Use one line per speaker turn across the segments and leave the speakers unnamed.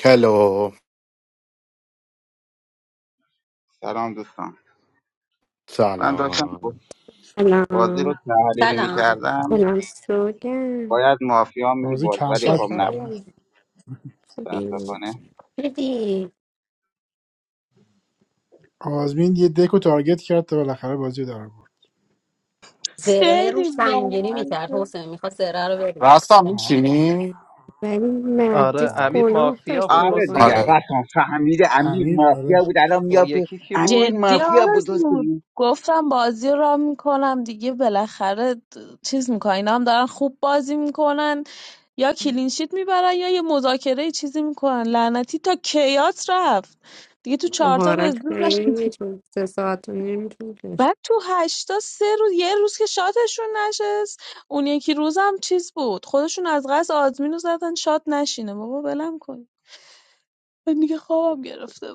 کلو
سلام دوستان من داشتم
سلام
بازی
سلام
رو تحلیل
سلام
میکردم
سلام سوگن
باید مافیا
بازی
میبرد
کم
ولی
چه
خب
فکت
نبود
بود.
چطوری؟
خوبی
متاسفانه
دیدی
آزمین یه دک رو تارگت کرد تا بالاخره بازی رو در آورد
زره
خیلی
روش سنگینی میکرد
بامزه
حسین میخواد زره رو بریزه
راستم
آه،
میشینی؟
ولی
آره
مهدیس
پاره
امیر
که
گناه
مافیا
داشت
بود
آره دیگه
واقعا
حسین
آره
رسان فهمیده امیر
امیر آره
مافیا بود الان
اون
میاد به-
یکی کی بود
امیر
جدی
مافیا بود
آرزو
حسین
گفتم بازی رو را میکنم دیگه بالاخره د- چیز میکنن اینا هم دارن خوب بازی میکنن یا کلینشیت میبرن یا یه مذاکره یه چیزی میکنن لعنتی تا کیات رفت دیگه تو چهارتا به
آهارش
زور
خیلی
رفت.
میتون سه ساعت و نیم طول کشید
بعد تو هشتا سه روز یه روز که شاتشون نشست اون یکی روزم چیز بود خودشون از قصد آزمین رو زدن شات نشینه بابا ولم کن من دیگه خوابم گرفته بود.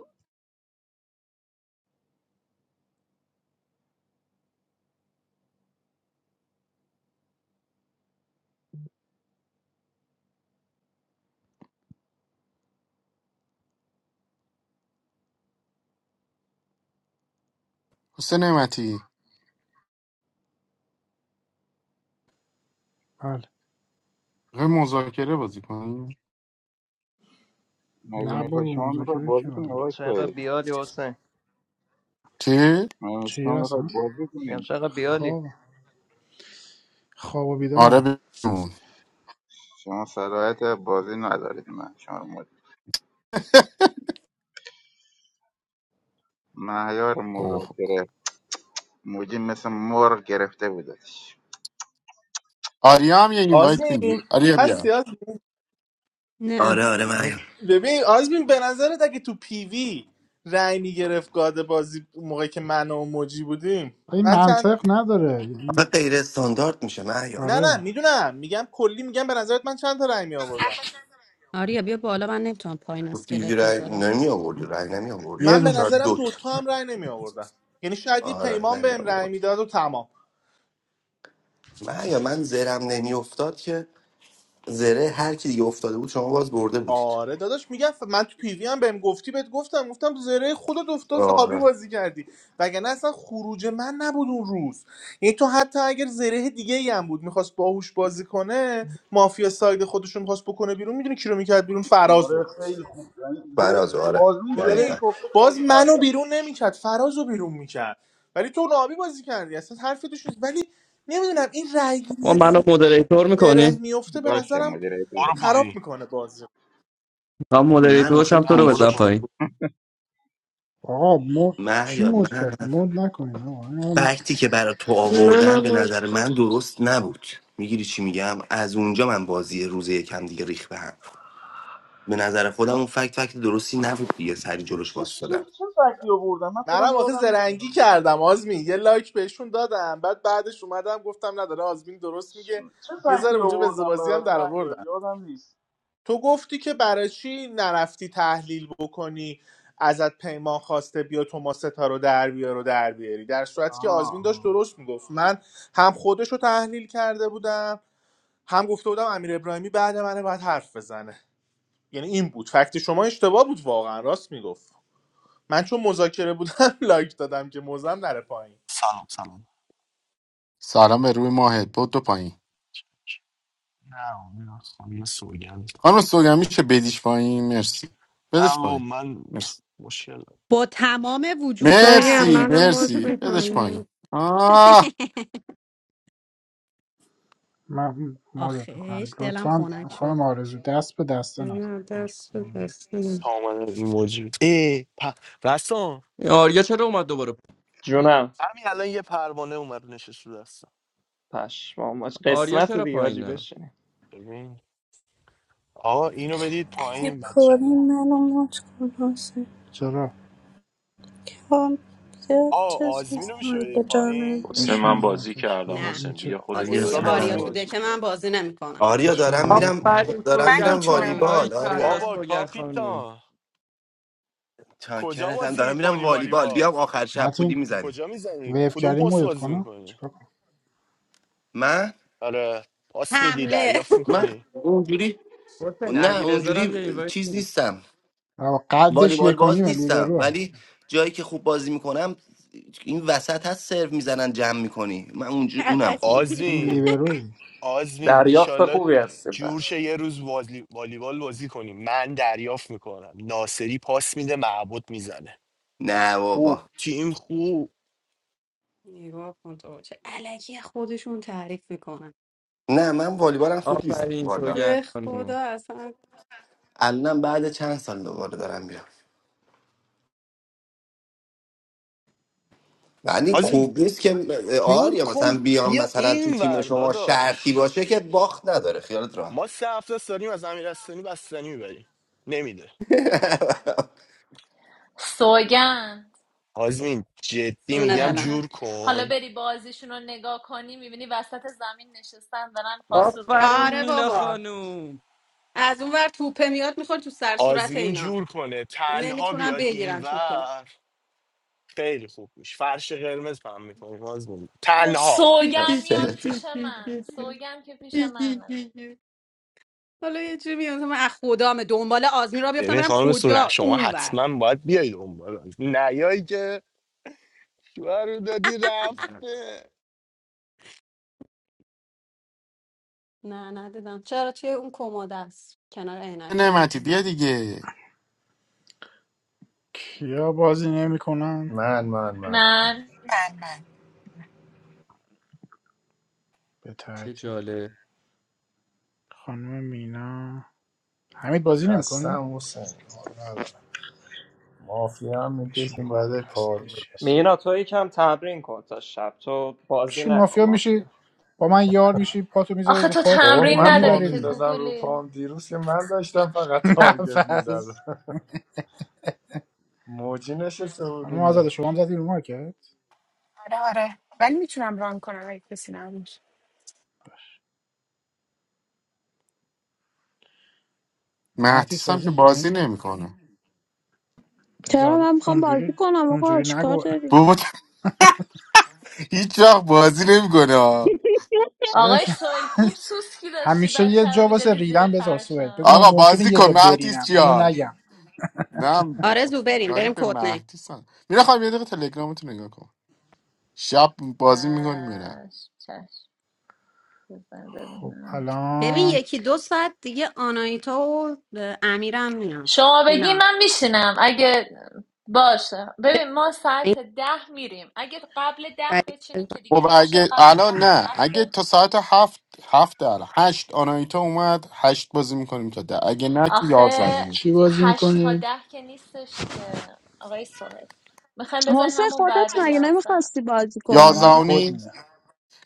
حسین نعمتی
بله
یه مذاکره بازی کنیم
مگه
نه
میخوای
بابا
شما میخوای
مذاکره که
بازی
حال
کنی
داره
آقای
چقدر
سوهیل
بیالی حسین
چی؟
مگه شما
چیه
میخوای
اصلا
بازی
میگم
کنی
چقدر بیالی
خواب خواب و
آره
بیدارم
بیرون
شما صلاحیت بازی ندارید من شما رو مد... مهیار
اوه.
مذاکره موجی مثل مور گرفته بودش
آریا هم یه اینوایت میدی
آزمین
آریا
هستی
بیا
آزمین
نه
آره آره
آره.
معیار
ببین آزمین به نظرت اگه تو پیوی رأی میگرفت گاد بازی موقعی که من و موجی بودیم
این
من چند
منطق نداره
آخه
یعنی-
غیر استاندارد میشه معیار
نه نه
آره
میدونم میگم کلی میگم به نظرت من چند تا رأی می آوردم
آریا بیا بالا من نمیتونم پایین
تو پیوی
اسکلت
رای
بذارم
نمی آوردی رای نمی آوردی
یه
من به
دونه
شاید
چیه
نظرم
دوت
دوتا هم رأی نمی آوردم یعنی شاید یه
آره
پیمان
نمی
بهم رأی
آوردی
میداد و تمام
معیار من زرم نمی افتاد که زره هر کی دیگه افتاده بود شما باز برده بودید
آره داداش میگم ف- من تو پیوی هم بهم گفتی بهت گفتم گفتم زره خودت افتاد نهابی
آره
بازی کردی وگرنه اصلا خروج من نبود اون روز یعنی تو حتی اگر زره دیگه ای هم بود میخواست باهوش بازی کنه مافیا ساید خودشون میخواست بکنه بیرون میدونی کی رو میکرد بیرون
آره
فرازو
خیلی خوب یعنی زر...
فراز آره
آزمین زرهش
دقیقاً.
میدونی
گفته
باز
بازی
منو
برگشت
بیرون نمیکرد فرازو بیرون میکرد ولی تو نهابی بازی کردی اصلا حرفی توش نیست ولی نمیدونم این
ما
رایگیری
منو مودریتور
زره
میکنی؟
میفته به
باشه
نظرم
مدیر
برو
خراب
پایین
میکنه
هم
من
مودریتورش
آخه
هم تو
نه
رو
میدونی چی
برو
بدم
شد
پایین
پایین
آقا مد کی
معیار
مد
من
کرد مد نکنین آقا من
فکتی که برای تو آوردم
منم
به
مرد
نظر من درست نبود میگیری چی میگم از اونجا من بازی روز یکم دیگه ریخ به هم به نظر خودم اون فکت فکت درستی نبود دیگه سری جلوش
چه چه
واسه
چه فکتی آوردم من خودم
منم آخه
یادم نیست
زرنگی
الان.
کردم آزمین یه لایک بهشون دادم بعد بعدش اومدم گفتم نداره آزمین درست میگه
چه
یه ذره
فکتی
اونجا به
آوردم
زبازی هم
برات
در
من یاد
آوردن
یادم نیست
تو گفتی که برای چی نرفتی تحلیل بکنی ازت پیمان خواسته بیا توما ستا رو در بیار و در بیاری در صورتی که
آها
آزمین داشت
آها.
درست میگفت من هم خودش رو تحلیل کرده بودم هم گفته بودم امیر ابراهیمی بعد منه باید حرف بزنه یعنی این بود فکت شما اشتباه بود واقعا راست میگفت من چون مذاکره بودم لایک دادم که موزم نره پایین
سلام سلام
سلام به روی ماهت بود دو پایین
نه نه خب، یه سوگند
خانم سوگمی چه بدیش پایین مرسی
نه
بدش
بابا
پایین
من
مرسی
مشکل هست.
با تمام وجود
سوگن
مرسی
بله
منم مرد
مرسی بدش
میکنه
پایین آه
من مدت میکنم
آخش دلم
لطفا
خنک شد
خانم آرزو دست به دسته نزن
نه
خواهش
دست رو
می‌کنم.
دست نیم.
سامانه ایموجی ای پ... رستم
این آریا چرا اومد دوباره
جونم
همین الان یه پروانه اومد نشست رو دستم
پشمام
آریا
قسمت
چرا
دیگه آجی
پایینه؟
بشینی
ببین آقا اینو بدید پایین
اگه
این بچه رو
پرین منو مات کن حسین
چرا
یا زیاد
آ
چیز
آزمین رو
نیستم
میشه بدید
اگه جا
پایین
بشین
Hosseman
نداری.
آقا
Bazīk, I
بشین
نه
این
announced.
چه
Biya
تازه
آریا
Khodetfayi,
میگه
استاد
I am
آریا
سلام
تو
آزمین
دکه
playing.
من بازی نمیکنم
آریا
بشین
دارم
بازی
میرم
کن
آفرین
دارم
من
سوگر
میرم
میتونم
خانوم
ران
والیبال
باریک کلا
آریا
بابا
کنم
سوگر خانوم
کاپیتان کجا
چاکرتم
بازی
دارم میرم
میکنی
والیبال
والیبال
بیام آخر شب بودی
متین
میزنیم
کجا میزنی
ویو
کدوم
کردی
پست
مودت
بازی
کنم
میکنی
چیکار کنم
من
آره پاس میدی
حمله
دریافت
من
میکنی
اونجوری
حسین
نه
علیرضا رو هم
اونجوری
یه اینوایت
چیز
میدی
نیستم
آه، قدش
والیبال
یک و نیم
باز نیستم
لیبروه
ولی جایی که خوب بازی میکنم این وسط هست سرو میزنن جمع میکنی من اونجو اونم خوبه
هم
علکی
آزمین
لیبروی
آزمین
دریافت
ایشالله
خوبی هستی
جور شه
پس
یه روز والی... والیبال بازی کنیم من دریافت میکنم ناصری پاس میده معبود میزنه
نه
خوب
بابا
تیم خوب
نگاه کن تو چه علکی خودشون تعریف میکنن
نه من والیبالم خوب نیست
آفرین
والا
سوگر
به
خانوم
خدا اصلا
الانم بعد چند سال دوباره دارم میرم ولی
آزمین
خوب نیست که
جور
آریا
کن
مثلا بیام
بیا
مثلا تو
این
تیم شما شرطی
ورداداش
باشه که باخت نداره خیالت
ما
راحت
سه هفته است داریم از امیرستانی بستنی میبریم نمیده
سوگند
آزمین جدی
جونه
میگم
بدم
سوگند
جور
حالا
کن
بری بازیشون رو نگاه کنی میبینی وسط زمین نشستن دارن پاسور بازی
آفرین
آره
مینا
بابا
میکنن
خانوم
از اون ور توپه میاد میخوره تو سر صورت
آزمین
اینا
جور کنه تنها
نمیتونم
بیاد
بگیرن توپه
اینور خیلی خوب میشه فرش قرمز پهم میکنیم آزمین تنها
سوگن میاد پیش من سوگن که پیش منه
حالا یه جوری میگم مثلا من از خدام دنبال آزمین را بیفتم
ببین
برم
خانم سونه
کجا
شما
اونور
حتما باید بیاید اون بالا نیایی که شوهر رو دادی رفته
نه نه دیدم چرا توی اون کمد است کنار عینک
نعمتی بیا دیگه
کیا بازی نمیکنن
من من من
من
من من
به
چه
ترتیب
جالب
خانم مینا حمید بازی نمیکنی
خستم حسین حال ندارم. مافیا هم
بشین
میکشیم
بابا
بعد
خسته
پار
چی هستی
مینا تو یکم تمرین کن تا شب تو بازی
چی
نکن
مافیا میشی
مافیا
با من یار میشی پاتو میذاری
آخه
رو
تو
پات
بابا
تمرین
بازی
من پا
نداری
میبری
که
دیگه
میندازم رو
گوگلی
پام دیروز که من داشتم فقط تارگت میزدم
نفس
موجی نشسته
خانم آزاده
بودیم
شما هم زدی رو مارکت
آره آره ولی میتونم ران کنم اگه کسی نبود
مهدیس
مهدیس هم
بازی
که بازی
میکنی
نمیکنه
چرا
بذار
من میخوام بازی
اونجوری
کنم آقا
اونجوری
چیکار
نگو
داری
بود هیچ وقت بازی نمیکنه
آقای سویل خوب سوسکی داشتی
همیشه یه
بچه رو
جا واسه
میدادی زیر
ریدن بذار سوئد بگو
فرشان
من
آقا
ممکنه
بازی
یه
کن
جا
مهدیس
برینم اینو
جان
نگم
نه بابا
آرزو بریم
کاری
بریم
به
کتنه
مهدیس هم میره خواهیم یه دقیقه تلگرامتو نگاه کن شب بازی میکنی میره
چش چش بزن
خب
ببینم.
ببین
الان
یکی دو ساعت دیگه آنایتا و امیرم میان
شما بگی
اینا
من میشینم اگه باشه ببین ما
این
ساعت ده میریم اگه قبل ده
سری
بچینین
بزن.
که دیگه
خب
نمیشه
اگه
قبل
الان
ده الان
نه اگه
هفته
تا ساعت هفت هفت در هشت آنایتا اومد هشت بازی میکنیم تا ده اگه نه که
آخه
یازانی
چی بازی
هشت تا
میکنید؟
ده که نیستش که آقای سوهل میخوایم بزنیم
حسین
همون
خودت
بعد
مگه
یازده
نمیخواستی بازی
نه من
کنی
کد
یازانی
میدم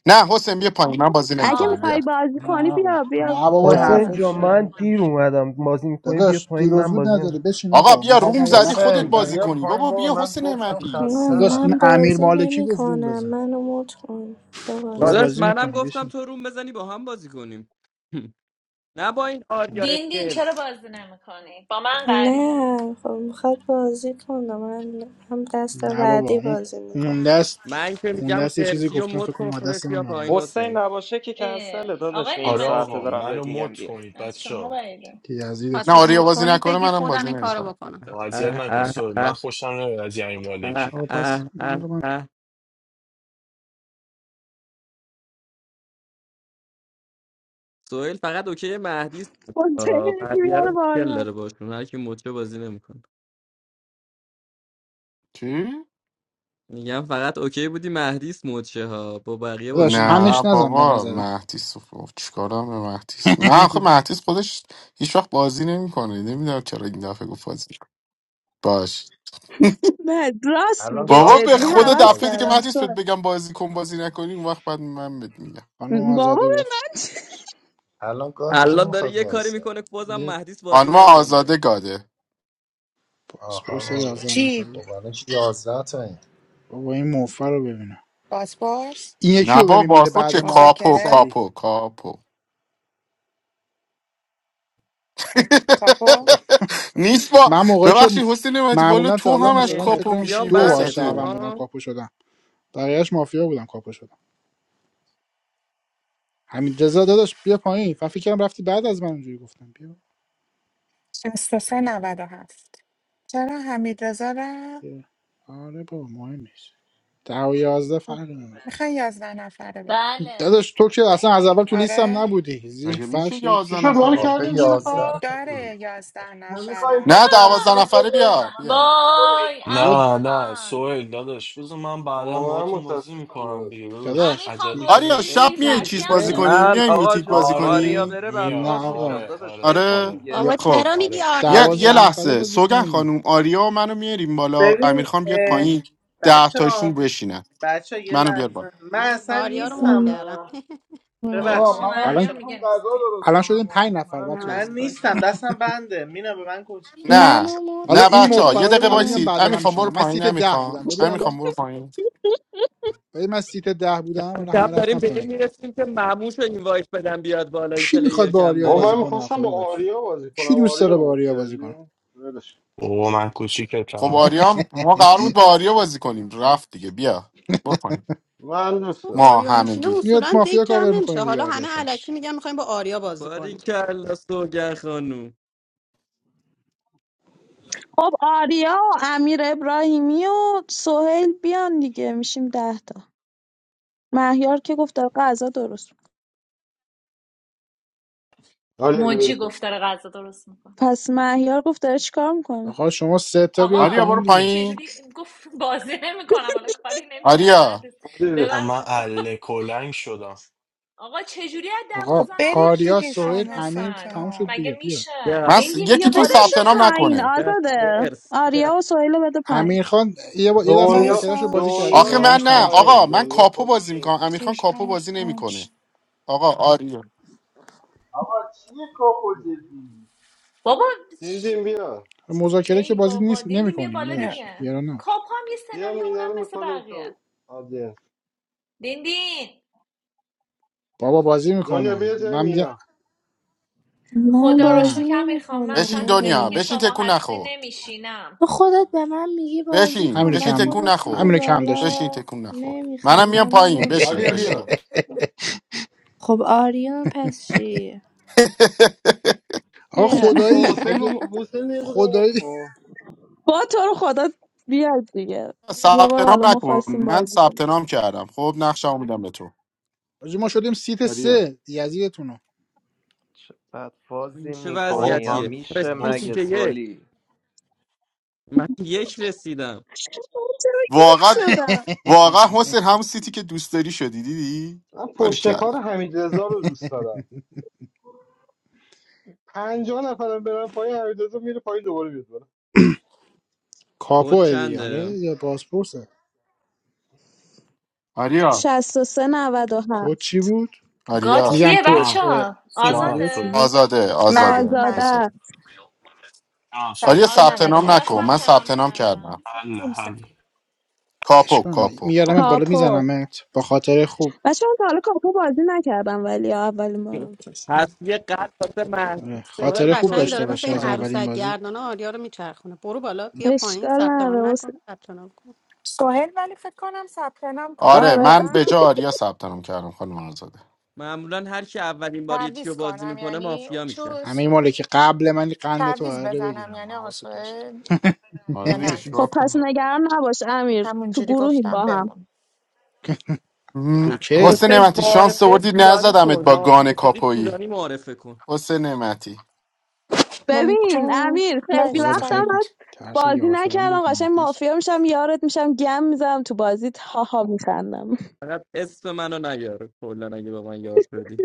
نه حسین بیا پایین من بازی
اگه
نمیکنم بیا
میخوای
آره
بازی
نه
کنی
آقا.
بیا بیا
نه بابا این
بیا
جای
حسین
من
حرفا
جان
چیه
من
بابا؟
دیر اومدم بازی میکنی بیا
داداش
پایین
دیروز
من
بود
بازی
نداری
می‌کنم.
بشین
آقا
آقا من
بیا
حال
روم
ندارم من
زدی خودت
خود
حسین
بازی
بیا
قد
کنی
پایین
بابا
بابا
بیا
من
حسین
گفتم
نعمتی
نه
داداش این
خستم
من
امیر
بازی
مالکی
نمی
گفت روم
کنم
بزن
منو مات کن بیا
بابا
بازی
داداش
کن
بازی
منم
میکنی
گفتم
بشین
تو روم بزنی با هم بازی کنیم نه با این آریا
دین دین چرا
خرس
بازی نمیکنی با من قری
نه خب میخواد بازی کنم من هم دست
نه بابا
بعدی
اون
بازی
اون
میکنم
دست
من که
اون
میگم
دست یه چیزی
خرسی و
گفتم فکر
مد کن
کنم دست
خودت
من
بیا پایین
ناراحت
حسین
حسین
نباشه که
اه،
کنسل داداش
آقای
نیم
آره
ساعته
آقا
نعمتی
دارم
منو
بهت میگم
مد
بیا
کنید
از
بچه
شما
ها،
بعیده
که
نه
یزیدتون
خواستید
آریا
مود
بازی
کنید
نکنه
بگید
منم
خودم
بازی
این کارو
نمیکنم
بکنم
اذیت
اه
نکن
اه
سوهل من
اه
خوشم نمیاد از یعنی
اه
مالکی
آقا
اه
پس
اه
حالا من
اه سوهل فقط اوکی مهدی است.
حسین
آه،
یکی
بقیه رو
بیاره
مشکل
بالا
داره باشون هر کی مچه بازی نمیکنه
چی
میگم فقط اوکی بودی مهدیس مچه ها با بقیه
داداش
بازی
نه
میکرد
همش نزن به
بابا
نظرم
مهدیس رو- خب، چیکارم به مهدیس من آخه مهدیس خودش هیچ وقت بازی نمیکنه نمیدونم چرا این دفعه گفت بازی کن. باش
نه راست
الان
میگه
بابا
گاد
به
جدی
کی
خود
میخواد
هوس
دفعه دیگه
کردم
وایسه
مهدیس بهت
سر
بگم بازی کن بازی نکنی اون وقت بعد من بهت میگم
خانم
بابا
آزاده
به
گفت
من چه؟
الان گاد کی
الان داره
میخواد
یه کاری
وایسه
میکنه که بازم
یه
مهدیس بازی
خانم
نکنه
آزاده گاده
پاسپورت
آخه
یازده
چی؟
نفره
خب الان که یازده تا این
بابا این موفر رو ببینم
بازپرس؟
این یکی
نه
رو
بابا
ببین میره
باسپورت
بعد
چه
ما
کاپو
مذاکره؟
سری
کاپو کاپو
اوکی کاپو؟
نیست با
من موقعی که
ببخشید حسین نعمتی والا
معمولا تا
تو
حالا
همش
مثلا
ببین،
فکر
کاپو
کنم
بیا
میشی
دو بار
بعده
وسطه
شعبان بودم
ها
کاپو شدم بقیهش مافیا بودم کاپو شدم همین رضا داداش بیا پایین من فکر کردم رفتی بعد از من اونجوری گفتم بیا
63 97 چرا حمید رزا رفت؟
بیا. آره بابا مهم نیست ده و یازده
خب
فرق نداره
میخوای یازده نفره بده
بله
داداش تو که اصلا از اول تو لیستم
آره؟
اوکی
نبودی زیر
مگه میشه
فرشت هیچ.
چی
یازده
شد مالی
نفره
آخه
کردین زیر
یازده تا.
فرش
داره یازده
نه میخوای
نفره
نه
نه
دوازده
میخوای یه
نفره
جایی نه
بیا
من
بیا
میخوام غذا درست
وای
کنم
بیا
امیر
نه نه
خان
سوهل داداش بذار من بعدا
واقعا
باهاتون بازی
متاسفم
میکنم دیگه
براتون
داداش
امیر
داداش
خان
بیا.
عجلیشو
آریا
گزینه
شب
زیر
نیست
میای
بشین
چیز
هم
خیر.
بازی کنی
من
شدی
میای
آقا
میتیک
جون
بازی
آره
آریا
کنی
بره
نه
میان
بدفاز میشم
آره
آقا
داداش ول
آره
کن
آره
آره
دیگه
بابا
خب
چرا میگی
آره
آریا
یه, یه
دوازده
بیار
نفره
لحظه
بازی
سوگن
کنیم دیگه
خانم آریا و منو میاریم بالا امیرخان بیاد پایین ده
بچه
تاشون
ها
بشینن
بچه ها یه
منو بیار بالا
لحظه من اصلا
آریا رو مود
نیستم
کردم
و
او
آقا
آقا
ببخشید
منم
مهیار
بچه
الان
ها.
میخوام
میگه نیست
غذا درست
الان شدیم
کنم و
پنج نفر
منم
نه
بچه
من
از
میتونم
کجا؟
درست
نیستم
کنم
دستم بنده مینا به من کجا
نه
منو
حالا
مات
نه
کن
این
بچه ها یه
مفرا
دقیقه
رو الان
لطفا
میام
وایسید
بعد من
امیرخان برو
میشینم من
پایین
سیت ده
امیرخان
بودم ببین
امیرخان
الان
برو پایین
ببین من سیت ده بودم
کم
الان
کم
همه
داریم
رفتم
به این
پایین
میرسیم که معموش رو اینوایت بدن بیاد بالای
کی
پلیر
میخواد با
کم
آریا
با
بازی
من
داریم
کنه آخه
میخواستم با
داداش
آریا بازی کنم
کی دوست
آریا
داره
رو
با
مد
آریا بازی کنه
کردین ولش کن.
او من
خب
کوچیکتم
آریا هم- ما قرار بود با آریا بازی کنیم رفت دیگه بیا برو پایین
من دوست
تو
دارم
ما
آریا میشینه
همگی
میاد
اصولا دک
مافیا کاور
جمع
میکنه
نمیشه
دیگه
حالا همه علکی
آریاتش
میگن میخوایم با آریا بازی کنیم
باریکلا سوگر خانوم
خب آریا و امیر ابراهیمی و سهیل بیان دیگه میشیم ده تا مهیار که گفت داره غذا درست می‌کنه.
آریا بیرون
موجی
کن
گفت داره غذا درست میکنه
پس مهیار گفت داره چیکار میکنه
آقا شما سه تا بیاید
آقا
آریا
پایین
برو
دیگه
پایین
چجوری گفت بازی نمیکنم حالا کاری نمیکرد نه
آریا
دوست.
آریا بیا.
اما
ببخشید
اله کلنگ شدم
آقا چجوری از
آقا
خب
دوازده
برید
نفر
آریا
شدین
دیگه
هفت
سهیل
شما
امیر
نفر
تموم شد
ستا
مگه
دیگه بیا
میشه
من
یا
س...
دیندین بیا
یکیتون
بالا
بدش
ثبت نام
دیگه
پایین
نکنه
یا
آزاده
خرس یا.
آریا و سهیل رو بده پایین
امیر خان یه, با... یه دست
دنیا
مذاکرهش رو
وایسا
بازی کرده
آخه
دنیا
من
سهمیش
شی
رفت
نه
تموم شده
پایین
آقا من
دنیا
کاپو
خودش
بازی
رو
میکنم امیرخان
شیش
کاپو
هفت،
بازی نمیکنه
هشت.
آقا آریو
آقا چیه کاپو جدی
بابا
دین دین بیا
مذاکره که
ای
بازی
بابا
نیست
دیندین بیا
نمیکنیم
بالا
نه.
داداش
دیگه
نباش
کاپ هم یه
بیا
سناریو
مینا
اونم
رو
مثل
میکنیم
بقیه
تو آدینس
دیندین
بابا بازی
دنیا
میکنه
بیا جای
من میگم
مینا
من
خدا رو
بازی
نه
شکر
نمی
میخوام من
کنم
بشین
اصلا تو دکی
دنیا
بابا
که
بشین
شما
تکون
هستی
نخور
نمیشینم
تو خودت به من میگی بازی
بشین
همینو
کن و
بشین
کم
تکون
خودت میری
نخور
همینو کم داشتی
بشین
بالا
تکون نخور
نمیخوام
منم میام
منو
پایین
مت
بشین
آریا
کن
بشین
بیا
خب آریون پس چی؟
آقا
بیا
خدایی
حسین
اگه
رو- حسین رو یه دقیقه مد
خدایی
کن
با تو رو خدا بیاد دیگه یه
ثبت
بار حالا
نام
ما
نکن
خواستیم
من
بازی
ثبت
کنیم
نام کردم خب نقشه‌مو میدم به تو
آجی ما شدیم سیت
آریا
سه یزیدتونو
چه
این
بدفازی
چه
میکنی
آقا
وضعیتیه
من
میشه
رسیدیم
باز
سیت
مگه
یک
سولی
من یک رسیدم
من چرا یک
واقعا
شدم
واقعا حسین همون سیتی که دوست داری شدی دیدی
من
ولی
پشت کار
کلا
حمید رضا رو دوست دارم پنجاه نفرم برن پایین حمید رضا میره پایین دوباره بیاد
کد
کاپو دیگه آره
چنده
یا بازپرسه
آریا
63
کد
97
چی بود
گاد
آریا
میگم
کیه
کد
نه
بچه
اه،
ها؟
جانم
سناریو چی
سوهل
آزاده؟
بود
آزاده
من
آزاده
من
آزاده
آزاده
آه
آریا
شد
63
ثبت
آزاده
نام
کیا
کاپو
نکن
97
من
ثبت نام
ثبت نام کردم
کردم؟
حل حل
کاپو
اشکال نداره.
کاپو
میارمت
کاپو
بالا
کاپو
میزنمت با خاطر خوب
بچه من تا حالا کاپو بازی نکردم ولی اولین بارم
پس یه قلب واسه
آره.
محمود
سوهل
خاطره
بذاری
خوب
قشنگ
سوهل
داشته
داره
بیاد
مثل
باشه
این
از
پایین
اولین
عروسک
بازی
گردانه آریا رو میچرخونه برو بالا بیا پایین
اشکال
ثبت نام
نداره
نکن
حسین.
ثبت نام کن
سوهل ولی فکر کنم ثبت نام
آره
کرده
آره
من به
نه
جا آریا ثبت نام کردم خانم آزاده
معمولا هر کی اولین بار یه چی رو
تعویز
بازی
کنم
میکنه
یعنی
مافیا میشه
چوز
همین ماله که قبل من قند تو
تعویز
قراره
بزنم
بگیرم
یعنی آقا
حواست باشه
سوهل یا
آره دیگه
نه
چیکار
خب پس
کنم
نگران نباش امیر تو
همونجوری
گروهیم
گفتم
با هم
بمون
م،
کوکی
حسین
حسین
نعمتی شانس
معارفه
آوردی
طولانی
نزدمت
کن
با
مافیا
گان
شدی
کاپویی
طولانی معارفه کن
حسین نعمتی
من
ببین
کن
امیر خیلی
خدا
لشت
به خیر
وقتم
کن
فرمید
هست
ترس
بازی
یار شدن بود
نکردم قشنگ
مهدیس
مافیا میشم یارت میشم گم میزنم تو بازیت هاها میخندم
فقط اسم منو نیار کلا اگه با من یار شدی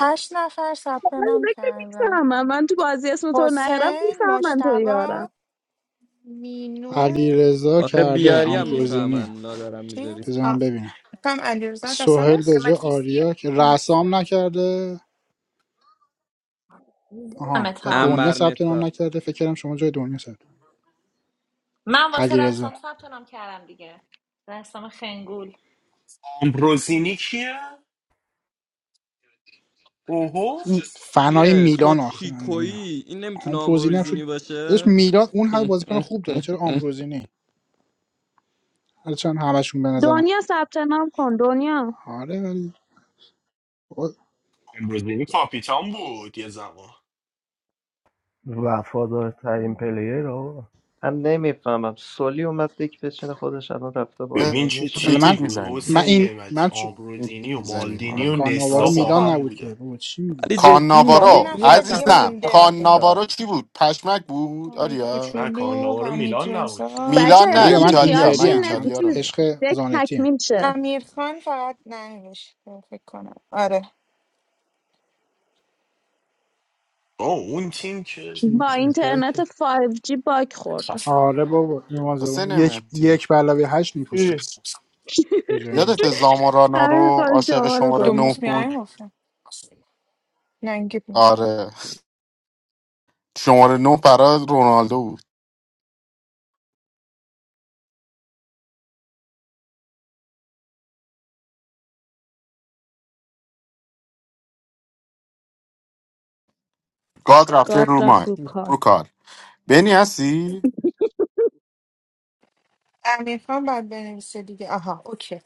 هشت نفر ثبت
من
نام
فکر
کردن
میفهمم من تو بازی اسم تو رو نیارم
حسین
میفهمم من تو
مجتبا
یارم
مینو
علیرضا
آخه
کرده
بیاری هم
امیر
آمبروزینی
میفهمن لا دارم میذاری
چیز
بذار
آه
من ببینم
فکرم علیرضا اصل
سهیل
است
به جای آریا که
نه.
رسام نکرده آها و
تا
دنیا
انبر
ثبت نام
نسا
نکرده فکر کردم شما جای دنیا ثبت
من واسه
علیرضا
رسام ثبت نام کردم دیگه رسام خنگول
آمبروزینی کیه؟ اوهو
این فنای
چیه تو
میلان آخه من نمیدونم
چیکویی این نمیتونه
آمبروزینی هم شد
آمبروزینی
داداش
باشه
میلان اون همه بازیکن خوب داره چرا آمبروزینی حالا چون همشون به نظرم
دنیا ثبت نام کن دنیا
آره ولی بابا،
آمبروزینی کاپیتان بود یه زمان
وفادارترین پلیر آقا
من نمیفهمم سولی اومد دک بچینه خودش الان رفته بالا
به
ببین
مگه
چه
حالا
میشه
تیمی
من
میتیک
بود
میزنی
من
حسین
این
نعمتی
من چ...
آمبروزینی
میتیک
و
میزنی
بابا
مالدینی و
کانوارو
نستا با
راستا.
میلان
خب
هم
نبود که
بودن
بابا چی میگی
ولی جدی
یه
کاناوارو
مالزی
نفر
از
دیگه
همشون
عزیزم
مونده
خفن‌تره
کاناوارو چی بود پشمک بود
آقای
آریا
نه
کوچولو
کاناوار
حمید
میلان نبود که
رضا
بچه
میلان
یه
نه
دقیقه
آریا من
بیخیال
ایتالیا من
اینتری
شین
ام، من
نه-
ایتالیا رو
چیز
میگم
عشق
دک
زانتی
تکمیل شه
امیر فقط ننوشته فکر کنم آره
آه اون تیم که
چی
با
اینطور
اینترنت
که
فایو جی باگ خورد
خفن.
آره بابا ایمان
حسین
زبون یک
نعمتی
یک به علاوه هشت
بالا.
میکشید به جای این.
یادت زامارانا
امیر
رو
خان
عاشق
شما رو
شماره
گفت
نه
دوموس
بود
میایم گفتم ننگی بود
آره شماره نه برای رونالدو بود گاد رفته
یکی
گاد
رو ما
رفت رو
سختی
کار
رو کار بنی هستی
امیرخان خان باید بنویسه دیگه آها اوکی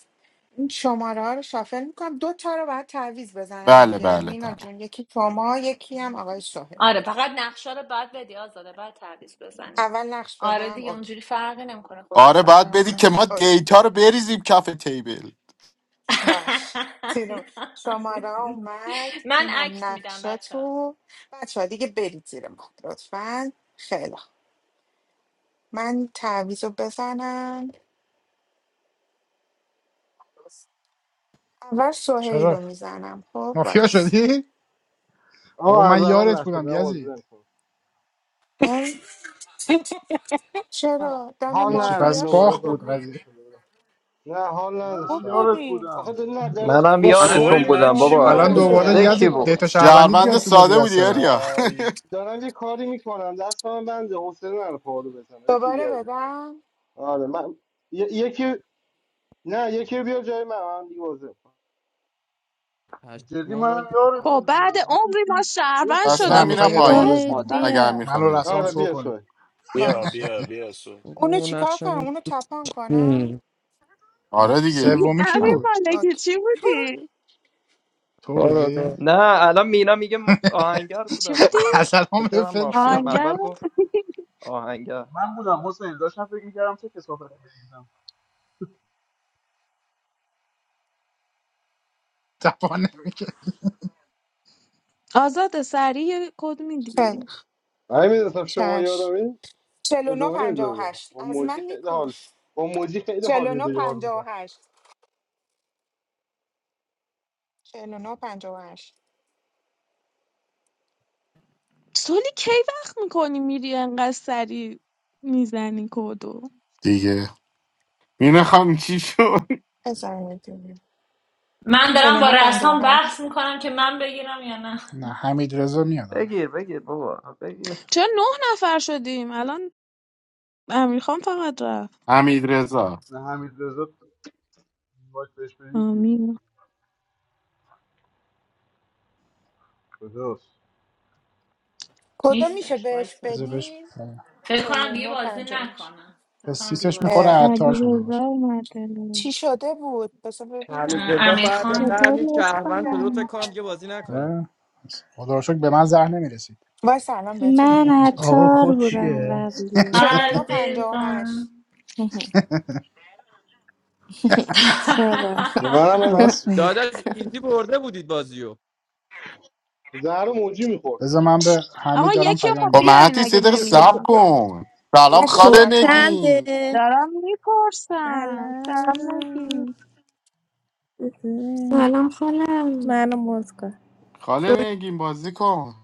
این شماره ها رو شافل میکنم دو تا رو باید تعویض بزنم
بله
دیگه
بله
مینا
بله
جون یکی شما یکی هم آقای شاهد
آره
اوکی.
فقط نقشه رو بعد بدی آزاده بعد تعویض بزنی
اول نقش
آره
بدم
دیگه
اوکی
اونجوری فرقی نمیکنه خودش
آره
ثبت
باید
نام
بدی
کنه
که ما
اوکی
دیتا رو بریزیم کف تیبل
باش زیرو. شماره ها اومد
من
اینم
اکت میدم بچه ها.
نقشاتون بچه ها دیگه برید زیر ما لطفا خیلی خوب. من تعویض رو بزنم اول سهیل
چرا
رو میزنم خب
مافیا
وایس
شدی بابا
آقا از
من یارت
اول نشده
بودم
هم عذر
یزید
میکنم
اه؟ چرا دن
حال
هیچی
ندارم
پس
مافیا
دوباره
باخ
شده
بود
بود
گفتاده
قضیه
شده بودم نه حال
خوب
منم
نداشتم
یارت
بودی
آخه
بودم
دل- نه دارم,
منم
با امیر
دارم
سوهل
یارتون
یه
من
بودم
خب
چی
کاری
بابا
الان
بودم
چه
کاریه
دوباره
سوهل
امیر
میکنم
دکی
یزید
بود
کار
دیتا شهروندیت
شهروند
بیاد تو
دار...
بازی
ساده
دست
بودی
بعد
آریا
آی
دارم یه کاری میکنم دست من بنده حوصله نره پارو بزنم یکی
دوباره
دیگر بیار
بدم
آره من ی- یکی نه یکی رو جای من من دیگه بازی میکنم
جدی
پشما ما
منم یارت
خب بعد
بودم
عمری ما
میتونستیم
شهروند
یکی
پس
نه
شده
من میرم
میخوای
بودیم تو
کردیم
رو
پایین
ادامه بدیم
سهیل
ما
خدا
اگر
بیا
میخوان
منو
نمیخواد
رسام
آره
بازی
شو
بیا
کن
کنیم
سوی
بیا
باش
بیا بیا سوهل
اونو
بابا
چیکار کنم
نقشم
اونو تپان کنم
یه
آره
چی.
دیگه
سومی کی
امیر
نه.
بود
مالکی
اوکی
چی بودی؟
تو
کار آقا
بودی
نه الان مینا میگه م- آهنگر
چی
بودم
بودی؟
ظاهرا
اصلا به
فکرم
فکر
مافیام
فرو رفت
آهنگر
اول گفت آهنگر
من بودم حسین داشتم فکر میکردم چه کسافت بگیرم
تپانه نمی‌کرد.
آزاد سریع یه کد
خیلی
میدی
خوب.
من میدونستم شما
چش
یارمی
49
ادامه میدادم
58
با
از
موجی
من
خیلی
میپوره
حال با موجی خیلی حال
49
میده یار بودم
58 49 58
سولی کی وقت میکنی میری انقدر سریع میزنی کدو
دیگه میرم چی شد
بذار میدونیم
من دارم با
49
رسام
58
بحث میکنم که من بگیرم یا نه
نه حمید رضا میاد الان.
بگیر بگیر بابا بگیر
چرا نه نفر شدیم الان امیرخان فقط رفت
حمید رضا
نه حمید رضا باید بهش بدید نه
آمین
خداش
کدو میشه
نیستش
بهش
وایسا
بذار
بیا.
بهش
بدین
فکر کنم دیگه
49
بازی
58
نکنم فکر
به
کنم دیگه
سیسش
بازی
میخوره
اه،
نکنم
علی
عطار
آره
شده
رزا
باشه
اومده
چی شده بود بذار
حمید
اه،
ببینم
رضا
امیر
بعد
خان
آخه
چطوری
قرنی
از
شهروند شده بود فکر
کنم
کنم دیگه بازی نکنه
اه، خدا رو شکر به من زهر نمیرسی
وای سلام بهتون
من
میگم چی شده
آقا
عطار
کد
بودم
چیه
قبلی
چلونو پنجا و
عزیزم
هشت
چرا؟
به منم هم
راست
میرسید
میگه
داداش ایزی برده بودید بازیو
زهر موجی میخورد
بذار من به
آقا
حمید دارم
یکی رو
پیام
خب
خب
میدم
بیارین
مهدی
اگه
سه دقیقه سب
نمیاد
کن سلام
هشت
کد
خاله
نفر
چنده
نگین
دارم میپرسم سلام
سلام
نگی
سلام خالم
منو موز کن
خاله
سوگن
نگین بازی کن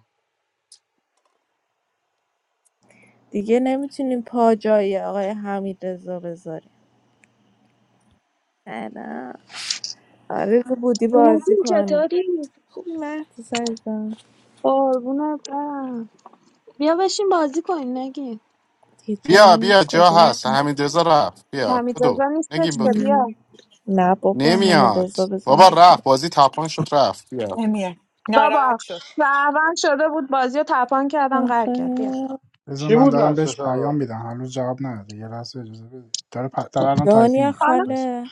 دیگه نمیتونیم پا جای آقای حمید رضا بذاریم سلام آرزو بودی بازی
ندیم
کنیم
چطوری
خوبی مهدی سایزم
قربونت برم بیا بشین بازی کنین نگین
دیگه جا
بیا بیا
نیست
جا
کجا
هست
بشیم
حمیدرضا رفت بیا
حمید
بدو
رضا
نگیم
نیستش که
بدو
مم.
بیا
نه بابا همه
نمیاد
رضا بزن
بابا
به
رفت
باز
بازی تپان شد رفت بیا
نمیاد
بابا
ناراحت شد
شهروند شده بود بازی رو تپان کردن قهر کرد بیا
آخه
بذار
چی
من
بود
دارم
نقشش
بهش
حالا
پیام میدم هنوز جواب نداده یه لحظه اجازه بده داره پ... داره الان
دنیا
تایپینگه
حالا
وایسا.
خاله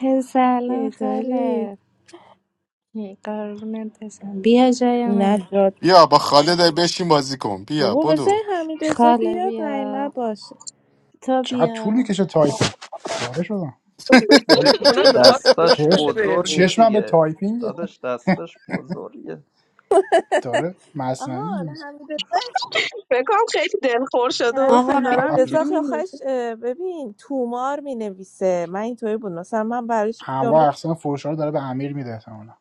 یه
سلام
داری
خاله قربونت بشم بیا جای
نه
من
جاد
بیا با خالد بشین بازی کن بیا
بابا بذاری
بدو
حمید رضا
خاله
بیاد نیمه
بیا
باشه
تو
چقدر طول
بیا
میکشه تایپ پاره شدم
فکر
اون
کنم میخواد
دستاش
پوچ
چش
بده بهمون
بزرگه
چشمم به
دیگه
تایپینگه
داداش دستش بزرگه
داره مصنوی
آها
میمیزه
حمید
بکنم خیلی دلخور شده
نه
آقا
حسین دارم
آره
حمیدرضا
اینجوری مینویسه
آخش ببین تومار می نویسه من اینطوری بود مثلا من براش یه
انواع
جمله
اقسام فوشا رو داره به امیر میده احتمالاً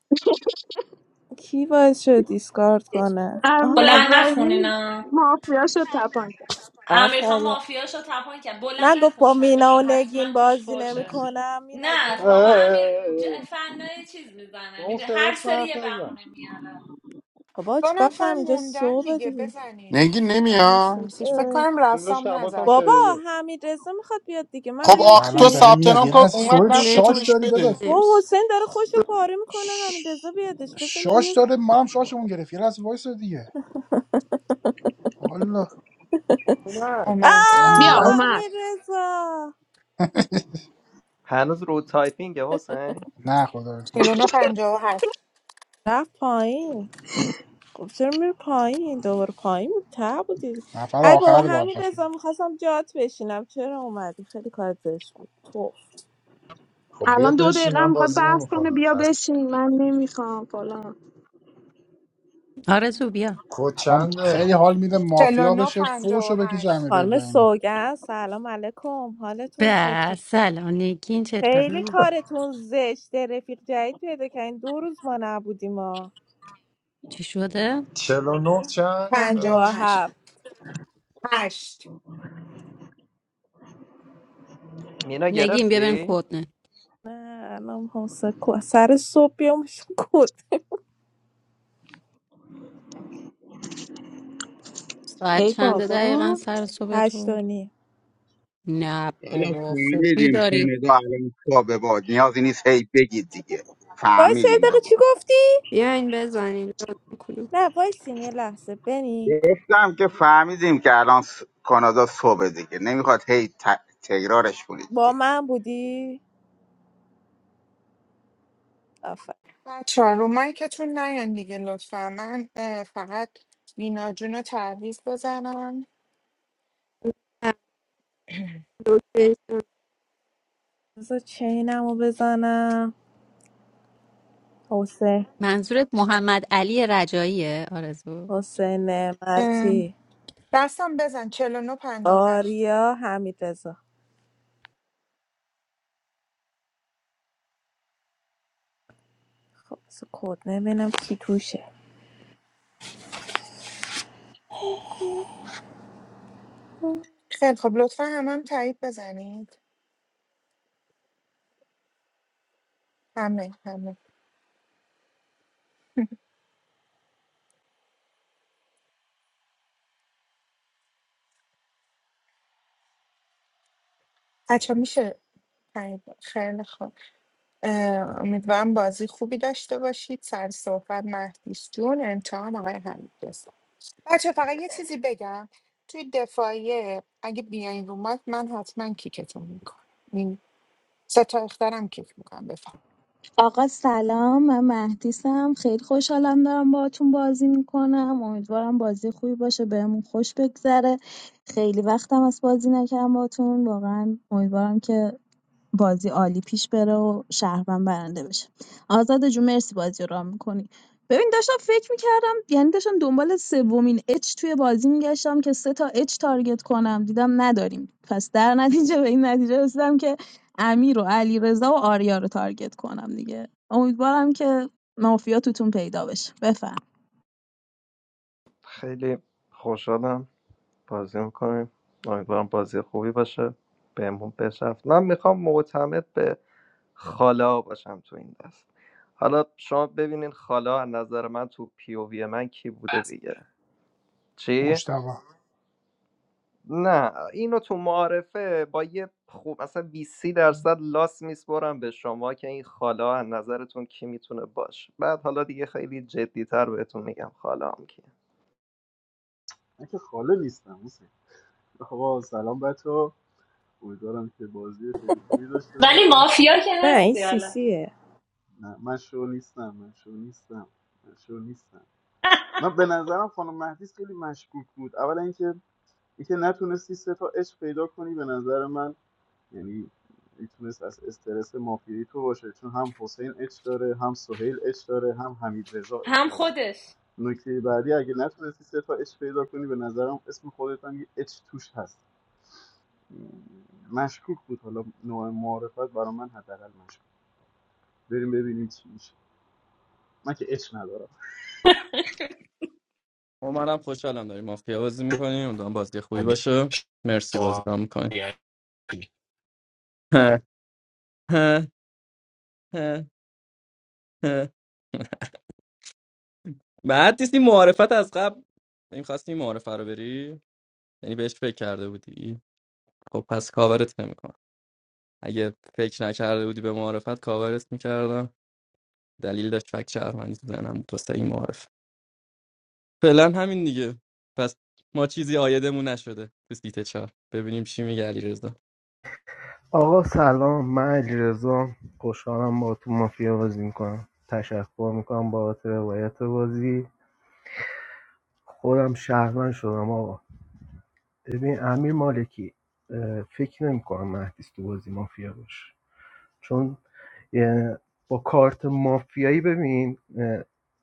کی باعث شد دیسکارد کنه آها
امیر
بلند
ابراهیمی
نخونینا
مافیا شد تپان کرد
امیر خان
آفرین
مافیاشو تپان کرد بلند
نه گفت
نخون
با مینا
چتشو
و نگین
حتما توش
بازی نمی
فوشه
کنم مینا
نه
اه،
آقا
جون
اه، اه،
امیر ج...
اه.
فنای چیز میزنه
اون
میده
صدا
هر سری
پرت
یه
نزن
بهونه میاره
بابا
دو
چیکار
نفر
کنم اینجا
موندن
صبح
دیگه
دیگه
بزنید
نگی
این
نمیاد
سیکسیش فکر
اه.
کنم
صدا
رسام
شبات هم
نزده
بابا
شنیدیم
حمیدرضا میخواد بیاد دیگه من
خب
بیام
بابا
آخ
الان
تو
چی
داره
ثبت
میاد
نام
یه
کن
لحظه
اومد
سوال
نقشه
بیاین
تو
شاش
بهش
داری
بده
داداش
و
نمیشه
حسین داره خوشو پاره میکنه
ش-
حمیدرضا بیادش بزن
شاش
بیاد
داره ما هم شاشمون گرفت یه لحظه وایس دیگه والا
اومد
اومد
بیا
اینقدر
آه
اومد
حمیدرضا
هنوز رو تایپینگه حسین
نه خدا
چلونو پنجا و هشت
رفت پایین خب چرا میری پایین دوباره پایین بود ته بودی
نفر
ای بابا
آخر باید
همین
باشه
رضا میخواستم جات بشینم چرا اومدی خیلی کار زشت بود توف
خب بیا
الان دو
بشین
دقیقه
من
میخواد
بازی
بحث کنه
نمیکنم
بیا
خست
بشین من نمیخوام فلان
آرزو بیا
کد
الان
چنده
خیلی حال میده
چهل
مافیا
چلونو
بشه
پنجا و
فوشو بکشه
هشت
امیر
خانم
ابراهیمی
سوگن سلام علیکم حالتون چطور
به سلام نگین
خیلی
چطوری
کارتون زشته رفیق جدید پیدا کردین دو روز ما نبودیم ما
چی شده
49 چند
پنجاه و
پنجاه و
ببخشید
هشت
هفت
هشت
مینا
نگین بیا بریم
گرفتی
کتنه
نه الان حوصله کو- سر صبح بیام کد
ساعت
ای
چنده
بابا
دقیقا سر صبح
هشت
تو
و نیم
نه
حالا
بابا خوبی
فهمیدیم
داری
کانادا الان صابه باد نیازی نیست هی بگید دیگه
وایس یه
فهمیدیم
دقیقه
بابا
چی گفتی؟
بیاین بزنین لطفاً کلوپ.
نه وایسین یه لحظه بنی
گفتم که فهمیدیم که الان س- کانادا صبح دیگه نمیخواد هی ت- تکرارش کنید که
با من بودی؟
بچه ها رو مایکتون نیان دیگه لطفا من اه، فقط مینا جون رو تعویض بزنم
لوکیشن.
بذار چینم رو بزنم حسین
منظورت محمد علی رجاییه آرزو
حسین نعمتی
دستم بزن چهل و نه پنجاه و هشت
آریا حمید رزا. خب بذار کد نبینم کی توشه
خیلی خب لطفا هم هم تایید بزنید همه همه بچه میشه تایید خیلی خوب اه، امیدوارم بازی خوبی داشته باشید سر صحبت مهدیس جون امتحان آقای حمید رسا. بچه فقط یه چیزی بگم توی دفاعیه اگه بیاین رو مایک من حتما کیکتون میکنم این سه تا اخترم کیک میکنم بفهم
آقا سلام من مهدیسم خیلی خوشحالم دارم باهاتون بازی میکنم امیدوارم بازی خوبی باشه بهمون خوش بگذره خیلی وقتم از بازی نکردم باهاتون واقعا امیدوارم که بازی عالی پیش بره و شهروند برنده بشه آزاده جون مرسی بازی رو رام میکنی ببین داشتم فکر میکردم یعنی داشتم دنبال سومین اچ توی بازی میگشتم که سه تا اچ تارگت کنم دیدم نداریم پس در نتیجه به این نتیجه رسیدم که امیر و علی رضا و آریا رو تارگت کنم دیگه امیدوارم که مافیا توتون پیدا بشه بفهم
خیلی خوشحالم بازی میکنیم امیدوارم بازی خوبی باشه بهمون بشفت من میخوام معتمد به خالا باشم تو این دست حالا شما ببینین خالا از نظر من تو پی او وی من کی بوده دیگه چی؟
مشتبه
نه اینو تو معارفه با یه خوب مثلا 20 درصد لاس میسپرم به شما که این خالا از نظرتون کی میتونه باشه بعد حالا دیگه خیلی جدیتر بهتون میگم خالا هم کیه
من که خاله نیستم حسین خب آقا سلام بچه ها امیدوارم که بازی خیلی خوبی داشته
ولی
باشی
مافیا که
نه این
هستی حالا
سیسیه
نه من شو نیستم من شو نیستم من شو نیستم من به نظرم خانم مهدیس خیلی مشکوک بود اولا اینکه اینکه نتونستی سه تا عشق پیدا کنی به نظر من یعنی میتونست از استرس مافیایی تو باشه چون هم حسین اچ داره هم سهیل اچ داره هم حمید رضا اچ
هم
داره.
خودش
نکته بعدی اگه نتونستی سه تا اچ پیدا کنی به نظرم اسم خودت هم یه اچ توش هست مشکوک بود حالا نوع معرفت برا من حداقل مشکوک بریم ببینیم چی میشه من که اچ ندارم
ما منم خوشحالم داریم مافیا بازی میکنیم امیدوارم بازی خوبی باشه مرسی بازی رو میکنیم بعد نیستی معارفت از قبل نمیخواستی این معارفه رو بری یعنی بهش فکر کرده بودی خب پس کاورت نمیکنم اگه فکر نکرده بودی به معارفت کاورت میکردم دلیل داشت فکر شهروندی تو ذهنم بود واسه این معارف فعلا همین دیگه پس ما چیزی آیدمون نشده تو سیت چهار ببینیم چی میگه علیرضا
آقا سلام من علیرضا خوشحالم با تو مافیا بازی میکنم تشکر میکنم بابت روایت بازی خودم شهرمند شدم آقا ببین امیر مالکی اه، فکر نمیکنم مهدیس تو بازی مافیا باشه چون اه، با کارت مافیایی ببین اه،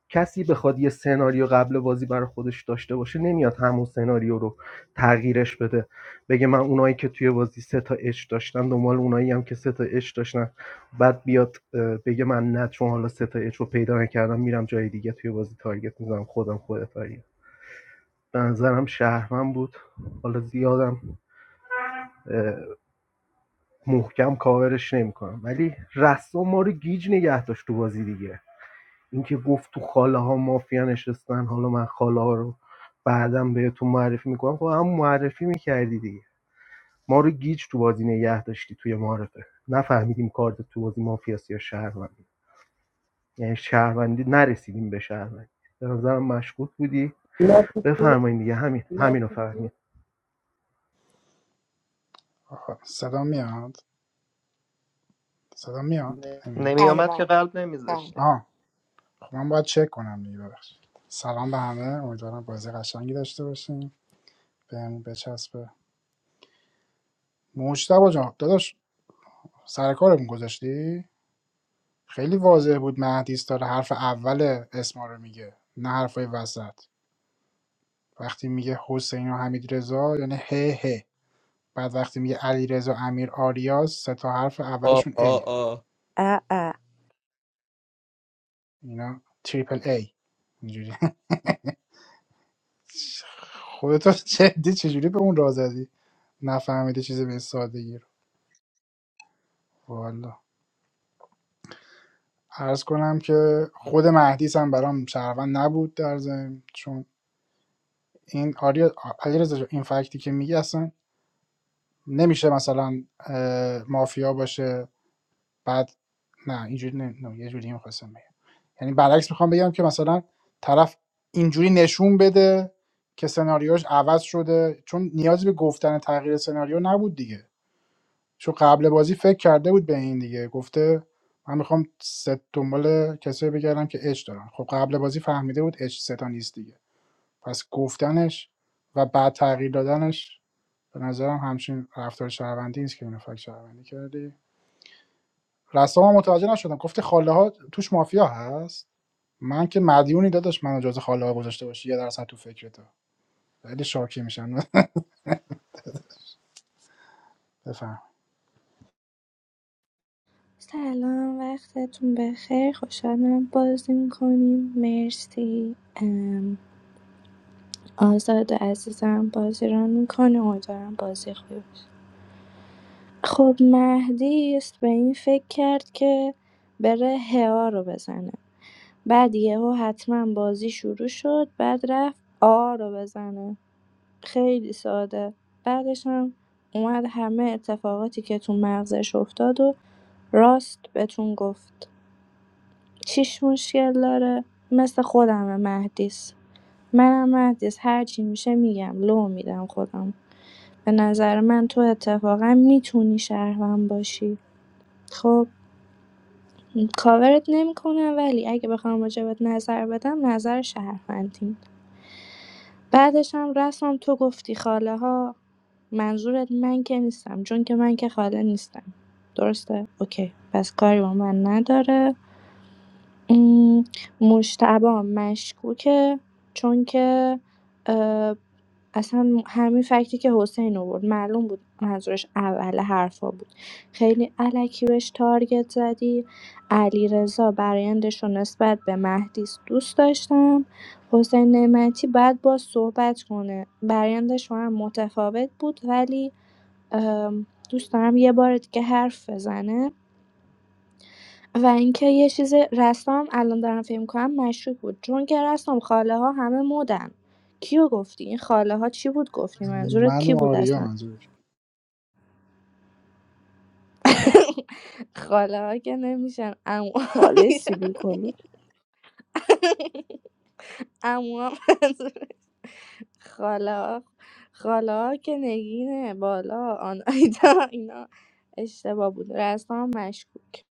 کسی بخواد یه سناریو قبل بازی برای خودش داشته باشه نمیاد همون سناریو رو تغییرش بده بگه من اونایی که توی بازی سه تا اچ داشتن دنبال اونایی هم که سه تا اچ داشتن بعد بیاد اه، بگه من نه چون حالا سه تا اچ رو پیدا نکردم میرم جای دیگه توی بازی تارگت میزنم خودم خودت تارگت به نظرم شهرمن بود حالا زیادم محکم کاورش نمیکنم ولی رسام ما رو گیج نگه داشت تو بازی دیگه اینکه گفت تو خاله ها مافیا نشستن حالا من خاله ها رو بعدم بهتون معرفی میکنم خب هم معرفی میکردی دیگه ما رو گیج تو بازی نگه داشتی توی معرفه نفهمیدیم کارت تو بازی مافیاست یا شهروندی یعنی شهروندی نرسیدیم به شهروندی به نظرم مشکوک بودی بفرمایید دیگه همین همین رو فهمید
خب صدا میاد صدا میاد نمیاد
بله
نمیومد که
بله
قلب
بله
نمیذاشتیم
آه خب من باید چک کنم دیگه ببخشید سلام به همه امیدوارم بازی قشنگی داشته باشیم بهم بچسبه مشتبه جان داداش سر کارمون گذاشتی خیلی واضح بود مهدیس داره حرف اول اسما رو میگه نه حرفای وسط وقتی میگه حسین و حمید رضا یعنی هه هه بعد وقتی میگه علی رضا امیر آریاز سه تا حرف
آ
اولشون
آ
ایه
آ
اه اه
اینا تریپل ای اینجوری خودتو جدی چجوری به اون راه زدی نفهمیده چیزی به این سادگی رو والا عرض کنم که خود مهدیس هم برام شهروند نبود در ضمن چون این آریا علیرضا این فکتی که میگی اصلا نمیشه مثلا مافیا باشه بعد نه اینجوری نه نه. یه جوری میخواستم بگم یعنی برعکس میخوام بگم که مثلا طرف اینجوری نشون بده که سناریوش عوض شده چون نیازی به گفتن تغییر سناریو نبود دیگه چون قبل بازی فکر کرده بود به این دیگه گفته من میخوام ست دنبال کسایی بگردم که اچ دارن خب قبل بازی فهمیده بود اچ ستا نیست دیگه پس گفتنش و بعد تغییر دادنش به نظرم همچین رفتار شهروندی نیست که اینو فکر شهروندی کردی رسام متوجه نشدم گفته خاله ها توش مافیا هست من که مدیونی داداش منو جز خاله ها گذاشته باشی یه درصد تو فکرتو خیلی شاکی میشن بفهم
سلام وقتتون بخیر خوشحالم بازی میکنیم مرسی ام، آزاد عزیزم بازی را میکنه امیدوارم بازی خوبی باشه خب مهدی س- به این فکر کرد که بره هوا رو بزنه بعد یهو حتما بازی شروع شد بعد رفت آ رو بزنه خیلی ساده بعدش هم اومد همه اتفاقاتی که تو مغزش افتاد و راست بهتون گفت چیش مشکل داره مثل خودم مهدیس منم مهدیس هرچی میشه میگم لو میدم خودم به نظر من تو اتفاقا میتونی شهروند باشی خب کاورت نمی‌کنم ولی اگه بخوام راجبت نظر بدم نظر شهروندیم بعدش هم رسام تو گفتی خاله‌ها منظورت من که نیستم چون که من که خاله نیستم درسته اوکی پس کاری با من نداره م، مجتبی مشکوکه چون که اه، اصلا همین فکتی که حسین آورد معلوم بود منظورش اول حرفا بود خیلی علکی بهش تارگت زدی علیرضا برایندش رو نسبت به مهدی دوست داشتم حسین نعمتی بعد با صحبت کنه برایندش با هم متفاوت بود ولی ام، دوست دارم یه بار دیگه حرف بزنه و اینکه یه چیز رسام الان دارم فکر می‌کنم مشکوک بود چون که رسام خاله ها همه مدن کیو گفتی این خاله ها چی بود گفتی منظورت
من
کی
و
بود
آریا
اصلا
منظورش
خاله‌ها که نمیشن عموها
خاله
میشن
سیبیل کلو
عموها منظور خاله خالا که نگینه بالا آن اینا اینا اشتباه بود رسام مشکوک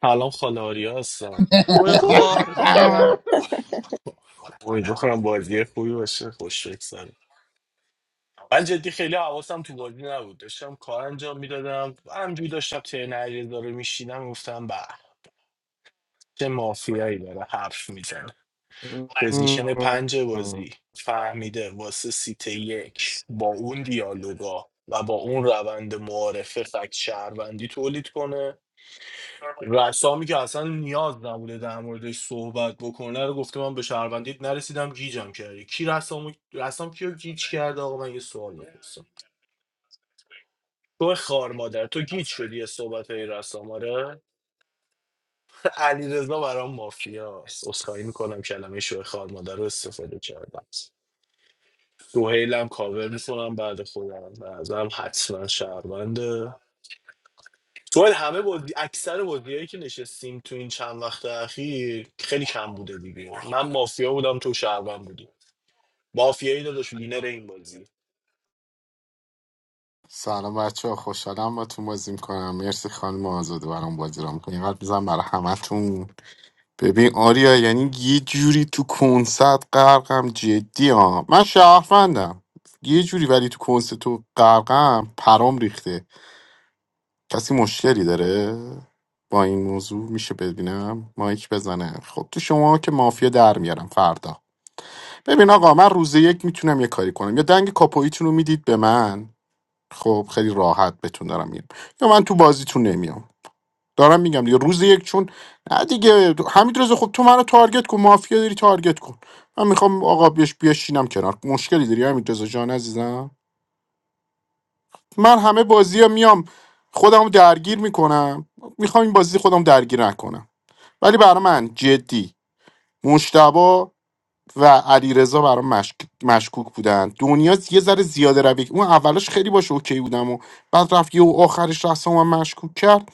سلام خاله آریا هستم
تو خار مادر
امیدوارم بازی خوبی باشه خوش بگذره من جدی خیلی حواسم تو بازی نبود داشتم کار انجام میدادم همجوری داشتم ترن علیرضا رو میشینم گفتم به چه مافیایی داره حرف میزنه پوزیشن پنج بازی فهمیده واسه سیت یک با اون دیالوگا و با اون روند معارفه فکت شهروندی تولید کنه رسامی که اصلا نیاز نبوده در موردش صحبت بکنه رو گفته من به شهروندیت نرسیدم گیجم کردی کی رسام رسام کیو گیج کرده آقا من یه سوال میپرسم تو خار مادر تو گیج شدی یه صحبت های رسام آره علی رضا برام مافیاست اسخایی میکنم کلمه شو خار مادر رو استفاده کردم دوهیلم کاور میکنم بعد خودم به نظرم حتما شهرونده سوال همه بازی اکثر بازیایی که نشستیم تو این چند وقت اخیر خیلی کم بوده دیگه من مافیا بودم تو شهروند بودی مافیایی داداش وینر این بازی
سلام بچه ها، خوشحالم با تو بازی میکنم مرسی خانم آزاده برام بازی را میکنی اینقدر میزنم برای همتون ببین آریا یعنی یه جوری تو کنسرت غرقم جدی ها من شهروندم یه جوری ولی تو کنسرت تو غرقم پرام ریخته کسی مشکلی داره با این موضوع میشه ببینم مایک بزنه خب تو شما که مافیا در میارم فردا ببین آقا من روز یک میتونم یه کاری کنم یا دنگ کاپویتون رو میدید به من خب خیلی راحت بتون دارم میرم یا من تو بازیتون نمیام دارم میگم دیگه روز یک چون نه دیگه همین رضا خب تو منو تارگت کن مافیا داری تارگت کن من میخوام آقا بیش بیاشینم کنار مشکلی داری همین رضا جان عزیزم من همه بازی میام خودم درگیر میکنم میخوام این بازی خودم درگیر نکنم ولی برا من جدی مشتبا و علیرضا رضا برام مشک... مشکوک بودن دنیا یه ذره زیاده روی اون اولش خیلی باشه اوکی بودم و بعد رفت یه و آخرش رفتم و من مشکوک کرد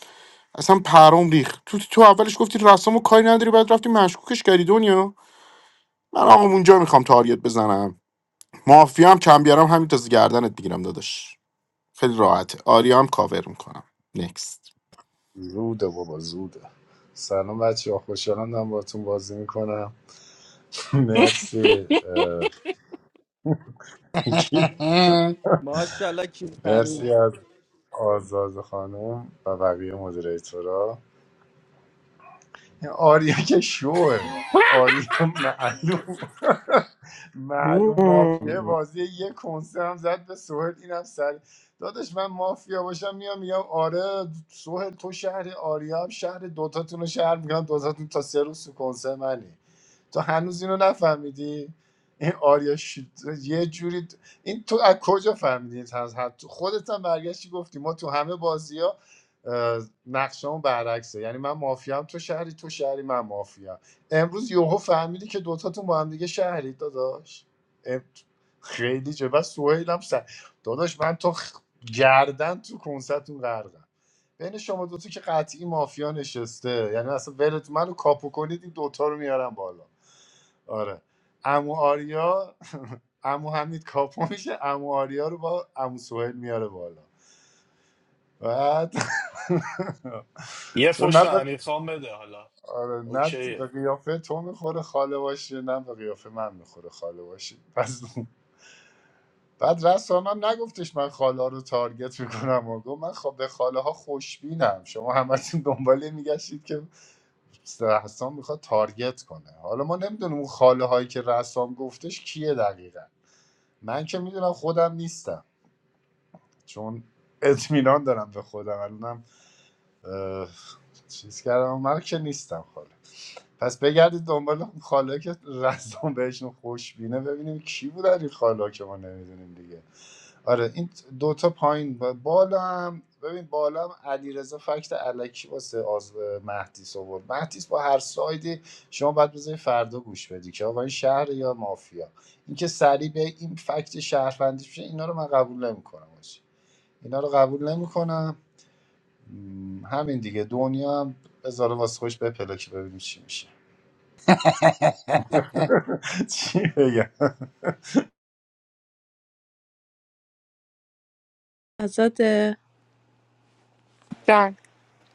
اصلا پرام ریخت تو تو اولش گفتی رسامو کاری نداری بعد رفتی مشکوکش کردی دنیا من آقا اونجا میخوام تاریت بزنم مافیا هم کم بیارم همین تازه گردنت میگیرم داداش خیلی راحته آریا هم کاور میکنم نکست
زوده بابا زوده سلام بچه ها خوشحالم دارم باتون بازی میکنم مرسی اه،
ماشاءالله کی کمی
مرسی از آزاز خانم و بقیه مدیریتورا این آریا که شوه آریا معلوم معلوم مافیا بازی یه کنسرم زد به سوهل اینم سر دادش من مافیا باشم میام میگم آره سوهل تو شهر آریا هم شهر دوتاتون رو شهر میکنم دوتاتون تا سه روز تو کنسر منی تو هنوز اینو نفهمیدی این آریا شد. یه جوری این تو از کجا فهمیدی این از حد تو خودت هم برگشتی گفتی ما تو همه بازی نقشه برعکسه یعنی من مافیام تو شهری تو شهری من مافیا امروز یوهو فهمیدی که دوتاتون با هم دیگه شهری داداش ام- خیلی جه و سوهیلم سر داداش من تو خ- گردن تو کنستتون غرقم بین شما دوتا که قطعی مافیا نشسته یعنی اصلا ولت منو کاپو کنید این دوتا رو میارم بالا آره امو آریا امو حمید کاپو میشه امو آریا رو با امو سوهیل میاره بالا بعد
یه
چون
فش به
نه
امیر خان بده حالا
آره نه به
اوکیه
قیافه تو میخوره خاله باشی نه به قیافه من میخوره خاله باشی پس بعد رسام هم نگفتش من خاله رو تارگت میکنم و گفت من خب به خاله ها خوشبینم شما همتون دنباله میگشتید که رسام میخواد تارگت کنه حالا ما نمیدونیم اون خاله هایی که رسام گفتش کیه دقیقا من که میدونم خودم نیستم چون اطمینان دارم به خودم الانم اه، چیز کردم من که نیستم خاله پس بگردید دنبال خاله که رزان بهشون خوشبینه ببینیم کی بودن این خاله که ما نمیدونیم دیگه آره این دوتا پایین با- بالا هم ببین بالا هم علیرضا فکت علکی واسه آز... مهدیس آورد مهدیس با هر سایدی شما باید بذاری فردا گوش بدی که آقا این شهر یا مافیا اینکه سریع به این فکت شهروندی میشه اینا رو من قبول نمیکنم اینا رو قبول نمیکنم همین دیگه دنیا هم بذاره واسه خوش بپله که ببینیم چی میشه چی بگم
ازاد
جان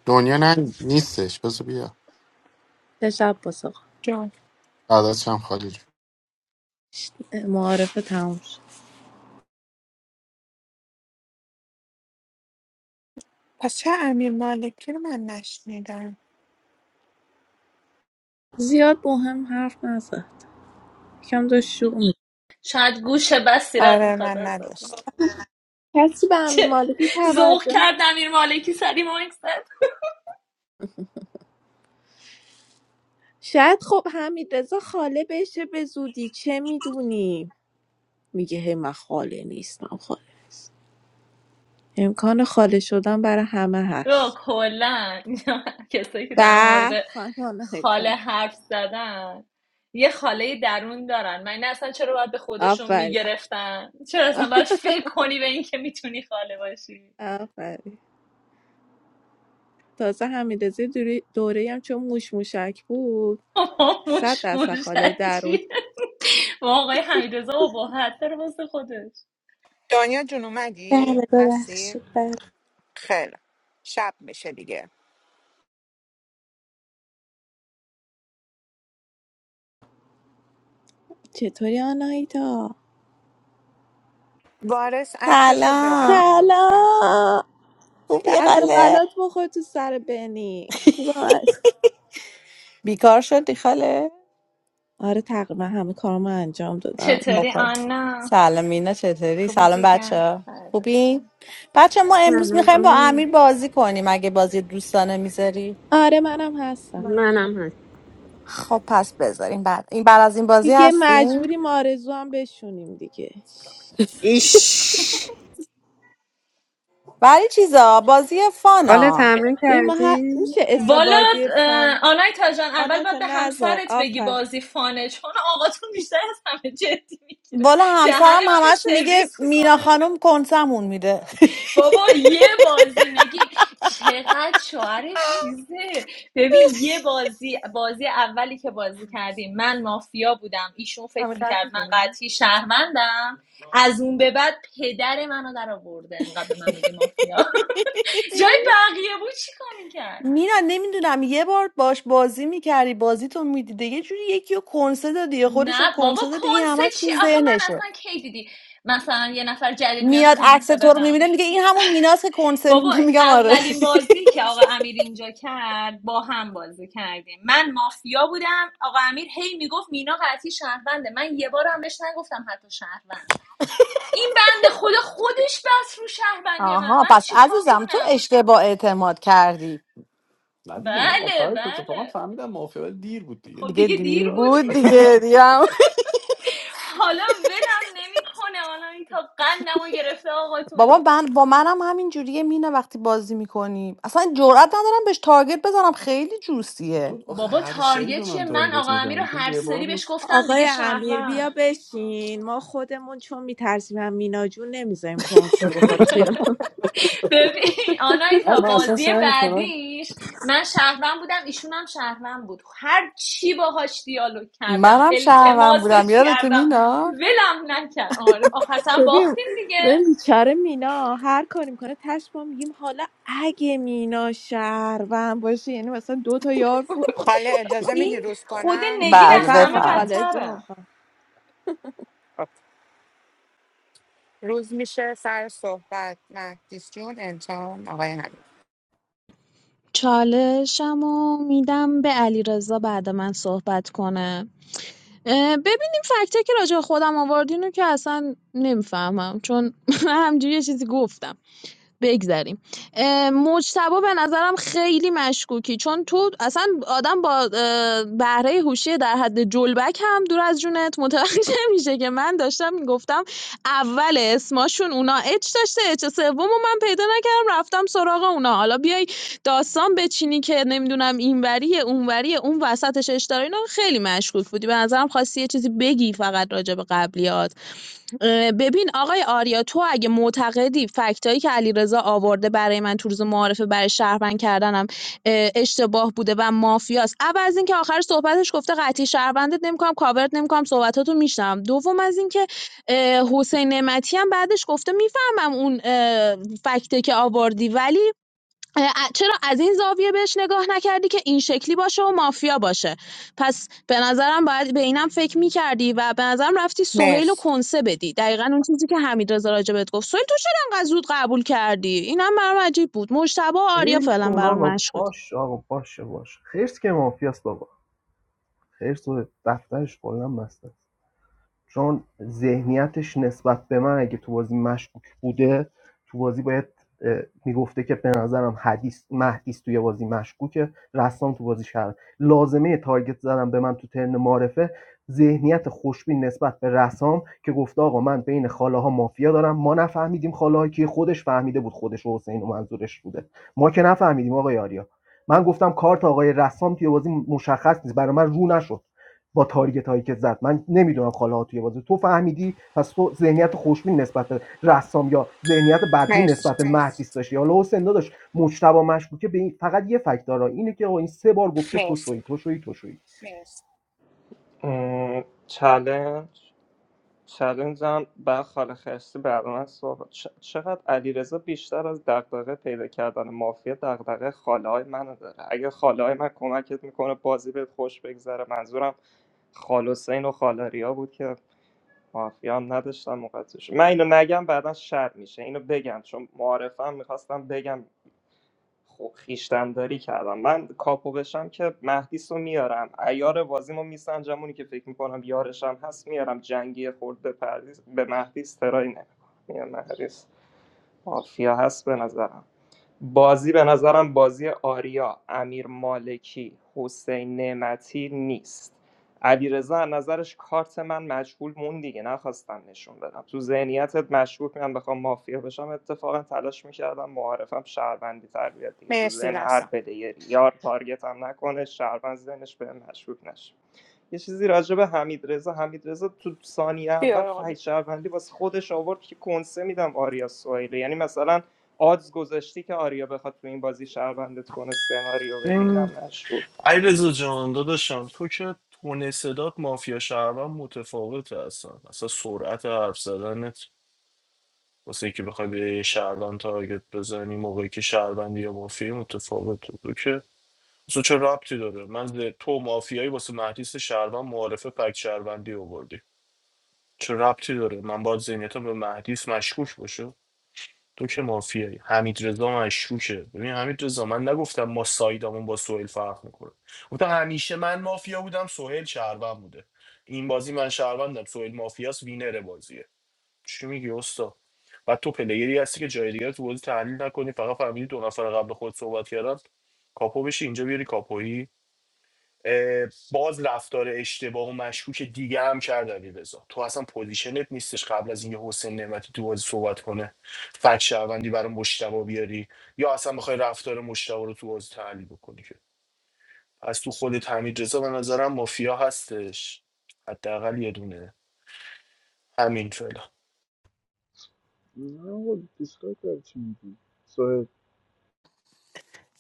دنیا نه نیستش بذار بیا
تشب باسا
جان
بعدش هم خالی جون.
معارفه تموم شد
پس چه امیر مالکی رو من نشنیدم
زیاد مهم حرف نزد یکم داشت شوق می
شاید گوش بس سیرت
آره
میخواد
من
ازت
نداشت
کسی به همین
چه
مالکی
ذوق
توجه
کرد
نه.
امیر مالکی سری ماکست
شاید خب حمید خاله بشه به زودی چه میدونیم میگه هی من خاله نیستم خاله امکان خالی شدن برای همه
رو
هست
کلا اینا کسایی که در
به
مورد
خانم
خاله
هیتا
حرف زدن یه خاله درون دارن من اصلا چرا باید به خودشون
آفرین
میگرفتن چرا اصلا باید فکر کنی به اینکه میتونی خاله باشی
آفرین تازه حمیدزی دوری دوره هم چون موش موشک بود
ما
صد
مش
درصد خاله درون
مشکی ما آقای حمیدرضا ابهت داره واسه خودش
دنیا جون
بله
اومدی؟
ببخشید
هستی؟
بله
خیلی شب میشه دیگه
چطوری آناهیتا
وارث عکسشو
سلام
بزنه لطفا
سلام
خوبی
درد و
خاله
بلات بخور تو سر بنی خوبم هست
بیکار شدی خاله
آره تقریبا همه کارامو انجام دادم
چطوری
آفر
آنا
سلام مینا چطوری
خوبی
سلام
جیگر
بچه
فردات
خوبی
شم.
بچه ما امروز
سلام
میخوایم با
آنا
امیر بازی کنیم اگه بازی دوستانه میذاری
آره منم هستم
باش
منم
خب پس بذاریم بعد این بعد از این بازی
دیگه
هستیم
مجبوریم آرزو هم بشونیم دیگه
ایش
ولی چیزا بازی
خاله
فانا
تمرین
ببین ما هر...
کردی؟
میشه اسم
والا
بازی فان
اه، آنایتا جان اول
آنایتا
باید به
نزار
همسرت بگی
آفر
بازی فانه چون آقا تو بیشتر از همه جدی میگیره
والا
دهن
همسرم
منو
همش میگه
سرویس
مینا
میکنه
خانم کنسمون میده
بابا یه بازی نگی چقدر شوهرش چیزه ببین یه بازی بازی اولی که بازی کردیم من مافیا بودم ایشون فکر
همین قد
میکرد من
می‌کنی؟
قطعی شهروندم از اون به بعد پدر منو در آورده انقدر به من میگه مافیا جای بقیه بود چیکار میکرد
میرن نمیدونم یه بار باش بازی میکردی بازی تو میدیده یه جوری یکی رو کنسه دادی یا خودش رو
نه بابا
کنسه دادی این
کنسه
همش تو
چی آخه من
ذهنشه
اصلا کی دیدی مثلا یه نفر جدید میاد
میاد عکس
کنسه
تو رو
بدم
میبینه میگه این همون میناست که کنسه
بابا
میدی میگم آره
اولین بازی که آقا امیر اینجا کرد با هم بازی کردیم من مافیا بودم آقا امیر هی میگفت مینا قطعی شهرونده من یه بار هم بهش نگفتم حتی شهروند این بند خدا خودش بس رو شهروندی من
آها
من
پس
چیکار
عزیزم تو
کنم
اشتباه اعتماد کردی
بله بله خب
دیگه
دیگه دیر
دیر
بود
بود دیگه دیگه
حالا ولم نمیکنه حالا این تا قندمو گرفته آقاتون
بابا من با منم همین جوریه مینه وقتی بازی میکنیم اصلا جرئت ندارم بهش تارگت بزنم خیلی جوسیه
بابا تارگت چیه من آقا امیر رو هر سری بهش گفتم دیگه
آقای امیر
شهروند
بیا بشین ما خودمون چون میترسیم هم مینا جون نمیذاریم کنسه بخوری خیال
ببین آنایتا بازی بعدیش من شهروند بودم ایشون هم شهروند بود هر چی باهاش دیالوگ کردم
منم شهروند
التماسش
بودم یادت
کردم
مینا
ولم نکرد آره آخر سرم
ببین
باختیم دیگه
ببین بیچاره مینا هر کاری میکنه تش ما میگیم حالا اگه مینا شهروند باشه یعنی مثلا دو تا یار فروخت
حالا اجازه میدی
این
روز
خود
کنم؟
نگین
بله
از
بفرما
همه
بفهم
خاله جون
بدتره
خاله.
خب. روز میشه سر صحبت مهدیس جون انتقام آقای حمید
چالشمو میدم به علیرضا بعد من صحبت کنه اه، ببینیم فکته که راجع به خودم آوردین رو که اصلا نمیفهمم چون همجوری یه چیزی گفتم بگذریم اه، مجتبی به نظرم خیلی مشکوکی چون تو اصلا آدم با اه، بهره هوشی در حد جلبک هم دور از جونت متوجه میشه که من داشتم میگفتم اول اسماشون اونا اچ داشته اچ سوم و من پیدا نکردم رفتم سراغ اونا حالا بیای داستان بچینی که نمیدونم اینوریه اونوریه اون وسطش اشتاره اینا خیلی مشکوک بودی به نظرم خواستی یه چیزی بگی فقط راجع به قبلیات اه، ببین آقای آریا تو اگه معتقدی فکتایی که علیرضا آورده برای من تو روز معارفه برای شهروند کردنم اه، اشتباه بوده و مافیاست اول از اینکه آخر صحبتش گفته قطعی شهروندت نمیکنم کاورت نمیکنم صحبتاتو میشنم دوم از اینکه اه، حسین نعمتی هم بعدش گفته میفهمم اون اه، فکته که آوردی ولی اه، چرا از این زاویه بهش نگاه نکردی که این شکلی باشه و مافیا باشه پس به نظرم باید به اینم فکر میکردی و به نظرم رفتی سهیل و
مرسی
کنسه بدی دقیقا اون چیزی که حمید رضا راجبت گفت سهیل تو چرا انقدر زود قبول کردی اینم برام عجیب بود مجتبی و آریا
ول
فعلا
کن
برام
آقا
مشکوک
باشه آقا باشه باشه خرس که مافیاست بابا خرس و دفترش کلا بسته است چون ذهنیتش نسبت به من اگه تو بازی مشکوک بوده تو بازی باید میگفته که به نظرم حدیث مهدیس توی بازی مشکوکه رسام تو بازی شهر لازمه تارگت زدم به من تو ترن معرفه ذهنیت خوشبین نسبت به رسام که گفته آقا من بین خاله ها مافیا دارم ما نفهمیدیم خاله که خودش فهمیده بود خودش و حسین و منظورش بوده ما که نفهمیدیم آقای آریا من گفتم کارت آقای رسام توی بازی مشخص نیست برای من رو نشد با تارگت هایی که زد من نمیدونم خاله ها توی بازی تو فهمیدی پس تو ذهنیت خوشبین نسبت به رسام یا ذهنیت بدبین
مرسی
نسبت به مهدیس داشتی حالا حسین داداش مجتبی مشکوکه به این فقط یه فکت داره اینه که آقا این سه بار گفته تو
مرسی
شوی تو شوی تو شوی
چالش چلنجم بر خالقیشتی بعد من صحبت چ- چقدر علیرضا بیشتر از دغدغه پیدا کردن مافیا دغدغه خاله های منو داره اگه خاله های من کمکت میکنه بازی بهت خوش بگذره منظورم خال حسین و خالاریا بود که مافیا هم نداشتم موقع من اینو نگم بعدا شر میشه اینو بگم چون معارفم میخواستم بگم خب خیشتنداری کردم من کاپو بشم که مهدیس رو میارم ایار بازیمو میسنجم اونی که فکر میکنم یارشم هست میارم جنگی خورد به, پردیس- به مهدیس ترایی نمیکنم مهدیس مافیا هست به نظرم بازی به نظرم بازی آریا امیر مالکی حسین نعمتی نیست علیرضا از نظرش کارت من مجهول مون دیگه نخواستم نشون بدم تو ذهنیتت مشکوک من بخوام مافیا بشم اتفاقا تلاش میکردم معارفم شهروندی تر بیاد دیگه تو
مرسی
ذهن هر
رسا
پلیری یار تارگت هم نکنه شهروند ذهنش به مشکوک نشه یه چیزی راجع به حمید رضا تو ثانیه اول
بیا آقا بیا.
فحش شهروندی واسه خودش آورد که کنسه میدم آریا سوئیلی یعنی مثلا آدز گذاشتی که آریا بخواد تو این بازی شهروندت کنه سناریو بده
این
اینم نشد
ای رزا جان داداشم تو که تون صدات مافیا شهروند متفاوته اصلا اصلا سرعت حرف زدنت واسه اینکه بخوای به یه شهروند تارگت بزنی موقعی که شهروندی یا مافیا متفاوته تو که اصلا چه ربطی داره من ز- تو مافیایی واسه مهدیس شهروند معارفه فک شهروندی آوردی چه ربطی داره من باید ذهنیتم به مهدیس مشکوک باشه تو که مافیایی حمید رضا مشکوکه ببین حمید رضا من نگفتم ما سایدمون با سهیل فرق میکنه گفتم همیشه من مافیا بودم سهیل شهروند بوده این بازی من شهروندم سهیل مافیاس وینر بازیه چی میگی استاد بعد تو پلیری هستی که جای دیگر تو بازی تحلیل نکنی فقط فهمیدی دو نفر قبل خود صحبت کردن کاپو بشی اینجا بیاری کاپویی اه، باز رفتار اشتباه و مشکوک دیگه هم کرد علی تو اصلا پوزیشنت نیستش قبل از اینکه حسین نعمتی تو بازی صحبت کنه فک شهروندی برای مشتبه بیاری یا اصلا بخوای رفتار مشتبه رو تو بازی تحلیل بکنی که از تو خودت حمید رضا به نظرم مافیا هستش حداقل یه دونه همین فعلا
نه آقا دیسکای کرد چی میگی صاحب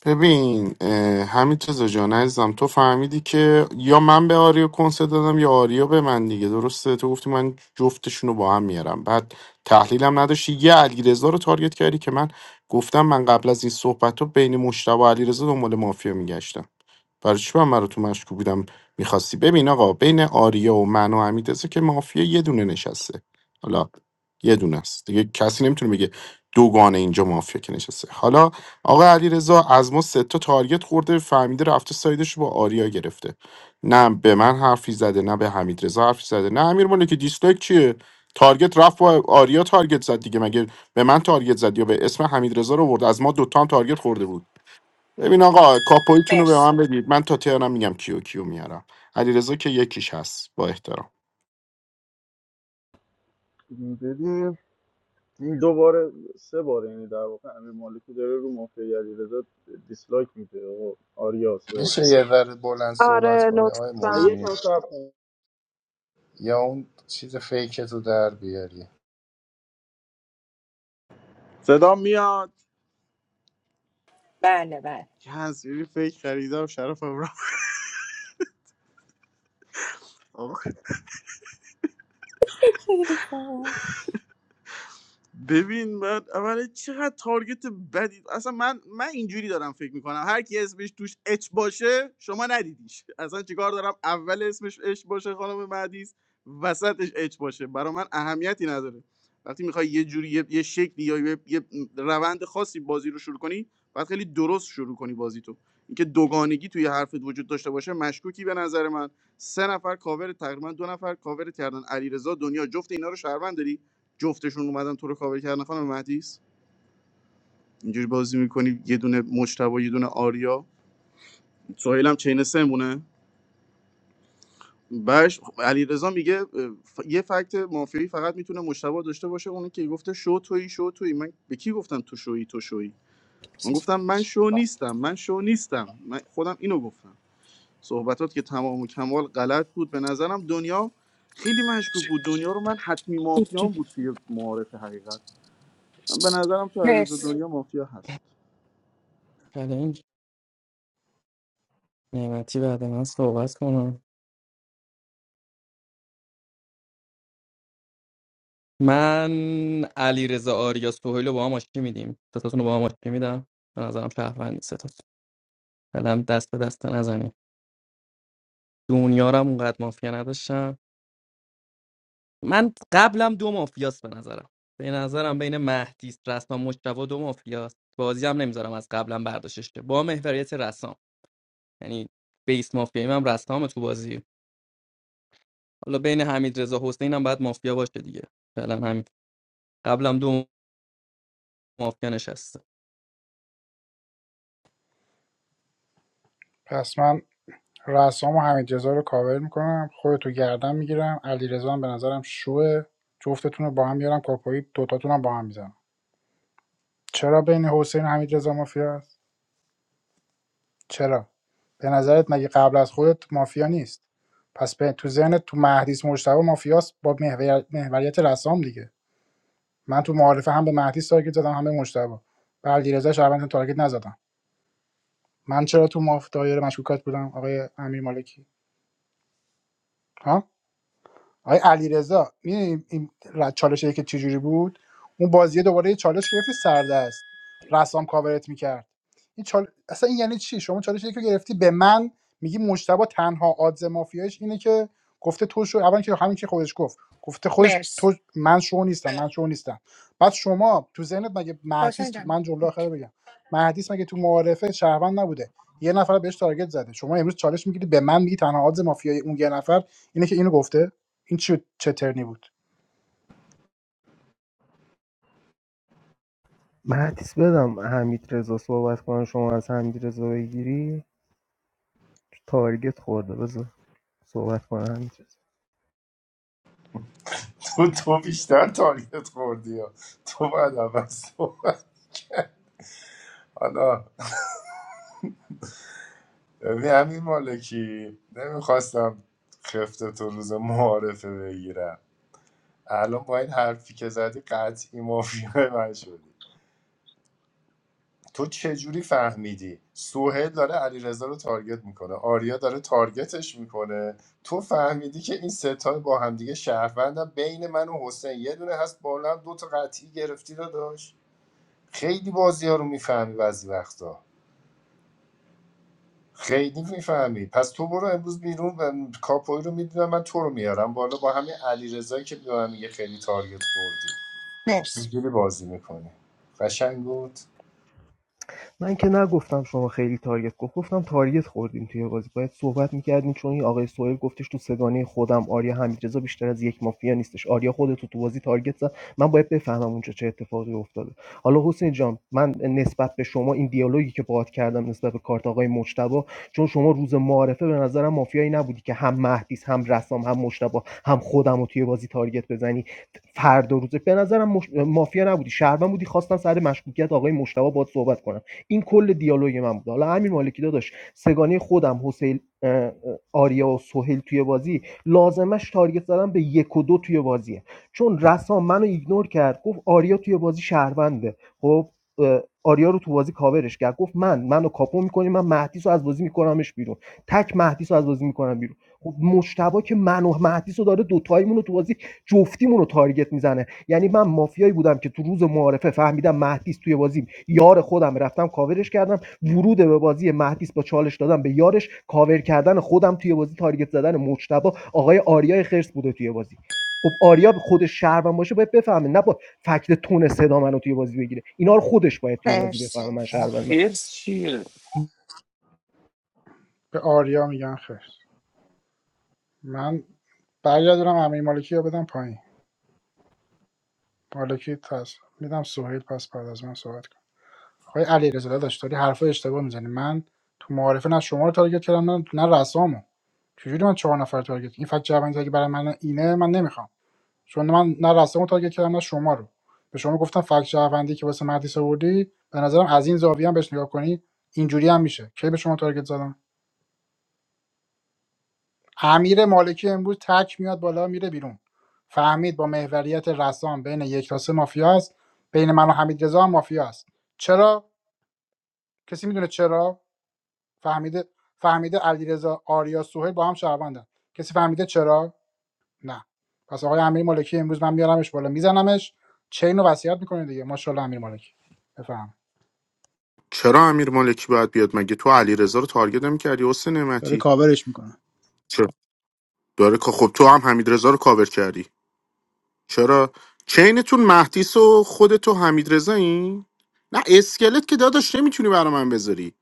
ببین اه، همین چیزا جان عزیزم تو فهمیدی که یا من به آریا کنسه دادم یا آریا به من دیگه درسته تو گفتی من جفتشون رو با هم میارم بعد تحلیلم نداشتی یه علیرضا رو تارگت کردی که من گفتم من قبل از این صحبت رو بین مشتبه و علیرضا دنبال مافیا میگشتم برای چی من مرا تو مشکوک بودم میخواستی ببین آقا بین آریا و من و حمیدرضا که مافیا یه دونه نشسته حالا یه دونه است دیگه کسی نمیتونه بگه دوگانه اینجا مافیا که نشسته حالا آقا علیرضا از ما سه تا تارگت خورده فهمیده رفته سایدش رو با آریا گرفته نه به من حرفی زده نه به حمیدرضا حرفی زده نه امیر مالکی دیسلایک چیه تارگت رفت با آریا تارگت زد دیگه مگه به من تارگت زد یا به اسم حمیدرضا رو برد از ما دوتا هم تارگت خورده بود ببین آقا کاپویتون رو به
مرسی
من بدید من تا تهرانم میگم کیو کیو میارم علیرضا که یکیش هست با احترام
ببین این دوباره سه بار یعنی در واقع امیر مالکی داره رو مافیا علیرضا دیسلایک میده آقا آریا صاحب
میشه یه ذره بلند صحبت
آره
کنی آقای
لطفا
موجی
یکم صبر کن
یا اون چیز فیکت رو در بیاری
صدا میاد
بله بله
کنسیلی فکر خریده و شرف هم رفت آقا
خیلی خوب.
ببین من اولا چقدر تارگت بدی اصلا من من اینجوری دارم فکر میکنم هر کی اسمش توش اچ باشه شما ندیدیش اصلا چیکار دارم اول اسمش اچ باشه خانم مهدیس وسطش اچ باشه برا من اهمیتی نداره وقتی میخوای یه جوری یه, یه شکلی یا یه, یه روند خاصی بازی رو شروع کنی باید خیلی درست شروع کنی بازی تو اینکه دوگانگی توی حرفت وجود داشته باشه مشکوکی به نظر من سه نفر کاور تقریبا دو نفر کاور کردن علیرضا دنیا جفت اینا رو شهروند داری جفتشون اومدن تو رو کاور کردن خانم مهدیس اینجوری بازی میکنی یه دونه مجتبی یه دونه آریا سهیل هم چین سه مونه بش علیرضا میگه ف- یه فکت مافیایی فقط میتونه مجتبی داشته باشه اونی که گفته شو تویی شو تویی من به کی گفتم تو شویی تو شویی من گفتم من شو نیستم من شو نیستم من خودم اینو گفتم صحبتات که تمام و کمال غلط بود به نظرم دنیا خیلی مشکوک بود دنیا رو من حتمی مافیان
اوکی.
بود توی معارف حقیقت من به نظرم تو علیرضا
مرسی
دنیا مافیا هست
چالش نعمتی بعد من صحبت کنم من علیرضا آریا سهیل رو با هم آشتی میدیم ستاتون رو با هم آشتی میدم به نظرم شهروندی ستاتون فعلا دست به دست نزنیم دنیارم اونقدر مافیا نداشتم من قبلم دو مافیاست به نظرم به نظرم بین مهدیس رسام مجتبی دو مافیاست بازی هم نمیذارم از قبلم برداشتش شه. با محوریت رسام یعنی بیس مافیایی من رسام تو بازی حالا بین حمید رضا حسین هم باید مافیا باشه دیگه فعلا همین قبلم دو مافیا نشست
پس من رسام و حمید رضا رو کاور میکنم خودتو گردن میگیرم علی هم به نظرم شوه جفتتون رو با هم میارم کاپایی دوتاتون هم با هم میزنم چرا بین حسین و حمید رضا مافیا چرا؟ به نظرت مگه قبل از خودت مافیا نیست؟ پس به تو ذهنت تو مهدیس مجتبی مافیاست با محور- محوریت رسام دیگه من تو معارفه هم به مهدیس تارگت زدم هم به مجتبی به علیرضا شعبان تارگت نزدم من چرا تو ماف دایره مشکوکات بودم آقای امیر مالکی ها آقای علیرضا می‌دونی این ر- چالش که چجوری بود اون بازیه دوباره یه چالش گرفتی سردست رسام کاورت میکرد این چال... اصلا این یعنی چی شما چالش که گرفتی به من میگی مجتبی تنها آدز مافیایش اینه که گفته تو شو اول که همین که خودش گفت گفته خودش
مرسی
تو من شو نیستم من شو نیستم بعد شما تو ذهنت مگه مهدیس
حسین
تو...
جان
من جمله آخر
اوکی.
رو بگم مهدیس مگه تو معارفه شهروند نبوده یه نفر بهش تارگت زده شما امروز چالش میگیری به من میگی تنها آدز مافیای اون یه نفر اینه که اینو گفته این چه چه ترنی بود
مهدیس بدم حمید رضا صحبت کنم شما از حمید رضا بگیری تارگت خورده بذار صحبت کنم
تو تو بیشتر تارگت خوردی ها. تو باید اول صحبت حالا ببین همین مالکی نمیخواستم خفته تو روز معارفه بگیرم الان با این حرفی که زدی قطعی مافیای من شدی تو چجوری فهمیدی سوهل داره علیرضا رو تارگت میکنه آریا داره تارگتش میکنه تو فهمیدی که این ستای با همدیگه شهروندن بین من و حسین یه دونه هست بالا هم دو تا قطعی گرفتی داداش خیلی بازی ها رو میفهمی بعضی وقتا خیلی میفهمی پس تو برو امروز بیرون و کاپوی رو میدونم من تو رو میارم بالا با همین علیرضایی که به من میگه خیلی تارگت خوردی
مرسی
اینجوری بازی میکنی قشنگ بود
من که نگفتم شما خیلی تارگت خورد گفتم تارگت خوردیم توی بازی باید صحبت میکردیم چون این آقای سوهل گفتش تو سگانه خودم آریا حمیدرضا بیشتر از یک مافیا نیستش آریا خودت تو بازی تارگت زد من باید بفهمم اونجا چه اتفاقی افتاده حالا حسین جان من نسبت به شما این دیالوگی که باهات کردم نسبت به کارت آقای مجتبی چون شما روز معارفه به نظرم مافیایی نبودی که هم مهدیس هم رسام هم مجتبی هم خودم رو توی بازی تارگت بزنی فردا روز به نظرم مش... مافیا نبودی شهروند بودی خواستم سر مشکوکیت آقای مجتبی باهات صحبت کنم این کل دیالوگ من بود حالا امیر مالکی داداش سگانه خودم حسین آریا و سهیل توی بازی لازمش تارگت زدن به یک و دو توی بازیه چون رسام منو ایگنور کرد گفت آریا توی بازی شهرونده خب آریا رو تو بازی کاورش کرد گفت من منو کاپو میکنی من مهدیس رو از بازی میکنمش بیرون تک مهدیس رو از بازی میکنم بیرون خب مشتبا که منو و مهدیس رو داره دوتاییمون رو تو بازی جفتیمون رو تارگت میزنه یعنی من مافیایی بودم که تو روز معارفه فهمیدم مهدیس توی بازی یار خودم رفتم کاورش کردم ورود به بازی مهدیس با چالش دادم به یارش کاور کردن خودم توی بازی تارگت زدن مجتبی آقای آریای خرس بوده توی بازی خب آریا خودش شهروند باشه باید بفهمه نه با فکت تون صدا منو توی بازی بگیره اینا رو خودش باید توی بازی
مرسی
بفهمه
هرس چیه
به آریا میگن خیر من برگردونم امیر مالکی رو بدم پایین مالکی پس میدم سهیل پس بعد از من صحبت کنم آقای علی رضا داداش داری حرف اشتباه میزنی من تو معارفه نه شما رو تارگت کردم نه نه رسامو چجوری من چهار نفر تارگت این فکت جوانی که برای من اینه من نمیخوام چون من نه رسامو تارگت کردم نه شما رو به شما گفتم فکت جوندی که واسه مهدیس آوردی به نظرم از این زاویه هم بهش نگاه کنی اینجوری هم میشه کی به شما تارگت زدم امیر مالکی امروز تک میاد بالا میره بیرون فهمید با محوریت رسام بین یک تا سه مافیا است بین من و حمید رضا هم مافیا است چرا کسی میدونه چرا فهمیده فهمیده علیرضا آریا سوهل با هم شهروندن کسی فهمیده چرا نه پس آقای امیر مالکی امروز من میارمش بالا میزنمش چین رو وصیت میکنه دیگه ماشاءالله امیر مالکی بفهم
چرا امیر مالکی باید بیاد مگه تو علیرضا رو تارگت نمی‌کردی حسین
داره
نعمتی
کاورش میکنه
چرا داره که خب تو هم حمیدرضا رو کاور کردی چرا چینتون مهدیس و خودت و حمیدرضا این نه اسکلت که داداش نمیتونی برا من بذاری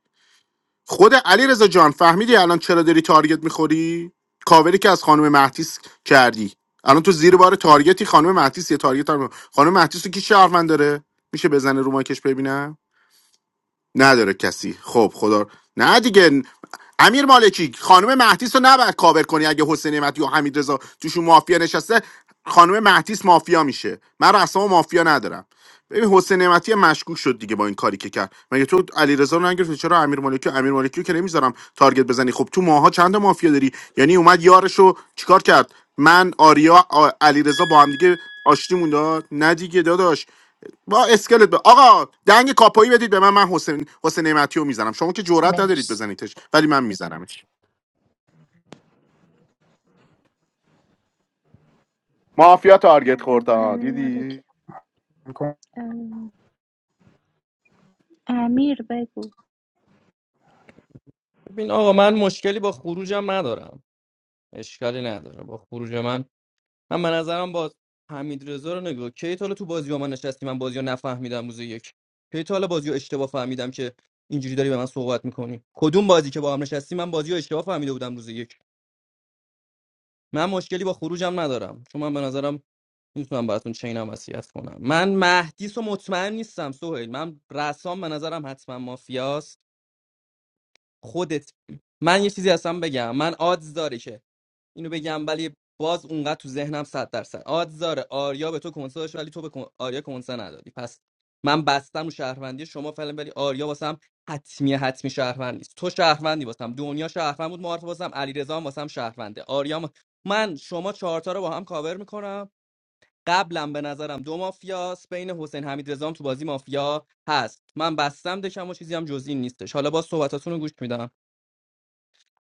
خود علیرضا جان فهمیدی الان چرا داری تارگت میخوری کاوری که از خانم مهدیس کردی الان تو زیر بار تارگتی خانم مهدیس یه تارگت هم خانم مهدیس رو کی شهروند داره میشه بزنه رو ماکش ببینم نداره کسی خب خدا نه دیگه امیر مالکی خانم مهدیس رو نباید کاور کنی اگه حسین نعمتی و حمید رضا توشون مافیا نشسته خانم مهدیس مافیا میشه من رو مافیا ندارم ببین حسین نعمتی هم مشکوک شد دیگه با این کاری که کرد مگه تو علیرضا رو نگرفتی چرا امیر مالکی امیر مالکی رو که نمیذارم تارگت بزنی خب تو ماها چند تا مافیا داری یعنی اومد یارشو چیکار کرد من آریا آ- علیرضا با هم دیگه آشتیمون داد نه دیگه داداش با اسکلت به آقا دنگ کاپایی بدید به من من حسین حسین نعمتی رو میزنم شما که جرئت ندارید
مرسی
بزنیدش ولی من میزنمش مافیا تارگت خورد آه.
امیر مالک
دیدی
ام، امیر بگو
ببین آقا من مشکلی با خروجم ندارم اشکالی نداره با خروج من من به نظرم با حمید رضا رو نگاه کی تا حالا تو بازی با من نشستی من بازی رو نفهمیدم روز یک کی تا حالا بازی رو اشتباه فهمیدم که اینجوری داری به من صحبت میکنی کدوم بازی که با هم نشستی من بازی رو اشتباه فهمیده بودم روز یک من مشکلی با خروجم ندارم چون من به نظرم میتونم براتون چینم وصیت کنم من مهدیس و مطمئن نیستم سهیل من رسام به نظرم حتما مافیاست خودت من یه چیزی هستم بگم من آدز داره که اینو بگم ولی باز اونقدر تو ذهنم صد درصد آدزاره آریا به تو کنسه داشت ولی تو به کن- آریا کنسه ندادی پس من بستم رو شهروندی شما فعلا ولی آریا واسم حتمی حتمی شهروند نیست تو شهروندی واسم دنیا شهروند بود معارف واسم علیرضا هم واسم شهرونده آریا هم- من شما چهارتا رو با هم کاور میکنم قبلم به نظرم دو مافیاس بین حسین حمید تو بازی مافیا هست من بستم دکم و چیزی هم جز این نیستش حالا با صحبتاتون رو گوش میدم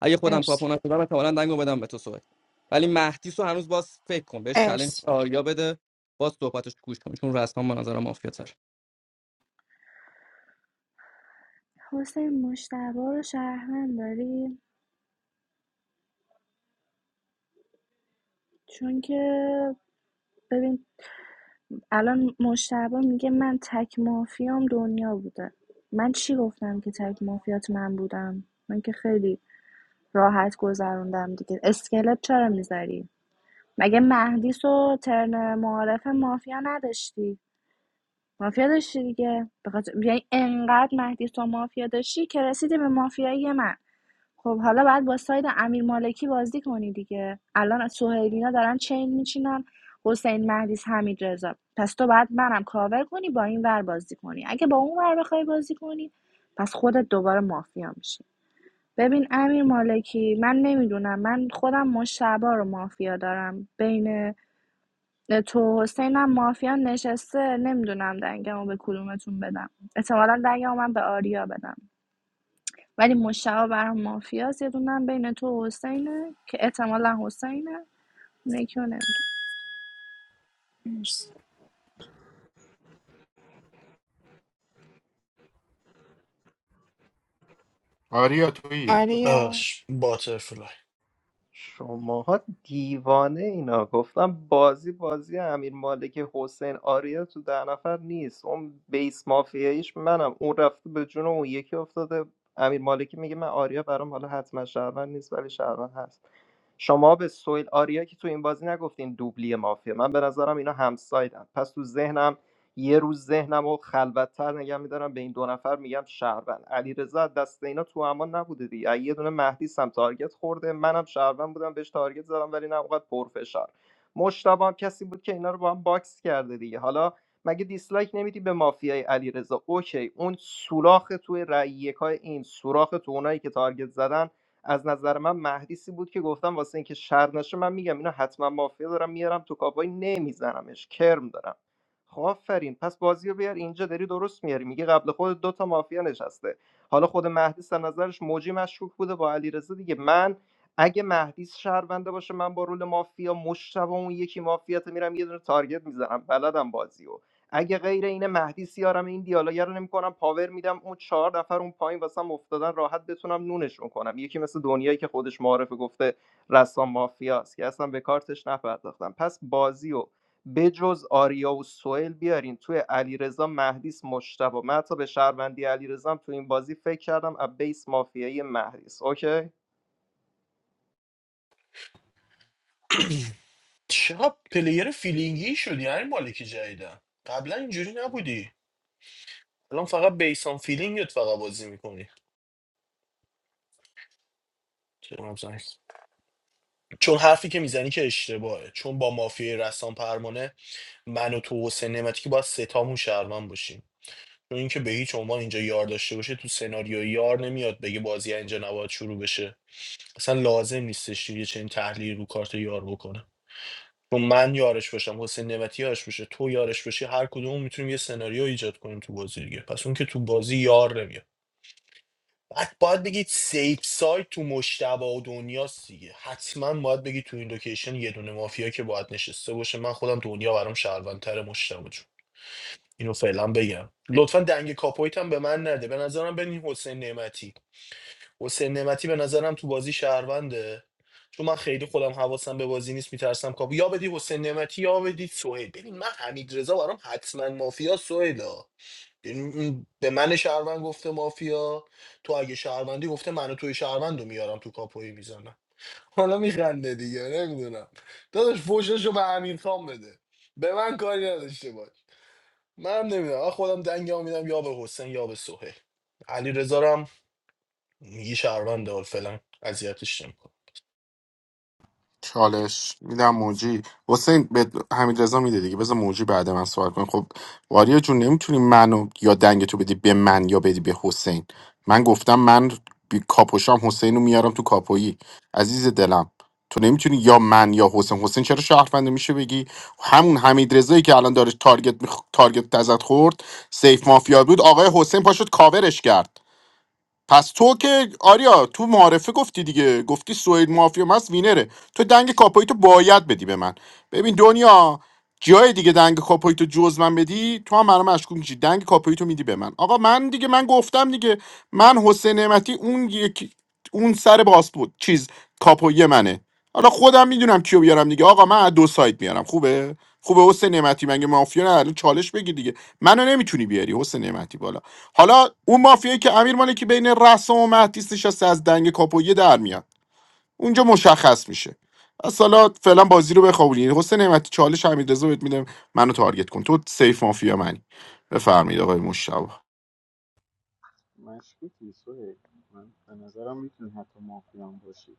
اگه خودم
مرسی
کاپو نشدم احتمالاً دنگو بدم به تو سوهل ولی مهدیس هنوز باز فکر کن بهش چالش
مرسی
آریا بده باز صحبتش رو گوش کن چون رسما به نظر مافیا تر
حسین مشتبه رو شهروند داری چون که ببین الان مشتبه میگه من تک مافیام دنیا بوده من چی گفتم که تک مافیات من بودم من که خیلی راحت گذروندم دیگه اسکلت چرا میذاری مگه مهدیس و ترن معارف مافیا نداشتی مافیا داشتی دیگه بخاطر یعنی انقدر مهدیس و مافیا داشتی که رسیدی به مافیایی من خب حالا بعد با ساید امیر مالکی بازی کنی دیگه الان از سهیلینا دارن چین میچینن حسین مهدیس حمید رضا پس تو بعد منم کاور کنی با این ور بازی کنی اگه با اون ور بخوای بازی کنی پس خودت دوباره مافیا میشی ببین امیر مالکی من نمیدونم من خودم مشتبا رو مافیا دارم بین تو و حسینم مافیا نشسته نمیدونم دنگمو به کدومتون بدم احتمالا دنگمو من به آریا بدم ولی مشتبه برام مافیاست یه دونه بین تو و حسینه که احتمالا حسینه اون یکی رو
مرسی
آریا تویی
آریا
باش باترفلای
شماها دیوانه اینا گفتم بازی بازی امیر مالکی حسین آریا تو ده نفر نیست اون بیس مافیاییش منم اون رفته به جون اون یکی افتاده امیر مالکی میگه من آریا برام حالا حتما شهروند نیست ولی شهروند هست شما به سویل آریا که تو این بازی نگفتین دوبلی مافیا من به نظرم اینا همسایدن پس تو ذهنم یه روز ذهنم رو خلوتتر نگه میدارم به این دو نفر میگم شهروند علیرضا دست اینا تو امان نبوده دیگه از یه دونه مهدی سم تارگت خورده منم شهروند بودم بهش تارگت زدم ولی نه اونقدر پرفشار مشتبه هم کسی بود که اینا رو با هم باکس کرده دیگه حالا مگه دیسلایک نمیدی به مافیای علیرضا اوکی اون سوراخ توی رأی یکای این سوراخ تو اونایی که تارگت زدن از نظر من مهدیسی بود که گفتم واسه اینکه شر نشه من میگم اینا حتما مافیا دارم میارم تو کاپای نمیزنمش کرم دارم خب آفرین پس بازی رو بیار اینجا داری درست میاری میگه قبل خود دو تا مافیا نشسته حالا خود مهدی از نظرش موجی مشکوک بوده با علیرضا دیگه من اگه مهدی شهرونده باشه من با رول مافیا مشتبه اون یکی مافیات میرم یه دونه تارگت میزنم بلدم بازی رو اگه غیر اینه مهدی سیارم این دیالوگ رو نمیکنم پاور میدم اون چهار نفر اون پایین واسم افتادن راحت بتونم نونشون کنم یکی مثل دنیایی که خودش معارفه گفته رسام مافیاست که اصلا به کارتش نپرداختم پس بازی و بجز آریا و سوئل بیارین توی علیرضا مهدیس مشتبه من حتی به شهروندی علیرضا هم تو این بازی فکر کردم از بیس مافیایی مهدیس اوکی
چقدر پلیر فیلینگی شدی یعنی مالکی جدیدن قبلا اینجوری نبودی الان فقط بیسان فیلینگت فقط بازی میکنی. چرا مثلا؟ چون حرفی که میزنی که اشتباهه چون با مافیای رسام پرمانه من و تو حسین نعمتی که باید ستامون شهروند باشیم چون اینکه به هیچ عنوان اینجا یار داشته باشه تو سناریو یار نمیاد بگه بازی اینجا نباید شروع بشه اصلا لازم نیستش یه چنین تحلیل رو کارت یار بکنه چون من یارش باشم حسین نعمتی یارش باشه تو یارش باشی هر کدوم میتونیم یه سناریو ایجاد کنیم تو بازی دیگه پس اون که تو بازی یار نمیاد بعد باید بگید سیف سایت تو مشتبه و دنیاست دیگه حتما باید بگید تو این لوکیشن یه دونه مافیا که باید نشسته باشه من خودم دنیا برام شهروندتر مشتبه جون اینو فعلا بگم لطفا دنگ کاپویت هم به من نده به نظرم بنین حسین نعمتی حسین نعمتی به نظرم تو بازی شهرونده چون من خیلی خودم حواسم به بازی نیست میترسم کاپو یا بدی حسین نعمتی یا بدی سهیل ببین من حمید رضا برام حتما مافیا سهیلا این- به من شهروند گفته مافیا تو اگه شهروندی گفته من و توی شهروند رو میارم تو کاپوی میزنم حالا میخنده دیگه نمیدونم داداش فوششو به امیر خان بده به من کاری نداشته باش من نمیدونم من خودم دنگم میدم یا به حسین یا به سهیل علی رزارم میگی شهروند حال فعلا اذیتش نمیکن
چالش میدم موجی حسین به حمید رضا میده دیگه بذار موجی بعد من صحبت کنه خب واریا جون نمیتونی منو یا دنگ تو بدی به من یا بدی به حسین من گفتم من بی کاپوشام حسین رو میارم تو کاپویی عزیز دلم تو نمیتونی یا من یا حسین حسین چرا شهرونده میشه بگی همون حمید رضایی که الان داره تارگت میخ... تارگت تزد خورد سیف مافیا بود آقای حسین پاشد کاورش کرد پس تو که آریا تو معارفه گفتی دیگه گفتی سوئیل مافیا هست وینره تو دنگ کاپایی تو باید بدی به من ببین دنیا جای دیگه دنگ کاپویتو جز من بدی تو هم برام مشکوک میشی دنگ کاپایی تو میدی به من آقا من دیگه من گفتم دیگه من حسین نعمتی اون یکی اون سر باس بود چیز کاپوی منه حالا خودم میدونم کیو بیارم دیگه آقا من از دو سایت میارم خوبه خوبه حسین نعمتی مگه مافیا نه الان چالش بگی دیگه منو نمیتونی بیاری حسین نعمتی بالا حالا اون مافیایی که امیر مالکی بین رسام و مهدیس نشسته از دنگ کاپویه در میاد اونجا مشخص میشه پس حالا فعلا بازی رو بخوابونی حسین نعمتی چالش امیررضا بهت میدم منو تارگت کن تو سیف مافیا منی بفرمایید آقای مشتاق
مشکوکی سوهیل من به نظرم میتونی حتی مافیا هم باشی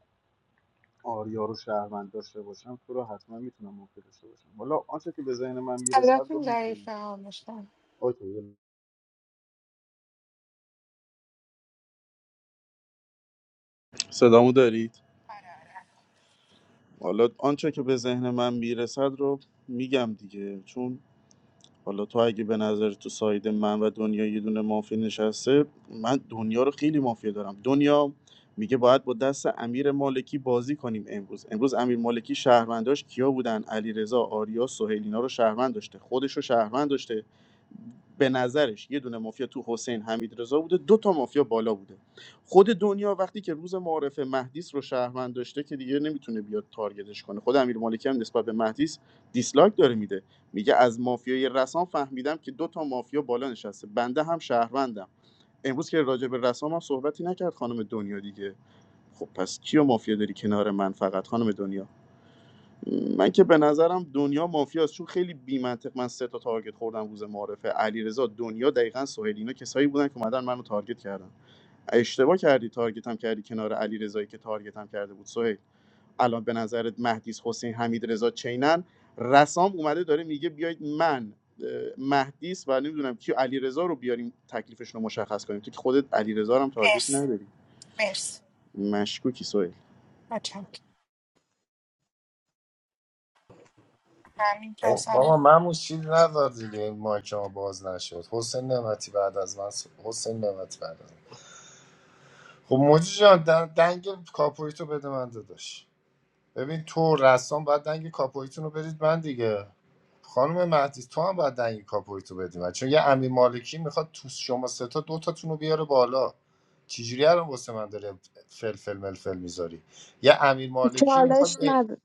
آریا رو شهروند داشته باشم تو رو حتما میتونم مافیا داشته باشم حالا آنچه که به ذهن من میرسد رو
صداتون
میگیم
ضعیفه ها مشتم
اوکی صدامو دارید حالا آنچه که به ذهن من میرسد رو میگم دیگه چون حالا تو اگه به نظر تو ساید من و دنیا یه دونه مافیا نشسته من دنیا رو خیلی مافیا دارم دنیا میگه باید با دست امیر مالکی بازی کنیم امروز امروز امیر مالکی شهرونداش کیا بودن علیرضا آریا سهیل اینا رو شهروند داشته خودش رو شهروند داشته به نظرش یه دونه مافیا تو حسین حمید رضا بوده دو تا مافیا بالا بوده خود دنیا وقتی که روز معارف مهدیس رو شهروند داشته که دیگه نمیتونه بیاد تارگتش کنه خود امیر مالکی هم نسبت به مهدیس دیسلایک داره میده میگه از مافیای رسام فهمیدم که دو تا مافیا بالا نشسته بنده هم شهروندم امروز که راجع به رسام هم صحبتی نکرد خانم دنیا دیگه خب پس کیو مافیا داری کنار من فقط خانم دنیا من که به نظرم دنیا مافیاست چون خیلی بی‌منطق من سه تا تارگت خوردم روز معارفه علیرضا دنیا دقیقا سهیل اینا کسایی بودن که اومدن منو تارگت کردن اشتباه کردی تارگت هم کردی کنار علی رضایی که تارگت هم کرده بود سهیل الان به نظرت مهدیس حسین حمید رضا چینن رسام اومده داره میگه بیاید من اه، مهدیس و نمیدونم کی علی رضا رو بیاریم تکلیفش رو مشخص کنیم تو که خودت علی رضا هم تارگتی
مرسی
نداری
مرسی
مشکوکی سهیل
متشکرم همین
خب
رضا
بابا مموش چیز نذار دیگه این مایک ما باز نشد حسین نعمتی بعد از من صحب- حسین نعمتی بعد از من خب موجی جان دن- دنگ کاپویتو بده من داداش ببین تو رسام باید دنگ کاپویتون رو بدید من دیگه خانم مهدی تو هم باید دنگ کاپویتو بدی من چون یه امیر مالکی میخواد تو شما سه تا دو تاتون رو بیاره بالا چجوری الان واسه من داره فلفل ملفل میذاری یه امیر مالکی
چالش
میخواد به
نده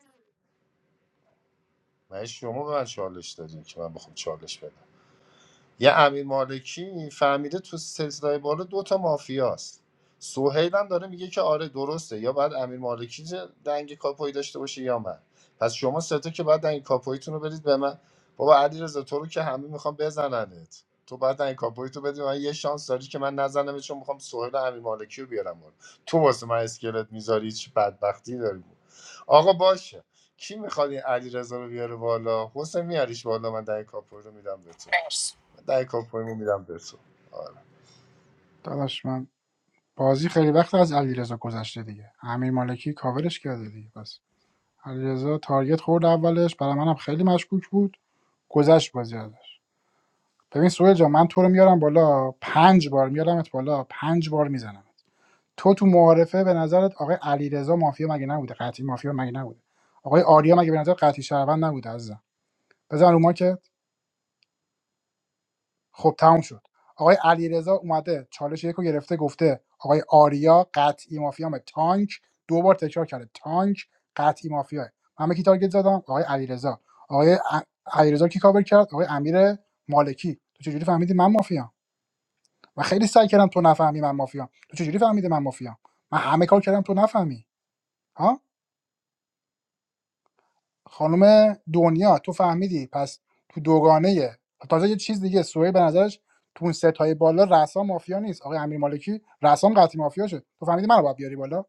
من شما به من چالش دادی که من بخوام چالش بدم یه امیر مالکی فهمیده تو سلسله بالا دوتا مافیاست سوهیل هم داره میگه که آره درسته یا بعد امیر مالکی ج- دنگ کاپوی داشته باشه یا من پس شما ستا که بعد دنگ کاپویتون رو بدید به من بابا علیرضا تو رو که همه میخوام بزننت تو بعد دنگ کاپوی تو بدی من یه شانس داری که من نزنم چون میخوام سوهیل و امیر مالکی رو بیارم بالا. تو واسه من اسکلت میذاری چه بدبختی داری آقا باشه کی میخواد این علیرضا رو بیاره بالا حسین میاریش بالا من دنگ کاپوی رو میدم به تو
مرسی
در کاپویمو میدم به تو آره
داداش من بازی خیلی وقت از علیرضا گذشته دیگه امیر مالکی کاورش کرده دیگه پس علیرضا تارگت خورد اولش برای منم خیلی مشکوک بود گذشت بازی ازش ببین سوهل جان من تو رو میارم بالا پنج بار میارمت بالا پنج بار میزنم تو تو معارفه به نظرت آقای علیرضا مافیا مگه نبوده قطعی مافیا مگه نبوده آقای آریا مگه به نظر قطعی شهروند نبوده عزیزم بزن رو ما که خب تموم شد آقای علیرضا اومده چالش یکو گرفته گفته آقای آریا قطعی مافیام تانک دو بار تکرار کرده تانک قطعی مافیاه من به کی تارگت زدم آقای علیرضا آقای ا- علیرضا کی کاور کرد آقای امیر مالکی تو چجوری فهمیدی من مافیام و خیلی سعی کردم تو نفهمی من مافیام تو چجوری فهمیدی من مافیام من همه کار کردم تو نفهمی ها خانم دنیا تو فهمیدی پس تو دوگانه تازه یه چیز دیگه سوهی به نظرش تو اون ستای بالا رسا مافیا نیست آقای امیر مالکی رسام قطعی مافیا شد تو فهمیدی منو باید بیاری بالا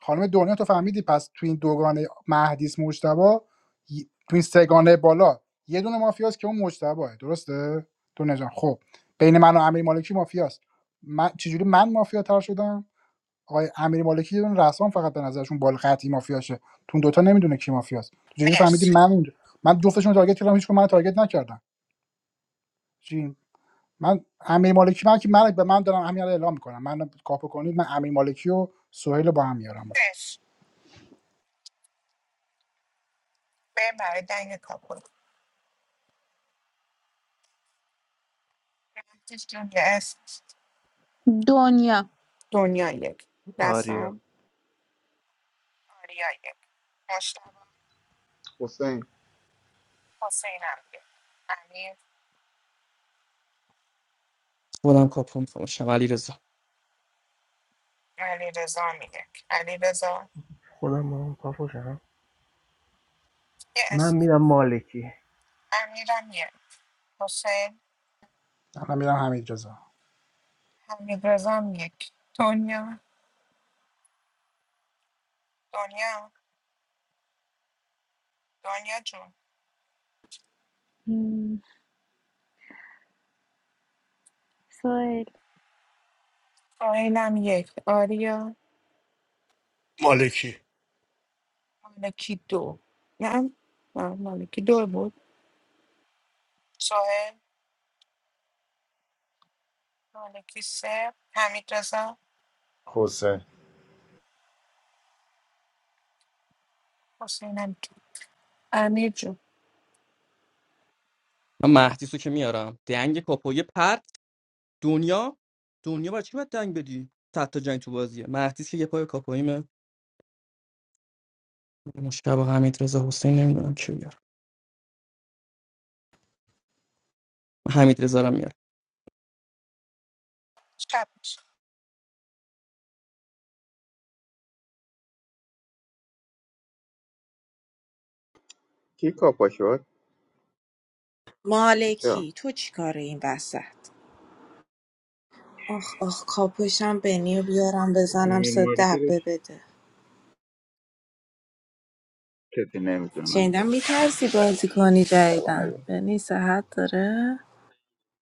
خانم دنیا تو فهمیدی پس تو این دوگانه مهدیس مجتبا ی- تو این سگانه بالا یه دونه مافیاست که اون مجتباه درسته دنیا جان خب بین من و امیر مالکی مافیاست من چجوری من مافیا تر شدم آقای امیر مالکی یه دونه رسام فقط به نظرشون بال قطعی مافیاشه تو دوتا نمیدونه کی مافیاست تو چجوری فهمیدی
مرسی
من اونجا من جفتشون رو تارگت کردم هیچکدوم من رو تارگت نکردم چی من امیر مالکی من که من به من دارم همین الان اعلام میکنم من کاپو کنید من امیر مالکی و سهیل رو با هم میارم بالا
مرسی بریم برای دنگ کاپل مهدیس جون یه اسم
دنیا
دنیا یک
آریا
رسام آریا یک مشتبه
حسین
حسین هم یک امیر
خودم کاپو میفهمم علی رضا
علی رضا هم یک علی رضا
خودم با اون پاپوشم
یه
من
اسم
میرم مالکی
امیرم یک حسین
من میرم حمید رضا
حمید رضا هم یک دنیا دنیا دنیا جون
نمیدونم سوال
سهیل هم یک آریا
مالکی
مالکی دو نه نه، مالکی دو بود سوهل مالکی سه حمید رزا
حسین
حسین هم دو امیر جون
من مهدیس که میارم دنگ کاپوی پرت دنیا دنیا برای چی باید دنگ بدی صد تا جنگ تو بازیه مهدیس که یه پای کاپویمه مشکل با حمید رضا حسین نمیدونم کی بیار حمید رضا رو میارم
شب میشه.
کی کاپا شد چرا
مالکی تو چیکاره این وسط آخ آخ کاپوشم بنی بیارم بزنم
امیر
سه
مالکی رو
دبه بده
کسی نمیتونه منو
شنیدم
بیاره بالا
میترسی بازی کنی
توانایی
جدیدن
بود.
یعنی صحت داره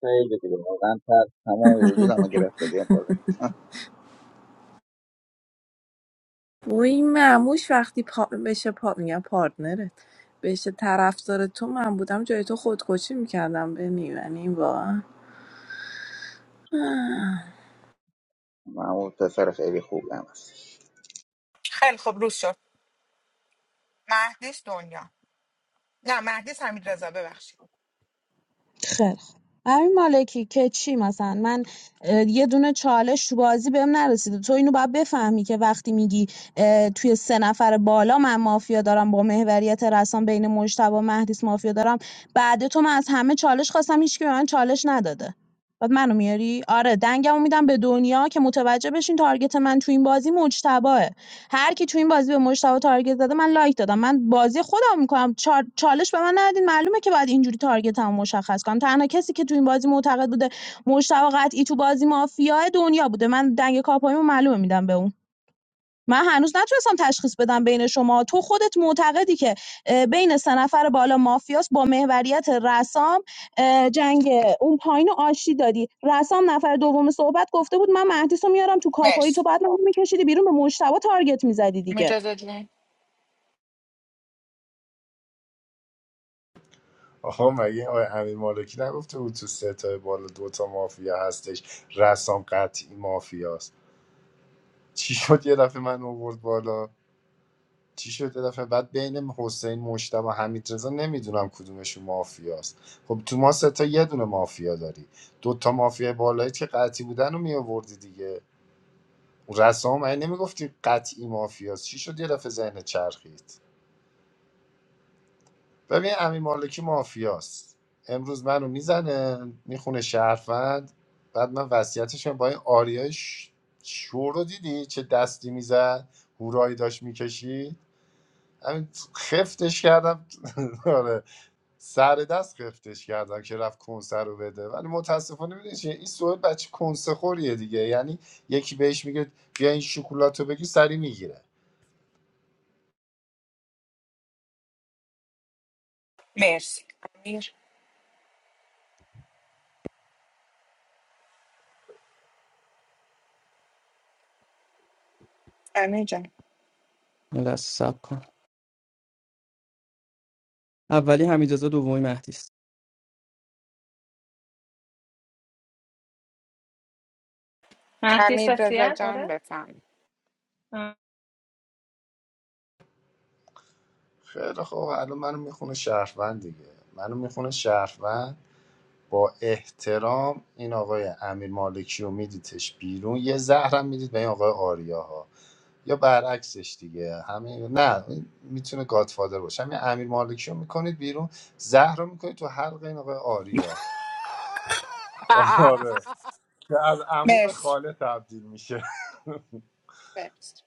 خیلی دیگه واقعا تر تمام وجودم رو گرفته دیگه بازی
و این معموش وقتی پا بشه پا میگم پارتنرت بشه طرفدار تو من بودم جای تو خودکشی میکردم به یعنی این واقعا آه.
محمود پسر خیلی خوبی هم هست
خیلی خوب روز شد مهدیس دنیا نه مهدیس حمید رزا ببخشید
خیلی خوب امین مالکی که چی مثلا من اه، یه دونه چالش تو بازی بهم نرسیده تو اینو باید بفهمی که وقتی میگی اه، توی سه نفر بالا من مافیا دارم با محوریت رسام بین مجتبی و مهدیس مافیا دارم بعد تو من از همه چالش خواستم هیچکی به من چالش نداده بعد منو میاری آره دنگمو میدم به دنیا که متوجه بشین تارگت من تو این بازی مجتباه هر کی تو این بازی به مجتبا تارگت زده من لایک دادم من بازی خودم میکنم چال... چالش به من ندین معلومه که باید اینجوری تارگتمو مشخص کنم تنها کسی که تو این بازی معتقد بوده مجتبا قطعی تو بازی مافیای دنیا بوده من دنگ کاپایمو معلومه میدم به اون من هنوز نتونستم تشخیص بدم بین شما تو خودت معتقدی که بین سه نفر بالا مافیاس با محوریت رسام جنگ اون پایین رو آشتی دادی رسام نفر دوم صحبت گفته بود من مهدیس میارم تو کاپایی تو
مرسی
بعد منو میکشیدی بیرون به مشتبه تارگت میزدی دیگه
امیر رضا جون
آقا مگه آقای امیر مالکی نگفته بود تو سه تا بالا دو تا مافیا هستش رسام قطعی مافیاست چی شد یه دفعه من آورد بالا چی شد یه دفعه بعد بین حسین مشتبه و حمید رضا نمیدونم کدومشون مافیاست خب تو ما سه تا یه دونه مافیا داری دو تا مافیا بالایی که قطعی بودن رو می آوردی دیگه اون رسام مگه نمیگفتی قطعی مافیاست چی شد یه دفعه ذهن چرخید ببین امین مالکی مافیاست امروز منو میزنه میخونه شهروند بعد من وصیتشم با این آریای ش- شو رو دیدی چه دستی میزد هورایی داشت میکشید همین خفتش کردم آره سر دست خفتش کردم که رفت کنسر رو بده ولی متاسفانه میدونی چیه این سوال بچه کنسه خوریه دیگه یعنی یکی بهش میگه بیا این شکلات رو بگی سری میگیره
مرسی امیر امیر جان
یه لحظه صبر کن اولی حمید رضا دومی مهدیس
مهدی
حمید رزا
سسیه
جان
داره
بفهم
خیلی خوب الان منو میخونه شهروند دیگه منو میخونه شهروند با احترام این آقای امیر مالکی رو میدیدش بیرون یه زهرم میدید به این آقای آریاها یا برعکسش دیگه همین نه میتونه گادفادر باشه همین امیر مالکی رو میکنید بیرون زهر رو میکنید تو حلق این آقای آریا آره که از عمو به
مرسی
خاله تبدیل میشه
مرسی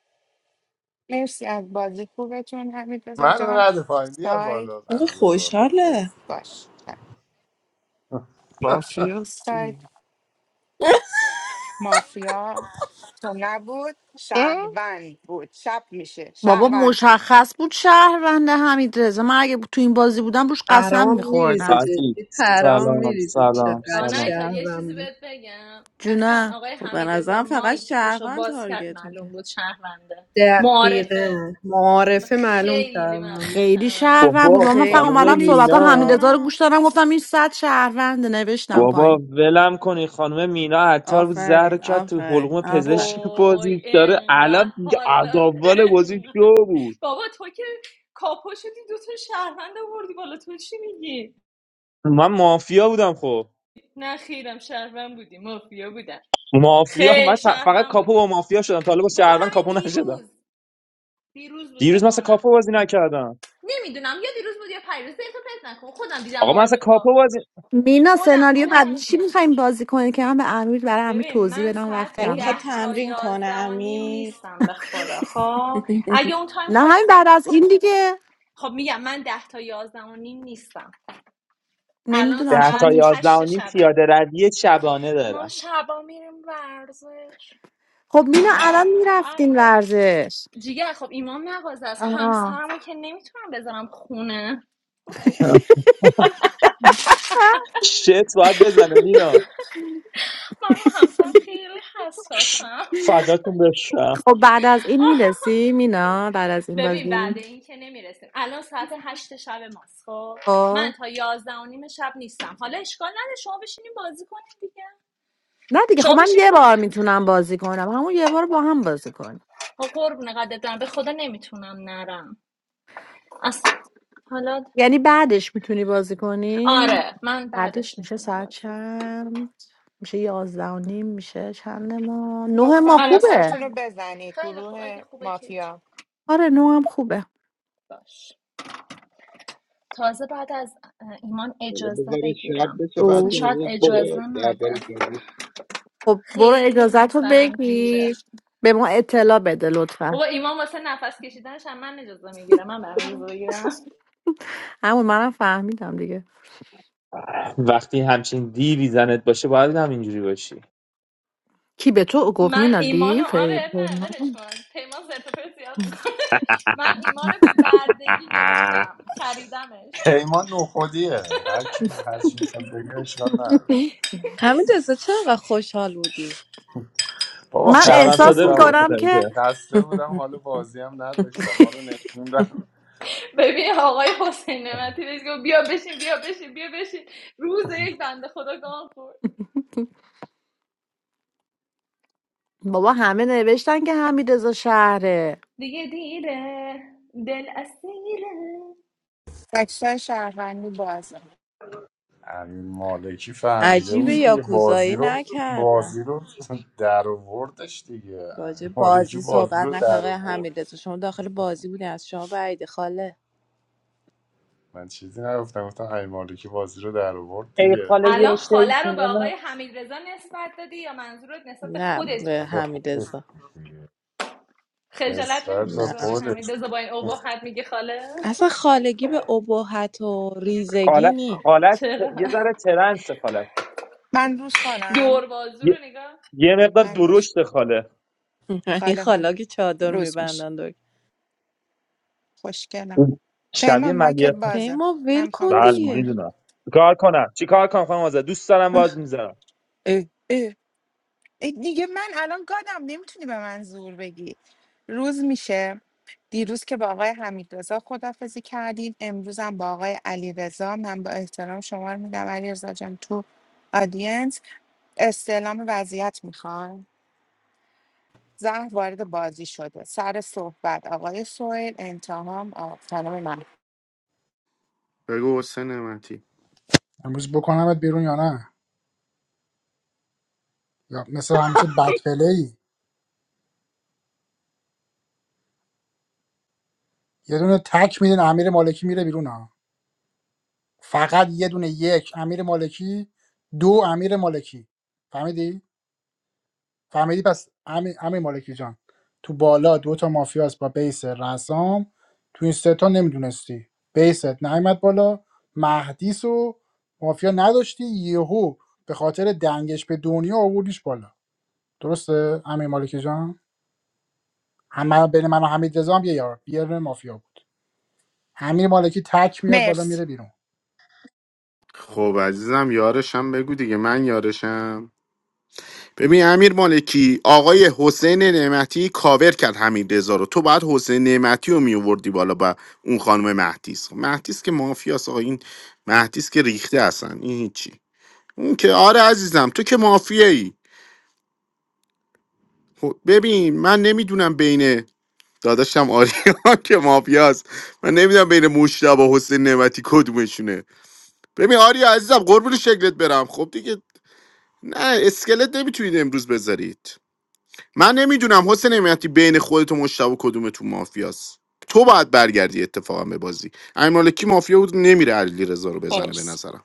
مرسی از بازی خوبتون حمید رزا
من رو
جان
رد پایین بیار
سایت
بالا
آقا
منو بیار بالا
خوشحاله
مرسی.
باش سایت
باستی
مافیا تو نبود شهروند بود شب میشه
بابا
شهروند
مشخص بود شهرونده حمید رضا من اگه تو این بازی بودم روش قسم
پرام میریزه
میخوردم
عزیز
جدی پرام
سلام
میریزه
سلام
چقدر
سلام
آنایتا یه چیزی
شهرم بود
بهت بگم اصلا آقای
خب به
حمید ازا
نظرم فقط
مایکشو
شهروند
باز کرد
تارگت
معلوم
میکرد
بود شهرونده معارفه
دقیقا معارفه معلوم
خیلی
کردم
معلوم
بود
بود
خیلی
شهرونده
شهروند بود
بابا
من فقط
خیلی
اومدم
خانم
صحبت
پولیس
ها
بود
مینا
حمیدرضا رو
آنا
گوش دادم گفتم این صد شهرونده نوشتم
بابا
پایین
ولم کنی خانم مینا عطار بود زهر رو
آفرین
کرد تو
آفرین
حلقوم
آفرین
پزشک
وای
بازی داره
انقدر
الان دیگه از
حالا
اول بازی شو بود
بابا تو که کاپو شدی دوتون شهروند آوردی بالا تو چی میگی
من مافیا بودم خب
نه خیرم شهروند بودی مافیا بودم
مافیا
خیلی
من ت- فقط
شهروند
کاپو با
بودی
مافیا شدم تا حالا با
بابا
شهروند
همین
کاپو نشدم
دیروز دیروز بود
دیروز
فکر
مثلا کاپو
کنم
بازی نکردم
نمیدونم یا دیروز بود یا پریروز دیتا پس نکن خودم دیدم
آقا من مثلا
بازی تو
کاپو بازی
مینا
خودم
سناریو
دیدم
بعد چی میخوایم بازی کنیم که من به امیر برای امیر
ببین
توضیح
من
بدم وقت
ساعت
یعنی
کم
میخواد
ده تا
تمرین کنه
یازده و نیم
امیر
نیستم به خدا خب اگه اون تایم
نه همین
خواست
بعد از این دیگه
خب میگم من ده تا یازده و نیم نیستم الان
نمیدونم
ده
چند
تا
ساعت
میشه
یازده و
هشت
نیم
شبه
پیاده روی شبانه
ما
دارم
شبا میریم ورزش
خب مینا الان میرفتین
آی
ورزش
جیگر خب ایمان نوازه از
آها.
همسرمو که نمیتونم بذارم خونه
شت باید بزنه مینا
من رو همسرم خیلی حساسم
فداتون بشم
خب بعد از این میرسی مینا بعد از این
ببین
بازی
بعد این که نمیرسیم الان ساعت هشت شب ماست خب
خب.
من تا یازده و نیم شب نیستم حالا اشکال نداره شما بشینیم بازی کنیم دیگه
نه دیگه خب
شما
من
بشینیم
یه بار
بازی
میتونم بازی کنم همون یه بار با هم بازی کنیم
خب قربونه قدرت برم به خدا نمیتونم نرم اصلا حالا
یعنی بعدش میتونی بازی کنی
آره من
بعدش
بعدش
میشه
میتونم
ساعت
بازی
چند میشه یازده و نیم میشه چند ما نه
لطفا
ما
الان ساعت
خوبه
عکساتون رو
چنده
بزنید
خیلی خوب اگه
گروه
خوبه که هیچ.
مافیا
آره نه هم خوبه
باش تازه بعد از ایمان
حالا
اجازه
بذارید شب
بگیرم
بشه
اصلا
او
بچه
شاید
روز
اجازه
بشه
نده
درباره
خب برو
خیلی
اجازت رو
همسرم گیره
بگیر به ما اطلاع بده لطفا
بابا ایمان واسه نفس کشیدنش هم من اجازه میگیرم من برام اجازه بگیرم
همون منم فهمیدم دیگه
وقتی همچین دیوی زنت باشه باید همینجوری باشی
کی به تو گفت
من ایمانو
مینادی فی-
آره نه
به من
ولش کن پیمان زرت و پرت زیاد میکنه من ایمانو به بردگی
اه.
گرفتم خریدمش
پیمان نخودیه هر کی هر چی میخواد بگه اشکال نداره
همین دسته چرا انقدر خوشحال بودی
بابا
من
شهروند
خسته
احساس
ساده بوده
بودم
به خاطر
میکنم که
اینکه
خسته بودم حال بازی هم نداشتم ما رو نشوندم
ببین آقای حسین نعمتی بهش گفت بیا بشین بیا بشین بیا بشین روز یک بنده خدا گان خورد
بابا همه نوشتن که حمید رضا شهره
دیگه دیره دل اسیره
عکسای شهروندی بازه
امین مالکی فهمیده
عجیبه
بود دیگه بازی
یاکوزایی
رو
نکردن
بازی رو در آوردش دیگه
راجع
امین
به
مالکی
بازی
بازی رو
صحبت نکنه
در
آقای
آورد
حمیدرضا شما داخل بازی بودی از شما بعید خاله
من چیزی نگفتم گفتم امین مالکی بازی رو در آورد
ای
دیگه
خاله یه
الان خاله رو به
شیطونه
آقای
من
حمیدرضا نسبت دادی یا منظورت نسبت
نه
خودت
به
نسبت
بود
به خودش
حمیدرضا
دیگه
خجالت
نسبت به
نمیکشی
نه
به آقای
خودش
حمیدرضا با این ابهت میگه خاله
اصلا خالگی به ابهت و ریزگی
خاله
نی
خاله ت-
چرا
یه ذره ترنس خاله
من روز کنم
دور بازو رو
یه,
نگاه
یه مقدار
من روز
درشت خاله
این
خاله ها
خالا که چادر
روز میشه
میبندن دور
خوشگلم
اون شبیه
پیمان مایکت
ملیه
بازه
پیما
من
ول کن
میخوام
بله
روز
دیگه
کنم
میدونم کار کنم چی کار کنم خانم آزاد دوست دارم باز میذارم
اه اه ای دیگه من الان گادم نمیتونی به من زور بگی روز میشه دیروز که با آقای حمیدرضا خدافزی کردیم امروز هم با آقای علیرضا من با احترام شما رو میدم علیرضا جان تو آدینس استعلام وضعیت میخوان زهر وارد بازی شده سر صحبت آقای سویل انتهام آ- خانم من
بگو حسین نعمتی
امروز بکنمت بیرون یا نه یا مثل همیشه بد پلی یه دونه تک میدین امیر مالکی میره بیرون ها فقط یه دونه یک امیر مالکی دو امیر مالکی فهمیدی فهمیدی پس همین همین مالکی جان تو بالا دو تا مافیاس با بیس رسام تو این سه تا نمیدونستی بیست نیمد بالا مهدیس و مافیا نداشتی یهو به خاطر دنگش به دنیا آوردیش بالا درسته همین مالکی جان هم من- بین من و حمید رضا هم یه یار یه دونه مافیا بود همین مالکی تک میاد بالا
مرس
میره بیرون
خب عزیزم یارشم بگو دیگه من یارشم ببین امیر مالکی آقای حسین نعمتی کاور کرد همین رضا رو تو باید حسین نعمتی رو میووردی بالا با اون خانم مهدیس خب مهدیس که مافیاس آقا این مهدیس که ریخته اصلا این هیچی اون که آره عزیزم تو که مافیایی ای ببین من نمیدونم بین داداشم آریا که مافیاست من نمیدونم بین مشتبه و حسین نعمتی کدومشونه ببین آریا عزیزم قربون شکلت برم خب دیگه نه اسکلت نمیتونید امروز بذارید من نمیدونم حسین نعمتی بین خودت و مشتبه کدوم تو مافیاست تو باید برگردی اتفاقا به بازی امیر مالکی مافیا بود نمیره علی رضا رو بزنه به
مرس
نظرم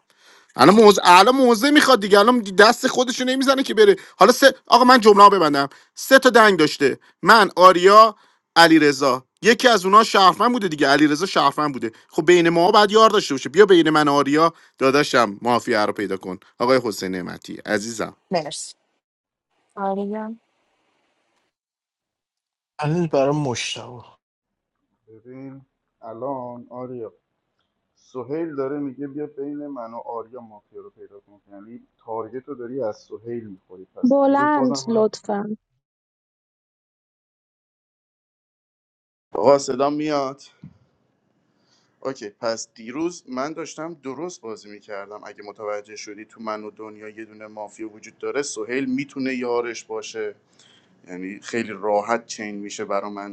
الان موز الان موزه میخواد دیگه الان دست خودش رو نمیزنه که بره حالا سه آقا من جمله رو ببندم سه تا دنگ داشته من آریا علی رضا یکی از اونها شهرمن بوده دیگه علی رضا شهرمن بوده خب بین ما بعد یار داشته باشه بیا بین من و آریا داداشم مافیا رو پیدا کن آقای حسین نعمتی عزیزم
مرس آریا
الان برای مشتبه
ببین الان آریا ماریا مافیا رو پیدا کن یعنی تارگت رو داری از سهیل میخوری پس دیروز بازم
بلند
من
لطفا
آقا صدا میاد اوکی پس دیروز من داشتم درست بازی میکردم اگه متوجه شدی تو من و دنیا یه دونه مافیا وجود داره سهیل میتونه یارش باشه یعنی خیلی راحت چین میشه برا من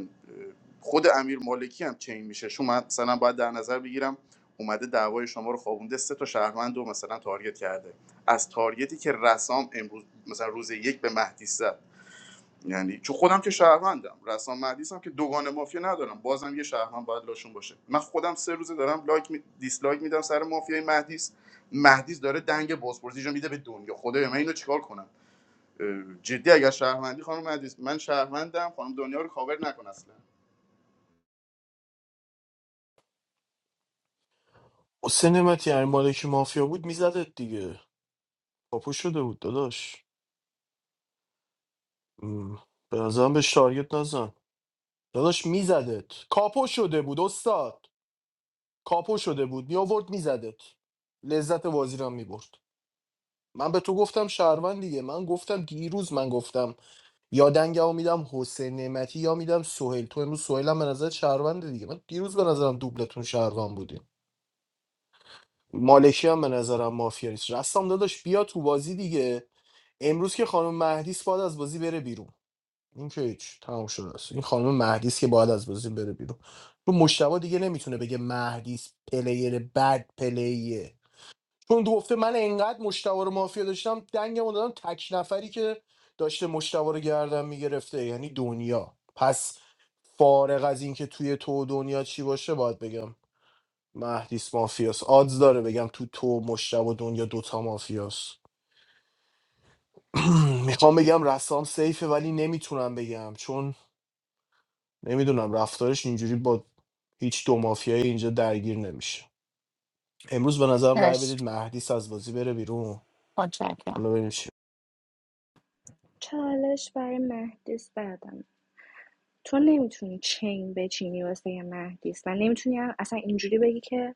خود امیر مالکی هم چین میشه شما مثلا باید در نظر بگیرم اومده دعوای شما رو خوابونده سه تا شهروند رو مثلا تارگت کرده از تارگتی که رسام امروز مثلا روز یک به مهدی زد یعنی چون خودم که شهروندم رسام مهدیس هم که دوگان مافیا ندارم بازم یه شهروند باید لاشون باشه من خودم سه روزه دارم لایک می... دیسلایک میدم سر مافیای مهدیس مهدیس داره دنگ بازپرسیشو میده به دنیا خدایا من اینو چیکار کنم اه، جدی اگر شهروندی خانم مهدیس من شهروندم خانم دنیا رو کاور نکن اصلا
حسین نمتی یعنی مالکی مافیا بود میزدت دیگه کاپو شده بود داداش ام. به نظرم بهش تارگت نزن داداش میزدت کاپو شده بود استاد کاپو شده بود میآورد میزدت لذت بازی رو هم میبرد من به تو گفتم شهروند دیگه من گفتم دیروز من گفتم یا دنگمو میدم حسین نعمتی یا میدم سهیل تو امروز سهیلم به نظر شهروند دیگه من دیروز به نظرم دوبلتون شهروند بودیم مالکی هم به نظرم مافیا نیست رستم داداش بیا تو بازی دیگه امروز که خانم مهدیس باید از بازی بره بیرون این که هیچ تمام شده است این خانم مهدی است که باید از بازی بره بیرون تو مشتبه دیگه نمیتونه بگه مهدی است، پلیر بد پلیه چون دو گفته من انقدر مشتبه رو مافیا داشتم دنگمو دادم تک نفری که داشته مشتبه رو گردن میگرفته یعنی دنیا پس فارغ از اینکه توی تو دنیا چی باشه باید بگم مهدیس مافیاس آدز داره بگم تو تو مشتب دنیا دوتا مافیاس میخوام بگم رسام سیفه ولی نمیتونم بگم چون نمیدونم رفتارش اینجوری با هیچ دو مافیایی اینجا درگیر نمیشه امروز به نظرم رأی
مرس
بدید مهدی از بازی بره بیرون
متشکرم
حالا ببینیم چی
چالش برای مهدیس بعدم تو نمیتونی چین بچینی واسه یه مهدیس و نمیتونی هم اصلا اینجوری بگی که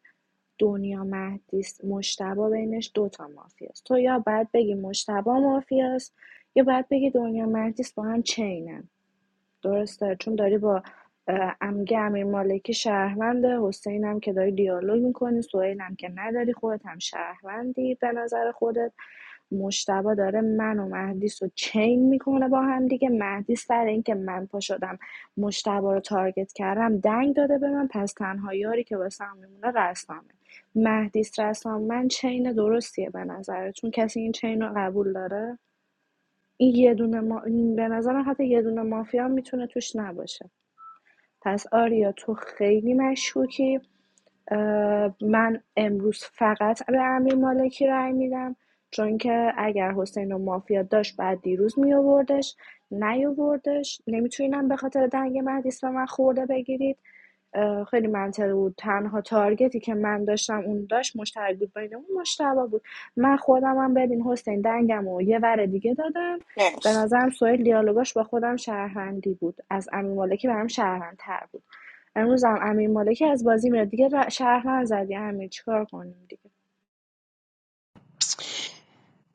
دنیا مهدیس مشتبا بینش دوتا مافیاست تو یا باید بگی مشتبا مافیاست یا باید بگی دنیا مهدیس با هم چینن درسته چون داری با اه، عمگه امیر مالکی شهرونده حسین هم که داری دیالوگ میکنی سوهیل هم که نداری خودت هم شهروندی به نظر خودت مشتبه داره من و مهدیس رو چین میکنه با هم دیگه مهدی سر اینکه من پا شدم مشتبه رو تارگت کردم دنگ داده به من پس تنها یاری که واسه هم میمونه رسامه مهدیس رسام من چین درستیه به نظرتون کسی این چین رو قبول داره این یه دونه ما... به نظرم حتی یه دونه مافیا میتونه توش نباشه پس آریا تو خیلی مشکوکی من امروز فقط به امیر مالکی رأی میدم چون که اگر حسین و مافیا داشت بعد دیروز می آوردش نیاوردش نمیتونینم به خاطر دنگ مهدیس به من خورده بگیرید اه، خیلی منطقی بود تنها تارگتی که من داشتم اون داشت مشترک بود بین اون مشتبه بود من خودم هم ببین حسین دنگم و یه ور دیگه دادم به
مرس
نظرم سویل دیالوگاش با خودم شهروندی بود از امیر مالکی برام شهروندتر بود امروز هم امیر مالکی از بازی میره دیگه ر- شرف نزدی امیر چیکار کنیم دیگه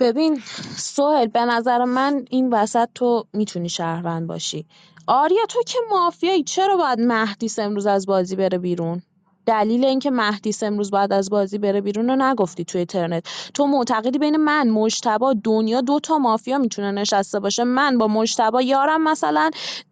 ببین سوهل به نظر من این وسط تو میتونی شهروند باشی آریا تو که مافیایی چرا باید مهدیس امروز از بازی بره بیرون دلیل اینکه مهدیس امروز باید از بازی بره بیرون رو نگفتی توی ترنت تو معتقدی بین من مجتبا دنیا دو تا مافیا میتونه نشسته باشه من با مجتبا یارم مثلا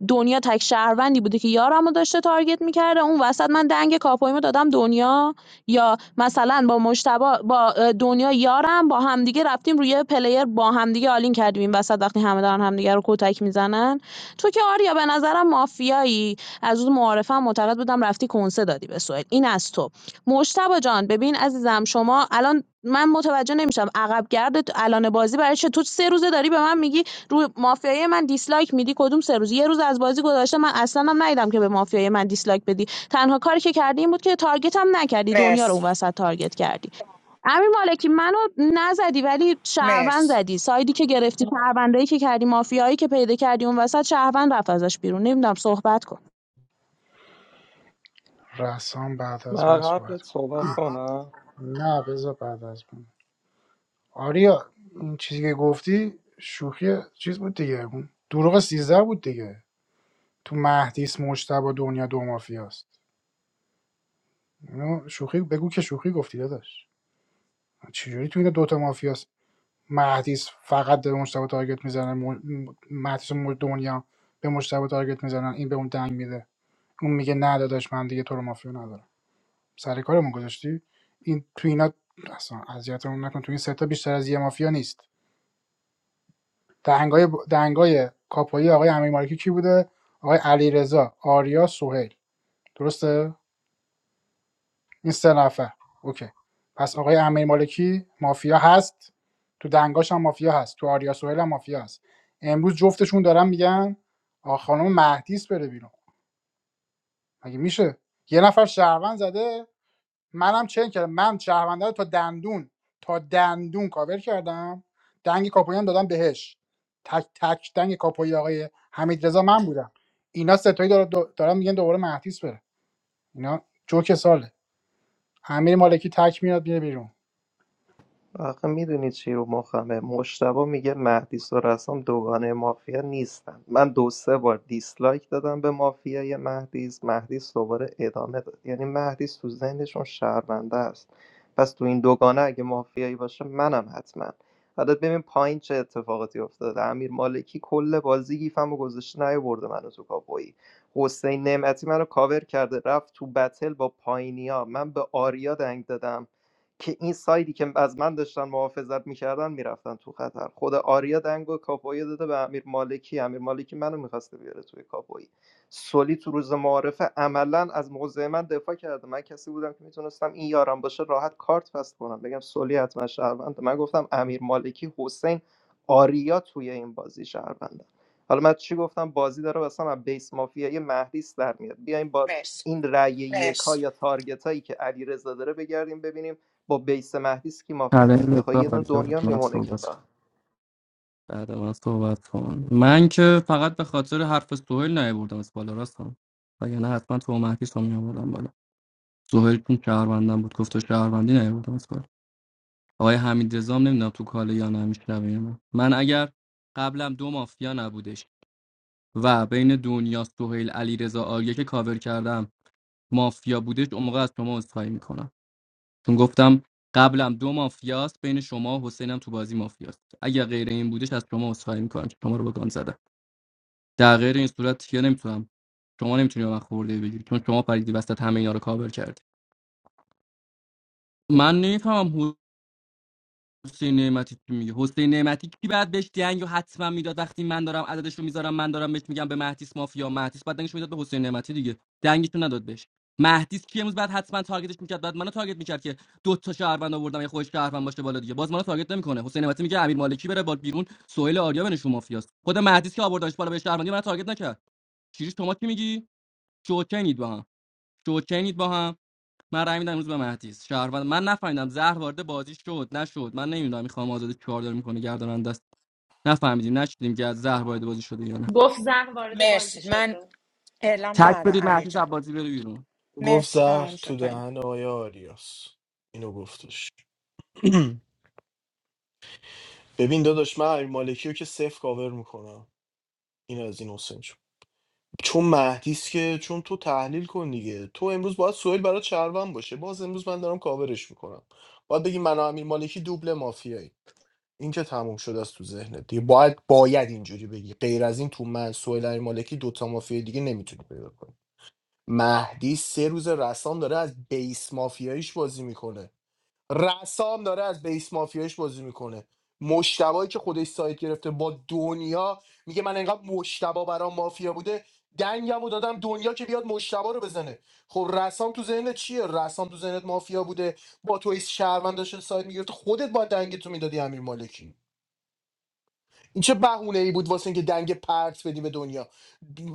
دنیا تک شهروندی بوده که یارم رو داشته تارگت میکرده اون وسط من دنگ کاپویمو دادم دنیا یا مثلا با مشتبه با دنیا یارم با همدیگه رفتیم روی پلیر با همدیگه آلین کردیم این وسط وقتی همه دارن همدیگه رو کتک میزنن تو که آریا به نظرم مافیایی از اون معارفم معتقد بودم رفتی کنسه دادی به سوئل این از تو مشتبه جان ببین عزیزم شما الان من متوجه نمیشم عقب گردت الان بازی برای چه تو سه روزه داری به من میگی روی مافیای من دیسلایک میدی کدوم سه روز یه روز از بازی گذشته من اصلا هم ندیدم که به مافیای من دیسلایک بدی تنها کاری که کردی این بود که تارگت هم نکردی دنیا رو
مرس
اون وسط تارگت کردی امیر مالکی منو نزدی ولی شهروند
مرس
زدی سایدی که گرفتی شهروندایی که کردی مافیایی که پیدا کردی اون وسط شهروند رفت ازش بیرون نمیدونم صحبت کن
رسام بعد از
من
من صحبت
قبلت
کن
صحبت کنم
نه بذار بعد از من آریا این چیزی که گفتی شوخی چیز بود دیگه اون دروغ سیزده بود دیگه تو مهدیس مجتبا دنیا دو مافیاست اینو شوخی بگو که شوخی گفتی داداش چجوری تو اینا دوتا مافیاست مهدیس فقط به مجتبا تارگت میزنه م... مهدیس و مج- دنیا به مجتبا تارگت میزنن این به اون دنگ میده اون میگه نه داداش من دیگه تو رو مافیا ندارم سر کارمون گذاشتی این تو اینا اصلا اذیتمون نکن تو این سه تا بیشتر از یه مافیا نیست دهنگای دهنگای کاپوی آقای امیرمالکی کی بوده آقای علیرضا آریا سهیل درسته این سه نفر اوکی پس آقای امیرمالکی مافیا هست تو دنگاش هم مافیا هست تو آریا سهیل هم مافیا هست امروز جفتشون دارن میگن آ خانم مهدیس بره بیرون مگه میشه یه نفر شهروند زده منم چنین کردم من شهرونده رو تا دندون تا دندون کاور کردم دنگ کاپوی هم دادم بهش تک تک دنگ کاپوی آقای حمید رضا من بودم اینا ستایی دار- دو- دارن میگن دوباره مهدیس بره اینا جوک ساله امیر مالکی تک میاد میره بیرون
آخه میدونی چی رو مخمه مشتبه میگه مهدی رسام دوگانه مافیا نیستن من دو سه بار دیسلایک دادم به مافیای مهدیس مهدیس دوباره ادامه داد یعنی مهدیس تو ذهنشون شهرونده است پس تو این دوگانه اگه مافیایی باشه منم حتما حالا ببین پایین چه اتفاقاتی افتاده امیر مالکی کل بازی گیفمو گذاشته نیاورده منو تو کاپویی حسین نعمتی منو کاور کرده رفت تو بتل با پایینیا من به آریا دنگ دادم که این سایدی که از من داشتن محافظت میکردن میرفتن تو خطر خود آریا دنگو کاپوی داده به امیر مالکی امیر مالکی منو میخواسته بیاره توی کاپوی سولی تو روز معارفه عملا از موضع من دفاع کرده من کسی بودم که میتونستم این یارم باشه راحت کارت فست کنم بگم سولی حتما شهرونده من گفتم امیر مالکی حسین آریا توی این بازی شهرونده حالا من چی گفتم بازی داره مثلا از بیس مافیای مهدیس در میاد بیایم با
مرس
این رأی
مرس
یکا یا تارگت که علیرضا داره بگردیم ببینیم با بیس مهدیس کی مافیا
چالش
در
رو
میاد خب
به
یه دونه
آریا بدم،
دنیا میمونه که
صحبت کنم.
فقط
بعد من صحبت کن من که فقط به خاطر حرف سهیل نیاوردم از بالا راستم وگرنه نه حتما تو مهدیس رو میآوردم بالا سهیل چون شهروندم بود گفت تو شهروندی نیاوردم از بالا آقای حمید رزام نمیدونم تو کاله یا نه میشنوه یا من اگر قبلم دو مافیا نبودش و بین دنیا سهیل علی آریه که کاور کردم مافیا بودش اون موقع از شما عذرخواهی میکنم چون گفتم قبلم دو مافیاست بین شما و حسینم تو بازی مافیاست اگر غیر این بودش از شما عذرخواهی میکنم که شما رو به گان زدم. در غیر این صورت چیه نمیتونم شما نمیتونی به من خورده بگیری چون شما پریدی وسط همه اینا رو کاور کردی من نمیفهمم حسین نعمتی چی میگه حسین نعمتی کی بعد بهش دنگو حتما میداد وقتی من دارم عددش رو میذارم من دارم بهش میگم به مهدیس مافیا مهدیس بعد دنگش میداد به حسین نعمتی دیگه دنگش رو نداد بهش مهدیس کی امروز بعد حتما تارگتش میکرد بعد منو تارگت میکرد که دو تا شهروند آوردم یه خودش شهروند باشه بالا دیگه باز منو تارگت نمیکنه حسین نعمتی میگه امیر مالکی بره بالا بیرون سهیل آریا بنشون مافیاست خود مهدیس که آوردنش بالا به شهروندی من تارگت نکرد چیزی شما چی میگی شوکنید با هم شوکنید با هم من رای میدم امروز به مهدیس شهروند من نفهمیدم زهر وارد بازی شد نشد من نمیدونم میخوام آزاد چهار داره میکنه گردن دست نفهمیدیم نشدیم که از زهر وارد بازی شده یا نه
گفت زن وارد بازی
مرسی من
شده
اعلام
تک
کردم
بدید
امیر
مهدیس
جان
از بازی بره بیرون
گفت
مرسی
زهر
تمام شد
تو
تایم
دهن آیا آریاس اینو گفتش ببین داداش من امیر مالکی رو که صفر کاور میکنم این از این حسین جون. چون مهدیس که چون تو تحلیل کن دیگه تو امروز باید سوئیل برای چرون باشه باز امروز من دارم کاورش میکنم باید بگی من و امیر مالکی دوبل مافیایی این که تموم شده است تو ذهنت دیگه باید باید اینجوری بگی غیر از این تو من سهیل مالکی دوتا مافیا دیگه نمیتونی پیدا کنی مهدی سه روز رسام داره از بیس مافیاییش بازی میکنه رسام داره از بیس مافیاییش بازی میکنه مشتبایی که خودش سایت گرفته با دنیا میگه من انقدر مشتبا برام مافیا بوده دنگمو دادم دنیا که بیاد مشتبا رو بزنه خب رسام تو ذهنت چیه رسام تو ذهنت مافیا بوده با تو شهروند داشته سایت میگرفته خودت با دنگ تو میدادی امیر مالکی این چه بهونه ای بود واسه اینکه دنگ پرت بدی به دنیا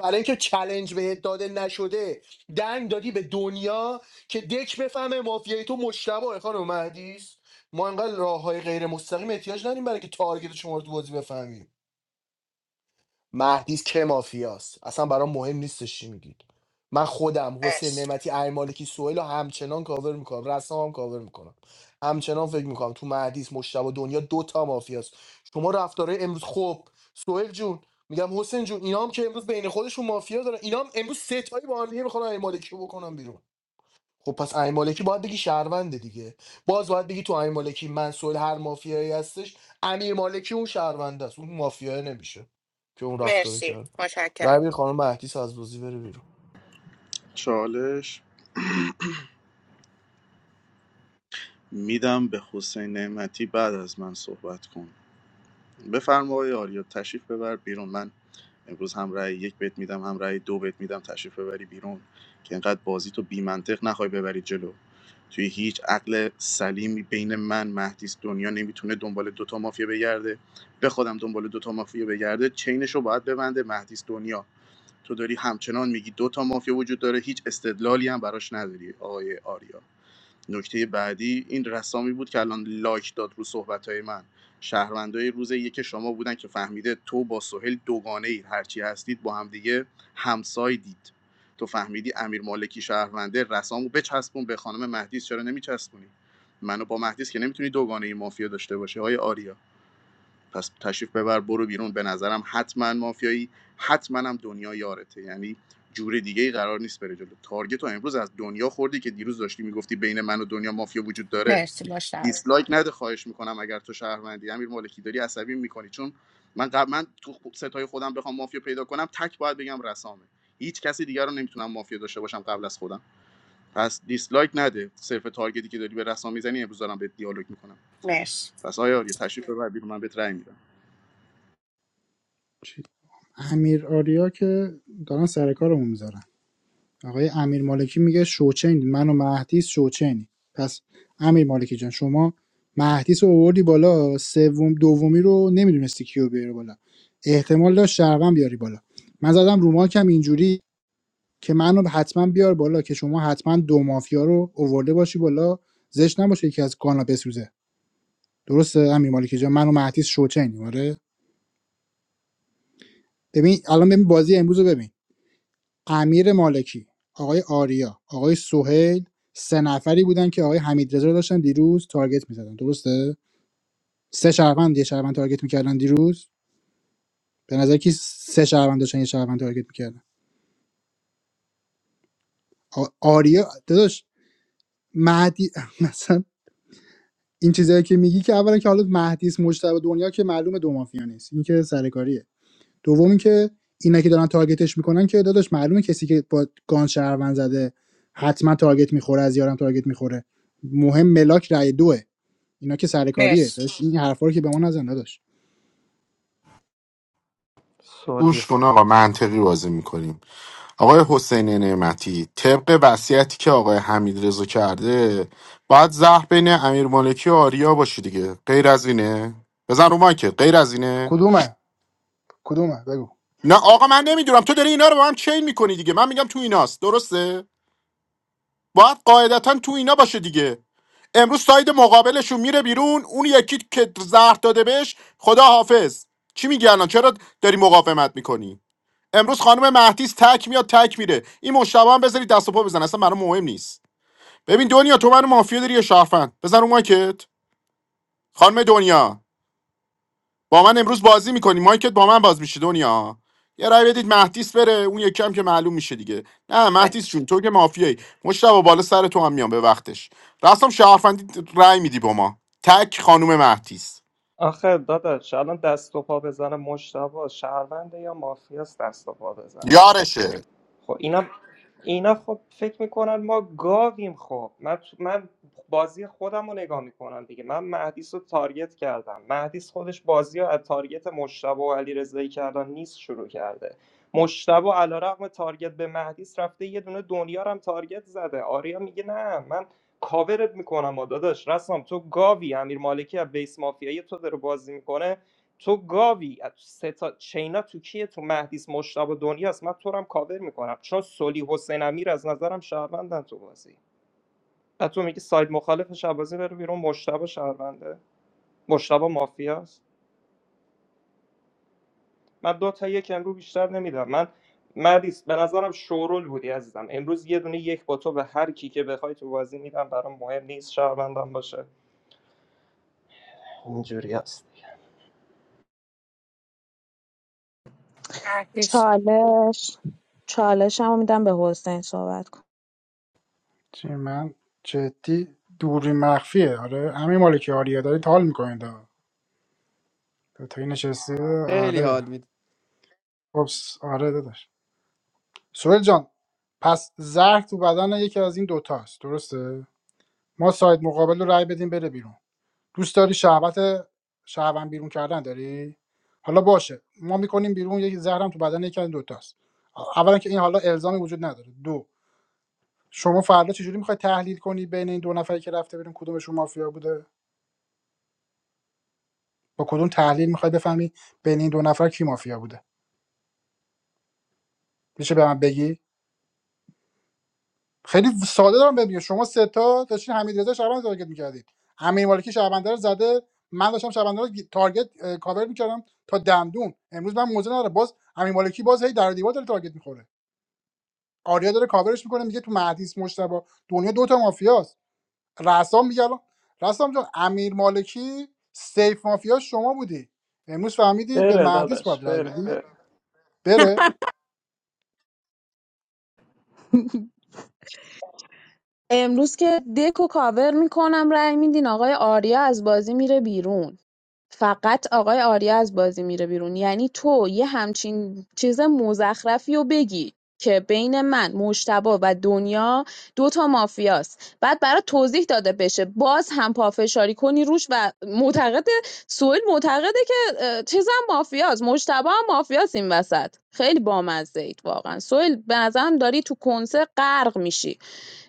برای اینکه چلنج بهت داده نشده دنگ دادی به دنیا که دک بفهمه مافیای تو مشتبه خانم مهدیس ما انقدر راه های غیر مستقیم احتیاج نداریم برای اینکه تارگت شما رو تو بازی بفهمیم مهدیس که مافیاست اصلا برام مهم نیستش چی میگید من خودم حسین
مرسی
نعمتی امیر مالکی سهیل رو همچنان کاور میکنم رسام هم کاور میکنم همچنان فکر میکنم تو مهدیس مشتبه دنیا دوتا مافیاست شما رفتاره امروز خوب سهیل جون میگم حسین جون اینا هم که امروز بین خودشون مافیا دارن اینا هم امروز سه تایی با هم دیگه میخوان امیر رو بکنم بیرون خب پس امیر مالکی باید بگی شهرونده دیگه باز باید بگی تو امیر مالکی منصور هر مافیایی هستش امیر مالکی اون شهرونده است اون مافیایی نمیشه که اون رفتار
مرسی
کرد
متشکرم
ربی خانم مهدیس از بازی بره بیرون
چالش میدم به حسین نعمتی بعد از من صحبت کن بفرما آقای آریا تشریف ببر بیرون من امروز هم رای یک بت میدم هم رای دو بت میدم تشریف ببری بیرون که اینقدر بازی تو بی منطق نخوای ببری جلو توی هیچ عقل سلیمی بین من مهدیس دنیا نمیتونه دنبال دوتا مافیا بگرده به خودم دنبال دوتا مافیا بگرده چینش رو باید ببنده مهدیس دنیا تو داری همچنان میگی دوتا مافیا وجود داره هیچ استدلالی هم براش نداری آقای آریا نکته بعدی این رسامی بود که الان لایک داد رو صحبت من شهروندای روز یک شما بودن که فهمیده تو با سهیل دوگانه اید هرچی هستید با همدیگه همسایدید تو فهمیدی امیر مالکی شهرونده رسامو بچسبون به خانم مهدیس چرا نمیچسبونی منو با مهدیس که نمیتونی دوگانه مافیا داشته باشی های آریا پس تشریف ببر برو بیرون به نظرم حتما مافیایی حتما هم دنیا یارته یعنی جور دیگه ای قرار نیست بره جلو تارگت رو امروز از دنیا خوردی که دیروز داشتی میگفتی بین من و دنیا مافیا وجود داره
مرسی مشتاق جان.
دیسلایک نده خواهش میکنم اگر تو شهروندی امیر مالکی داری عصبی میکنی چون من قبل من تو خ- ستای خودم بخوام مافیا پیدا کنم تک باید بگم رسامه هیچ کسی دیگر رو نمیتونم مافیا داشته باشم قبل از خودم پس دیسلایک نده صرف تارگتی که داری به رسام میزنی امروز دارم به دیالوگ میکنم
مرسی
پس آیا یه تشریف ببر بیرون من بهت رأی می‌دم.
امیر آریا که دارن سر کارمون میذارن آقای امیر مالکی میگه شوچین من و مهدیس شوچینی پس امیر مالکی جان شما مهدیس رو آوردی بالا سوم دومی رو نمیدونستی کیو بیاری بالا احتمال داشت شهروند بیاری بالا من زدم رو ماکم اینجوری که منو حتما بیار بالا که شما حتما دو مافیا رو اوورده باشی بالا زشت نباشه یکی از کانا بسوزه درسته امیر مالکی جان منو مهدیس شوچینی آره ببین الان ببین بازی امروز رو ببین امیر مالکی، آقای آریا، آقای سهیل سه نفری بودن که آقای حمیدرضا رو داشتن دیروز تارگت می‌زدن درسته؟ سه شهروند یه شهروند تارگت می‌کردن دیروز به نظر کی سه شهروند داشتن یه شهروند تارگت می‌کردن آریا داداش مهدی مثلا این چیزایی که میگی که اولا که حالا مهدیس مجتبی دنیا که معلومه دو مافیا نیست این که سرکاریه دوم که اینا که دارن تارگتش میکنن که داداش معلومه کسی که با گان شهروند زده حتما تارگت میخوره از یارم تارگت میخوره مهم ملاک رای دوه اینا که سرکاریه
مرسی
داداش این حرفا رو که به ما نزن داداش
سولی
گوش کن آقا منطقی بازی میکنیم آقای حسین نعمتی طبق وصیتی که آقای حمید کرده باید زهر بین امیر مالکی و آریا باشه دیگه غیر از اینه بزن رو مایکت غیر از اینه
کدومه کدومه بگو
نه آقا من نمیدونم تو داری اینا رو با هم چین میکنی دیگه من میگم تو ایناست درسته باید قاعدتا تو اینا باشه دیگه امروز ساید مقابلشون میره بیرون اون یکی که زهر داده بهش خدا حافظ چی میگی الان چرا داری مقاومت میکنی امروز خانم مهدیس تک میاد تک میره این مشتبه هم بذارید دست و پا بزن اصلا برام مهم نیست ببین دنیا تو منو مافیا داری یا شهروند بزن رو مایکت خانم دنیا با من امروز بازی میکنی مایکت با من باز میشه دنیا یه رای بدید مهدیس بره اون یکی هم که معلوم میشه دیگه نه مهدیس
مرسی
جون تو که مافیایی مشتبه بالا سر تو هم میام به وقتش راستم شهروندی رای میدی با ما تک خانم مهدیس
آخه داداش الان دست و پا بزنه مشتبه شهرونده یا مافیاست دست و پا بزنه
یارشه
خب اینا اینا خب فکر میکنن ما گاویم خب من من بازی خودم رو نگاه میکنم دیگه من مهدیس رو تارگت کردم مهدیس خودش بازی رو از تارگت مشتبه و علی کردن نیست شروع کرده مشتبه علیرغم رقم تارگت به مهدیس رفته یه دونه دنیا رو هم تارگت زده آریا میگه نه من کاورت میکنم و داداش رسام تو گاوی امیر مالکی از بیس مافیایی تو داره بازی میکنه تو گاوی سه تا چینا تو کیه تو مهدیس مشتاق دنیاست من تو رو هم کاور میکنم چون سلی حسین امیر از نظرم شهروندن تو بازی و تو میگی ساید مخالف بازی بره بیرون مشتبه شهرونده مشتبه مافیاست من دو تا یک امروز بیشتر نمیدم من مهدیس به نظرم شورول بودی عزیزم امروز یه دونه یک با تو به هر کی که بخوای تو بازی میدم برام مهم نیست شهروندم باشه اینجوری هست
مهدیس.
چالش چالش هم میدم به حسین صحبت کن
چی من جدی دوری مخفیه آره همین مالکی آریا داری تال میکنید تا این نشستی
خیلی
آره
حال میده
اوپس آره داداش سوهل جان پس زهر تو بدن یکی از این دوتاست درسته ما ساید مقابل رو رای بدیم بره بیرون دوست داری شهوت شهروند بیرون کردن داری حالا باشه ما میکنیم بیرون یک زهرم تو بدن یکی از این دوتاست اولا که این حالا الزامی وجود نداره دو شما فردا چجوری میخوای تحلیل کنی بین این دو نفری که رفته بیرون کدومشون مافیا بوده با کدوم تحلیل میخوای بفهمی بین این دو نفر کی مافیا بوده میشه به من بگی خیلی ساده دارم ببینید شما سه تا داشتین حمیدرضا شعبان تارگت می‌کردید امیر مالکی شعبنده رو زده من داشتم شعبنده رو تارگت اه، کاور می‌کردم تا دندون امروز من موزه نداره باز امیر مالکی باز هی در و دیوار داره تارگت می‌خوره آریا داره کاورش می‌کنه میگه تو مهدیس مجتبی دنیا دوتا تا مافیاست رسام میگه الان رسام جان امیر مالکی سیف مافیا شما بودی امروز فهمیدی به
بره
مهدیس
داداش
باید رای
بره
بدی
بره
بره
امروز که دکو کاور میکنم رأی میدین آقای آریا از بازی میره بیرون فقط آقای آریا از بازی میره بیرون یعنی تو یه همچین چیز مزخرفی رو بگی که بین من مشتبا و دنیا دوتا مافیاست بعد برای توضیح داده بشه باز هم پافشاری کنی روش و معتقد سهیل معتقده که اه، چیزم مافیاست مجتبی هم مافیاست این وسط خیلی بامزه اید واقعا سهیل به نظرم داری تو کنسه غرق میشی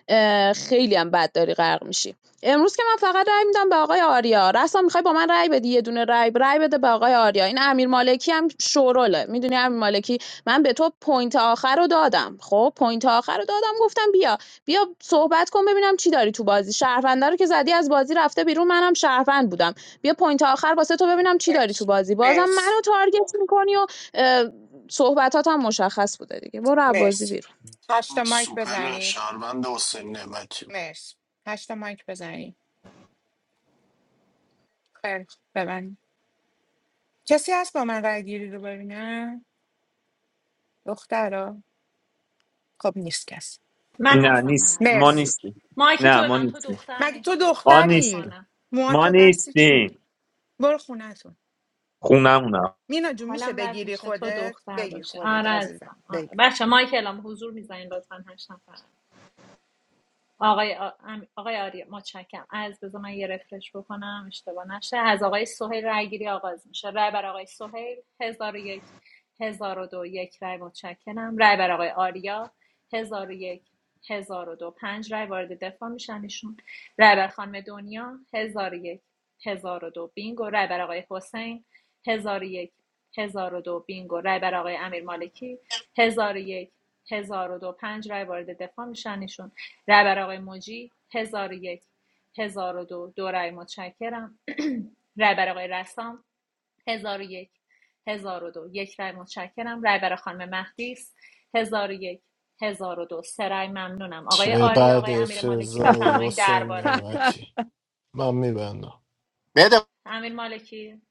اه، خیلی هم بد داری غرق میشی امروز که من فقط رأی میدم به آقای آریا رسا میخوای با من رای بدی یه دونه رأی رأی بده به آقای آریا این امیر مالکی هم شوروله میدونی امیر مالکی من به تو پوینت آخر رو دادم خب پوینت آخر رو دادم گفتم بیا بیا صحبت کن ببینم چی داری تو بازی شهرونده رو که زدی از بازی رفته بیرون منم شهروند بودم بیا پوینت آخر واسه تو ببینم چی داری تو
مرسی
بازی بازم
مرسی
منو تارگت میکنی و اه، صحبتات هم مشخص بوده دیگه برو از بازی
مرسی
بیرون
هشتا مایک
سوپر
بزنید
شهروند حسین نعمتی بود
مرسی هشتا مایک بزنید خیلی خوب ببند کسی هست با من رای گیری رو ببینه دخترا خب نیست کس
من
نه
هستم من
نیست
هستم
ما
برو
مرسی
نیستیم
مایک تو
نه ما
ببند تو
نیستیم
دختر
مگه تو
نیستی
ما
خدا
دختری
نیستیم
نکنه
موها
ما
تو بستی چی
نیستیم
برو خونتون
خونمونم
مینا جون میشه
حالم بد
بگیری
میشه تو
خودت
دختر
بگیر
باشه
خودت
آره
عزیزم
ازم آره.
بگیر
بچه مایک اعلام حضور میزنین لطفا هشت نفر آقای آ- آقای آریا متشکرم از بذار من یه رفرش بکنم اشتباه نشه از آقای سهیل رأیگیری آغاز میشه رای بر آقای سهیل هزار و یک هزار و دو یک رای متشکرم رای بر آقای آریا هزار و یک هزار و دو پنج رای وارد دفاع میشن ایشون رای بر خانم دنیا هزار و یک هزار و دو بینگو رای بر آقای حسین هزار و یک هزار و دو بینگو رای بر آقای امیر مالکی هزار و یک هزار و دو پنج رای وارد دفاع میشن ایشون رهبر آقای موجی 1001 1002 دو دو رای متشکرم رهبر آقای رسام 1001 1002 یک هزار و دو، یک رای متشکرم رهبر خانم مهدیس 1001 1002 سه رای ممنونم آقای آریا آقای
چقدر
امیر مالکی
افتضاحی
بفرمایید
حسین
درباره بدین
نمتی من میبندم
بده
امیر مالکی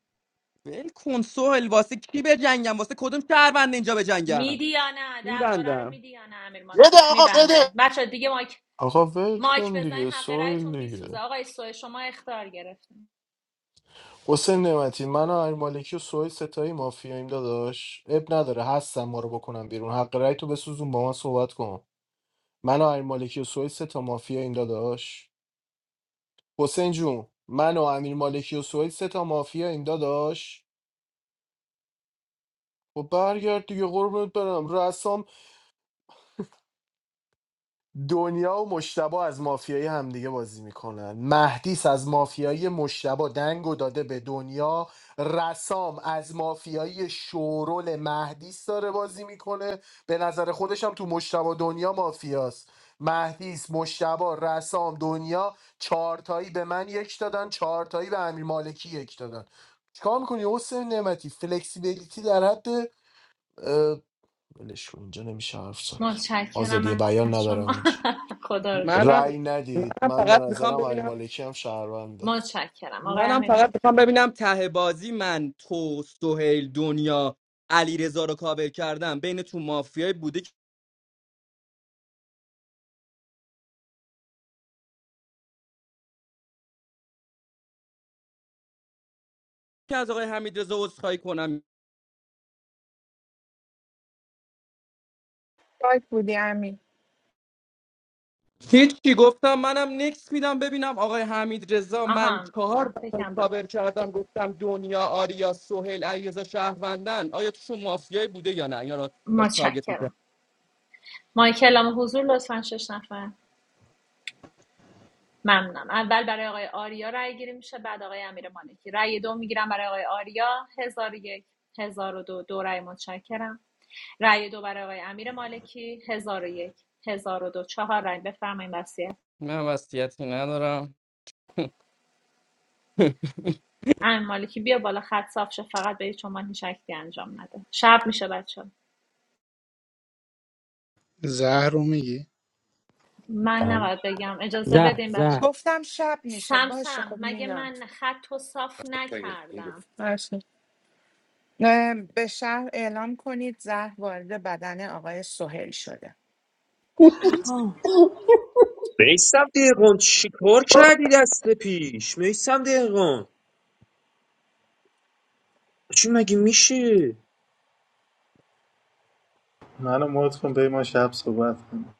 ول کن سوهل واسه کی به جنگم واسه کدوم شهروند اینجا به جنگم
میدی یا نه درباره رو
میبندم
میدی یا نه امیر مالکی
بده آقا
میبنده
بده
بچه دیگه مایک
آقا ول
مایک
کن
بزنین
دیگه
حق
سویل
رایتون میسوزه
دیگه
آقای سوه شما اختار گرفت
حسین نعمتی من و امیر مالکی و سوهی ستایی مافیاییم داداش اب نداره هستم ما رو بکنم بیرون حق رأی تو بسوزون با من صحبت کن من و امیر مالکی و سوهی ستا مافیاییم داداش حسین جون من و امیر مالکی و سوهی ستا مافیاییم داداش خب برگرد دیگه قربونت برم دنیا و مشتبا از مافیای همدیگه بازی میکنن مهدیس از مافیای مشتبا دنگ و داده به دنیا رسام از مافیای شورول مهدیس داره بازی میکنه به نظر خودش هم تو مشتبا دنیا مافیاست مهدیس مشتبا رسام دنیا چهارتایی به من یک دادن چهارتایی به امیر مالکی یک دادن چیکار میکنی حسین نعمتی فلکسیبیلیتی در حد اه، ولش کن، اینجا نمیشه حرف زد آزادی
متشکرم
بیان
از شما
ندارم اینجا
خدا رو شکر
منم
رأی ندید
منم
من به
فقط میخوام
نظرم علی
ببینم
مالکی هم شهرونده
متشکرم آقای
منم
امیر
فقط
مالک
میخوام ببینم ته بازی من تو سهیل دنیا علیرضا رو کابل کردم بین تو مافیای بوده که از آقای حمید رضا عذرخواهی کنم
باید بودی امین
هیچی گفتم منم نکس میدم ببینم آقای حمید رضا من
آها من
چهار نفر
فکرم باید
کابر کردم گفتم دنیا آریا سهیل علیرضا شهروندن آیا توشون مافیایی بوده یا نه یا را داشت تارگت میکرد
متشکرم مایکل هم حضور لطفا شش نفر ممنونم اول برای آقای آریا رای گیری میشه بعد آقای امیر رای رأی دو میگیرم برای آقای آریا هزار و یک هزار و دو دو رای متشکرم رای دو برای آقای امیر مالکی هزار و یک هزار و دو چهار رأی بفرمایید وصیت
من وصیتی ندارم
امیر مالکی بیا بالا خط صاف شه فقط به هیچ عنوان هیچ انجام نده شب میشه بچه
زهر رو میگی
من نباید بگم اجازه
زهر
بدین بچه
زهر
گفتم شب میشه باشه
سمسم
خب
مگه
مینا
من خط و صاف نکردم
باشه اه، به شهر اعلام کنید زهر وارد بدن آقای سهیل شده
پرام
میسم دقیقون چی کار کردی دست پیش میسم چی مگه میشه
منو موت کن به ما شب صحبت کنیم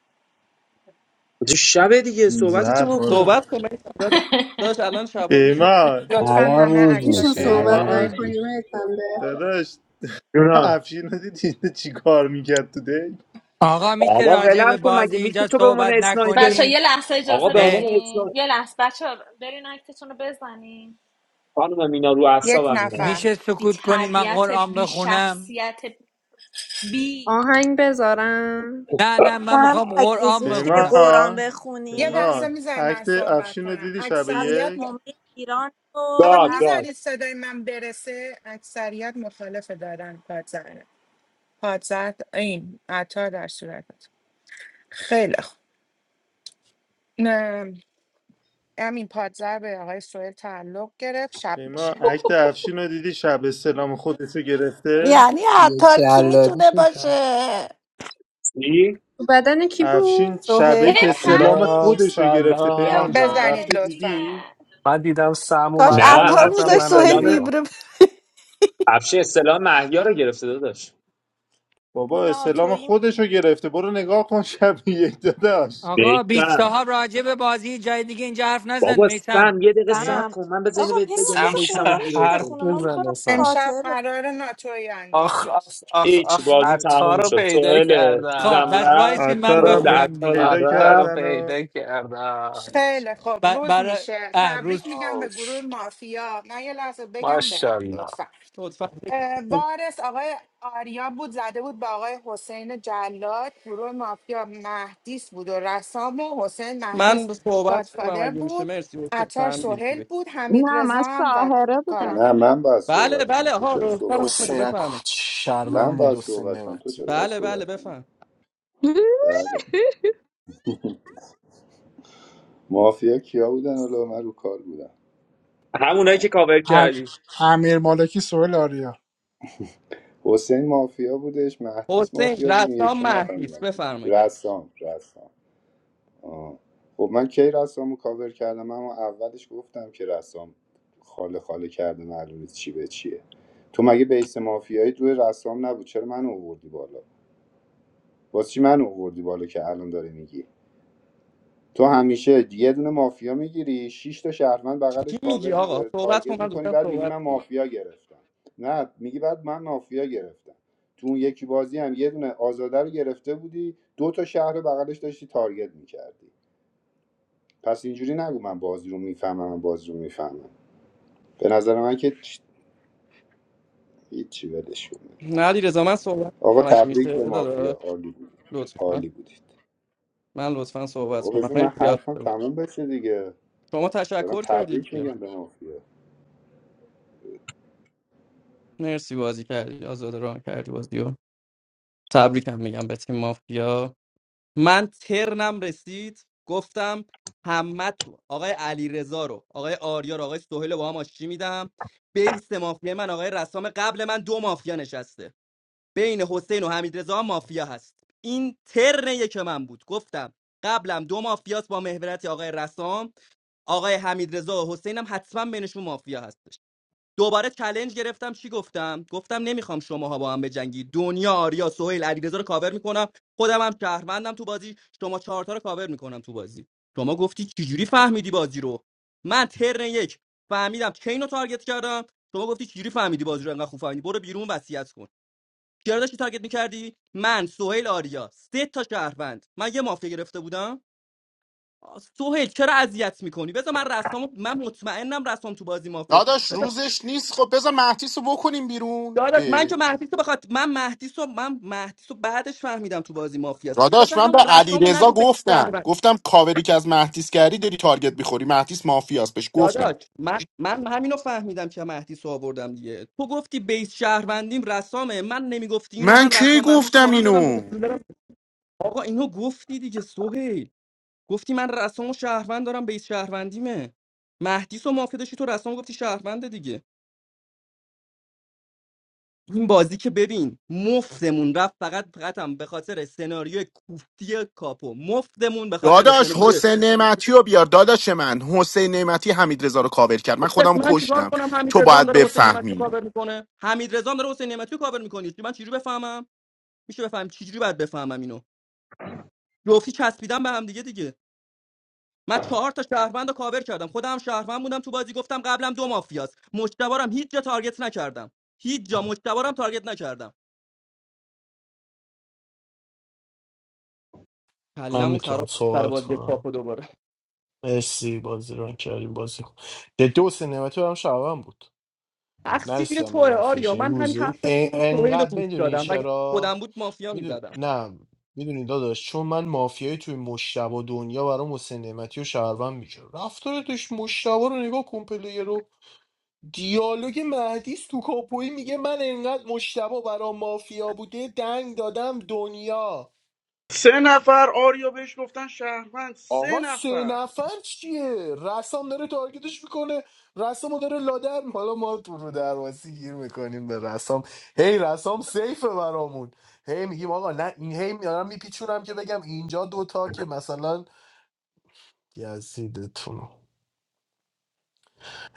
شب دیگه
زر
صحبتتو
خور.
بکن
صحبت کن من داداش الان شب و روزه
پیمان
Ala
لطفا همه
roj
میشه
nish,
عکساشون
سو-
رو
ala roj
پیمان
بزنن
nish.
داداش
جونم
افشین رو دیدی چی کار میکرد تو دی
آقا میشه
بابا
راجع به
ولم کن
بازی
مگه میشه
اینجا
تو به عنوان
صحبت
اسنایپر
بچه یه
نکنیم
لحظه
آقا
اجازه
به عنوان
اه،
بدین
اسنایپر
یه لحظه بچه برین اکتتون رو بزنین
خانم مینا رو
یک
اعصابم اینا
نفر
میشه
بی
سکوت کنیم من
تربیت
قرآن
بی
بخونم
شخصیت بی
آهنگ بذارم
نه نه
با
من
هم
میخوام
اگیز
قرآن
میشه یه
بخونم
قرآن
پیمان
یه
بخونیم
لحظه
پیمان
میذاری من
عکت
صحبت
افشین رو
کنم
دیدی شب
شب
اکثریت
یک
م...
جمعه ایران
آقا
رو
گاد
بخ...
گاد
میذارید صدای من برسه اکثریت مخالف دادن پادزهره پادزهر این عطا در صورت خیلی خوب همین پادزر به آقای سوهل تعلق گرفت شب
پیمان
میشه
عکت افشین رو دیدی شب استلام خودش رو گرفته
یعنی
Ye
عطار کی
ala
میتونه
dushita.
باشه
چی
تو بدن کی
افشین
بود؟
شب
سهیل.
یک
ای
استلام
پقی
Salam,
خودش رو
جون
گرفته پیمان
بیا
salam.
جان
بالا
بزنید
رفته
لطفا
دیدی
جیگر
Madam, samu,
کاش
نه
عطار
افش
madalakotam,
میذاش سوهل
استلام
manambiya.
ویبره
افش استلام محیا رو گرفته داداش
بو
بابا استلام
ناتویی
خودش رو گرفته برو نگاه کن شب یک داداش
آقا بیچ
بهتر
صاحب راجع به بازی جای دیگه اینجا حرف نزن
بابا
میتم
سم یه دقیقه صبر
سم
کن من بذار اینو
آقا
بهت بگم
پیمان
من
بذار
Samsha
میسم و
قرآنشو
گیرش
harf
کنم
بخونه ما میخوام
zanasa.
امشب
فاتحه بخونیم
قرار ناتوی
Ach,
انجام
ach,
بشه
ach,
هیچ
ach.
تمام
بازی
شد
تموم
Ataru
شد
pide
سوهل
karda.
خب
چیزم
بس
رفت
وایسی من
عطارم
سوهل
بخونم
عطارم
دیگه
پیدا
Ataru
رفت
کردن و
pide karda.
خیلی خوب
ب-
روز
برای
میشه
اه روز
تبریک
شد
میگم به گروه
آش.
مافیا نه یه لحظه بگم برم
MashaAllah.
لطفا اه،
لطفا
وارث آقای آریا بود زده بود به آقای حسین جلاد گروه مافیا مهدیس بود و رسام و حسین مهدیس
من صحبت کنم
گادفادر
اگه میشه
بود
مرسی اوکی
عطار
فهمیدیم کی
سهیل
بگه.
بود حمید
نه من
رضا هم گاد...
ساهره
کاراگاه.
بودم
نه من باید
بله
صحبت کنم
بله
تو
آها
چرا
رستم
صحبت
احمد
حسین
کنی
اکو
بفرمایید
من
شهروند بود
باید
حسین
صحبت کنم تو
نمتی
چرا باید
بله بله
صحبت کنی
بفرم
بله مافیا کیا بودن حالا من رو کار بودم
همونایی که کاور
ام-
کردی
امیر مالکی سوهل آریا
حسین مافیا بودش مهدیس
حسین
مافیا بود اون
رسام
یکی رو
مهدیس
نفهمیدم کی.
بفرمایید
رسام رسام آه. خب من کی رسام رو کاور کردم اما اولش گفتم که رسام خاله خاله کرده معلومه چی به چیه تو مگه بیس مافیایی روی رسام نبود چرا من آوردی بالا واسه چی من آوردی بالا که الان داره میگی تو همیشه یه دونه مافیا میگیری شش تا شهروند
چی
بغلش
میگی
کاور
آقا صحبت کن
تارگت
من
میکنی
دوستم
بعد میگی
صحبت
من
کنم
مافیا گرفتم نه میگی بعد من مافیا گرفتم تو اون یکی بازی هم یه دونه آزاده رو گرفته بودی دو تا شهر رو بغلش داشتی تارگت میکردی پس اینجوری نگو من بازی رو میفهمم من بازی رو میفهمم به نظر من که چ- هیچی بدش کن دیگه.
نه علی رضا من صحبت
آقا
کنم اگه
تبریک
میشه
به مافیا
داداش
عالی بود
لطفا
عالی بودید
من لطفا صحبت
بابا
کنم
بذار من
مرسی یاد
حرفم
بود
تموم بشه دیگه
شما
دارم
تشکر کردید
تبریک
دیگه.
میگم به مافیا
مرسی بازی کردی آزاد راه کردی بازیو تبریکم میگم به تیم مافیا من ترنم رسید گفتم همه تو آقای علی رو آقای آریا رو آقای سهیل رو با هم آشتی میدم بیس مافیا من آقای رسام قبل من دو مافیا نشسته بین حسین و حمید رضا مافیا هست این ترن یک من بود گفتم قبلم دو مافیاست با محورت آقای رسام آقای حمید رضا و حسین هم حتما بینشون مافیا هست دوباره چلنج گرفتم چی گفتم گفتم نمیخوام شماها با هم بجنگی دنیا آریا سهیل علیرضا رو کاور میکنم خودم هم شهروندم تو بازی شما چهار تا رو کاور میکنم تو بازی شما گفتی چجوری فهمیدی بازی رو من ترن یک فهمیدم چین رو تارگت کردم شما گفتی چجوری فهمیدی بازی رو انقدر خوب فهمیدی برو بیرون وصیت کن چرا داشتی تارگت میکردی من سهیل آریا سه تا شهروند من یه مافیا گرفته بودم سهیل چرا اذیت میکنی بذار من رسامو من مطمئنم رسام تو بازی مافیاست
داداش روزش نیست خب بذار مهدیس رو بکنیم بیرون
داداش من
اه.
که مهدیس رو بخواد من مهدیس رو من مهدیس رو بعدش فهمیدم تو بازی مافیاست دیگه
داداش
بذار
من
هم
به
رسامو
علیرضا
نگو به
گفتم
شهروند
گفتم کاوری که از مهدیس کردی داری تارگت میخوری مهدیس مافیاست بهش گفتم
داداش من من همینو فهمیدم که مهدیس رو آوردم دیگه تو گفتی بیس شهروندیم رسامه من نمیگفتی اینو
من
من
کی
رسام مهدیس رو با
گفتم
هم میارم دو
اینو
تا جوله رو- آقا اینو گفتی دیگه سهیل گفتی من رسام و شهروند دارم بیس شهروندیمه مهدیس و مافیا داشتی تو رسام گفتی شهرونده دیگه این بازی که ببین مفتمون رفت فقط فقط هم به خاطر سناریو کوفتی کاپو مفتمون به خاطر
داداش
سناریو
حسین نعمتی رو بیار داداش من حسین نعمتی حمید رضا رو کاور کرد من خودم
داشت
رو
من چیکار
کشتم
کنم حمید
تو
رضا هم
باید
داره حسین نعمتی رو
بفهمی
کاور میکنه حمید رضا هم داره حسین نعمتی رو کاور میکنه من چجوری بفهمم میشه بفهم چجوری باید بفهمم اینو جفتی چسبیدم به هم دیگه دیگه من چهار تا شهروند رو کاور کردم خودم هم شهروند بودم تو بازی گفتم قبلم دو مافیاست مشتبارم هیچ جا تارگت نکردم هیچ جا مشتبارم تارگت نکردم
من
کلمون
میتونم
خراب سر
صحبت
بازی
کنم
کاپو دوباره
مرسی بازی ران کردیم بازی کن جدی حسین نمتی هم شهروند بود
تقصیر
نرسیدم به
توه
مافیش
آریا
این
من همین حرف
روزی ا-
تو سهیل رو
انقدر
گوش
میدونی
دادم اگه
چرا
خودم بود مافیا
میدون
میزدم
نه میدونی داداش چون من مافیای توی مشتبه دنیا برام حسین نعمتی و شهروند میشه رفتار توش مشتبه رو نگاه کن پلیر رو دیالوگ مهدیس تو کاپوی میگه من انقدر مشتبه برا مافیا بوده دنگ دادم دنیا
سه نفر آریو بهش گفتن شهروند سه
آقا سه
نفر
نفر چیه رسام داره تارگتش میکنه رسامو داره لادر می- حالا ما تو رو درواسی گیر میکنیم به رسام هی رسام سیفه برامون هی میگیم آقا نه این هی میارم میپیچونم که بگم اینجا دوتا که مثلا یزیدتون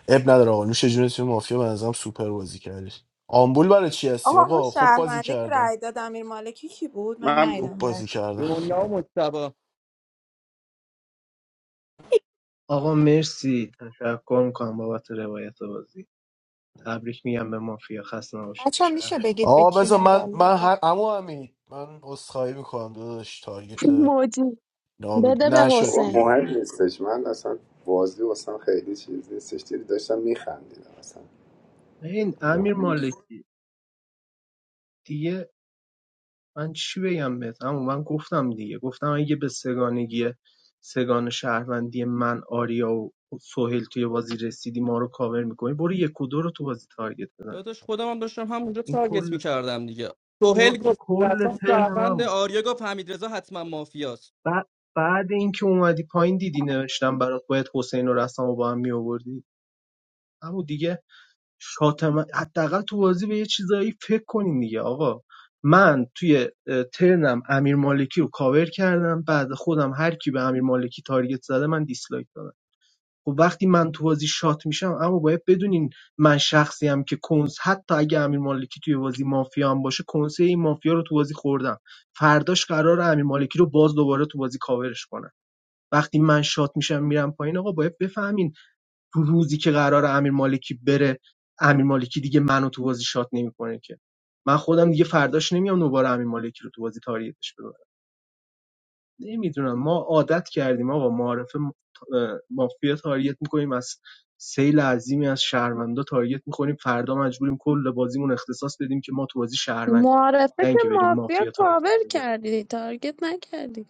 اب نداره آقا نوش جونتون مافیا به نظرم سوپر بازی کردی آمبول برای چی هستی
آقا اون
آقا خوب بازی
شهرونده که
کردن
رای داد امیر مالکی کی بود من
من
خوب
بودم
ندیدم رای
بازی کردم
دنیا و مجتبی
آقا مرسی تشکر میکنم بابت روایت بازی تبریک میگم به مافیا خسته نباشید به
بچه
شهر.
میشه بگید به
آقا
کی
بذار من
مدال
من
بدم
هر اما همین من عذرخواهی میکنم داداش تارگت
موجی
نام
بده به
نشد
بابا
حسین
دیگه
مهم نیستش من اصلا بازی واسم خیلی چیز نیستش دیدی داشتم میخندیدم اصلا
این امیر
مهم
مالکی دیگه من چی بگم بهت اما من گفتم دیگه گفتم اگه به سگانگی سگان شهروندی من آریا و سهیل توی بازی رسیدی ما رو کاور میکنی برو یک و دو رو تو بازی تارگت بزن
داداش خودم هم داشتم همونجا
این
تارگت
کل
میکردم دیگه سهیل
کل,
گفت
کل
رسام
ترن من
شهروند
بود.
آریا گفت حمیدرضا حتما مافیاست
بعد بعد اینکه اومدی پایین دیدی نوشتم برات باید حسین و رسام رو با هم میآوردی اما دیگه شاتم حداقل تو بازی به یه چیزایی فکر کنین دیگه آقا من توی ترنم امیر مالکی رو کاور کردم بعد خودم هر کی به امیر مالکی تارگت زده من دیسلایک دادم خب وقتی من تو بازی شات میشم اما باید بدونین من شخصی هم که کنز حتی اگه امیر مالکی توی بازی مافیا هم باشه کنسه این مافیا رو تو بازی خوردم فرداش قرار امیر مالکی رو باز دوباره تو بازی کاورش کنم وقتی من شات میشم میرم پایین آقا باید بفهمین تو روزی که قرار امیر مالکی بره امیر مالکی دیگه منو تو بازی شات نمیکنه که من خودم دیگه فرداش نمیام دوباره امیر مالکی رو تو بازی تاریتش ببرم نمیدونم ما عادت کردیم آقا معارفه م- اه، مافیا تاریت میکنیم از سیل عظیمی از شهروندا تاریت میکنیم فردا مجبوریم کل بازیمون اختصاص بدیم که ما تو بازی شهروندیم
معارفه
نه
که
اینکه بریم
مافیا
مافیا تاریت
کاور کردی تارگت نکردی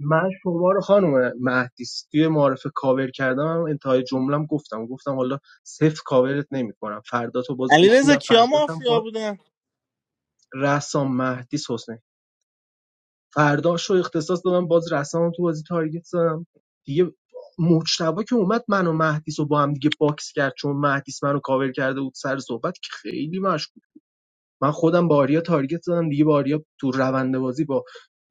من شما رو خانم مهدیس توی معارف کاور کردم انتهای جملم گفتم گفتم حالا صفر کاورت نمیکنم فردا تو باز
علی
گوش
رضا
میدم
کیا
فردا هم
مافیا
باز
بودن
رسام مهدیس حسین فرداش رو اختصاص دادم باز رسام تو بازی تارگت زدم دیگه مجتبا که اومد منو و مهدیس رو با هم دیگه باکس کرد چون مهدیس منو کاور کرده بود سر صحبت که خیلی من خودم به آریا تارگت زدم دیگه به آریا تو روند بازی با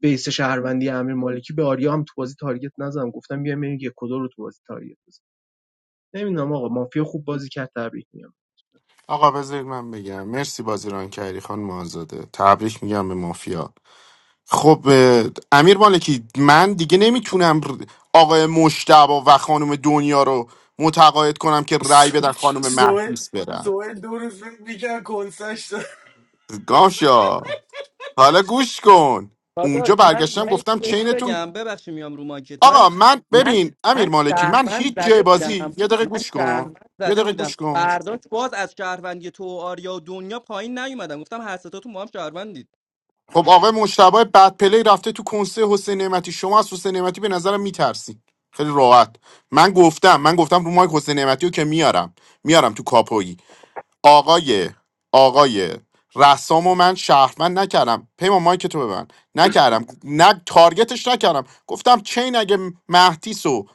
بیس شهروندی امیر مالکی به آریا هم تو بازی تارگت نزدم گفتم بیایم بریم یک و دو رو تو بازی تارگت بزنیم نمیدونم آقا مافیا خوب بازی کرد تبریک میگم
آقا بذارید من بگم مرسی بازیران کردی خان آزاده تبریک میگم به مافیا خب اه، امیر مالکی من دیگه نمیتونم ر- آقای مشتبا و خانم دنیا رو متقاعد کنم که رأی بدن خانم
سوئل
مهدیس برن
سوئل دو روز فکر میکرد کنسش داد
گاشا حالا گوش کن اونجا
داداش من
برگشتم
من یه
گفتم
چیز
چینتون
بگم ببخشید میام رو مارکت من
آقا من
من
ببین امیر
من
مالکی من
شهروند
هیچ
زده
جای
بودم
بازی یه دقیقه
من
گوش کن
شهروند
یه
زده
دقیقه
بودم
گوش کن
فرداش باز از شهروندی تو و آریا و دنیا پایین نیومدم گفتم هر ستاتون ما هم شهروندید
خب آقای مشتبه بد پلی رفته تو کنسه حسین نعمتی شما از حسین نعمتی به نظرم میترسی خیلی راحت من گفتم من گفتم رو مایک حسین نعمتی رو که میارم میارم تو کاپویی آقای آقای رسام و من شهروند نکردم پیمان مایک تو به نکردم نه تارگتش نکردم گفتم چین اگه مهدیس و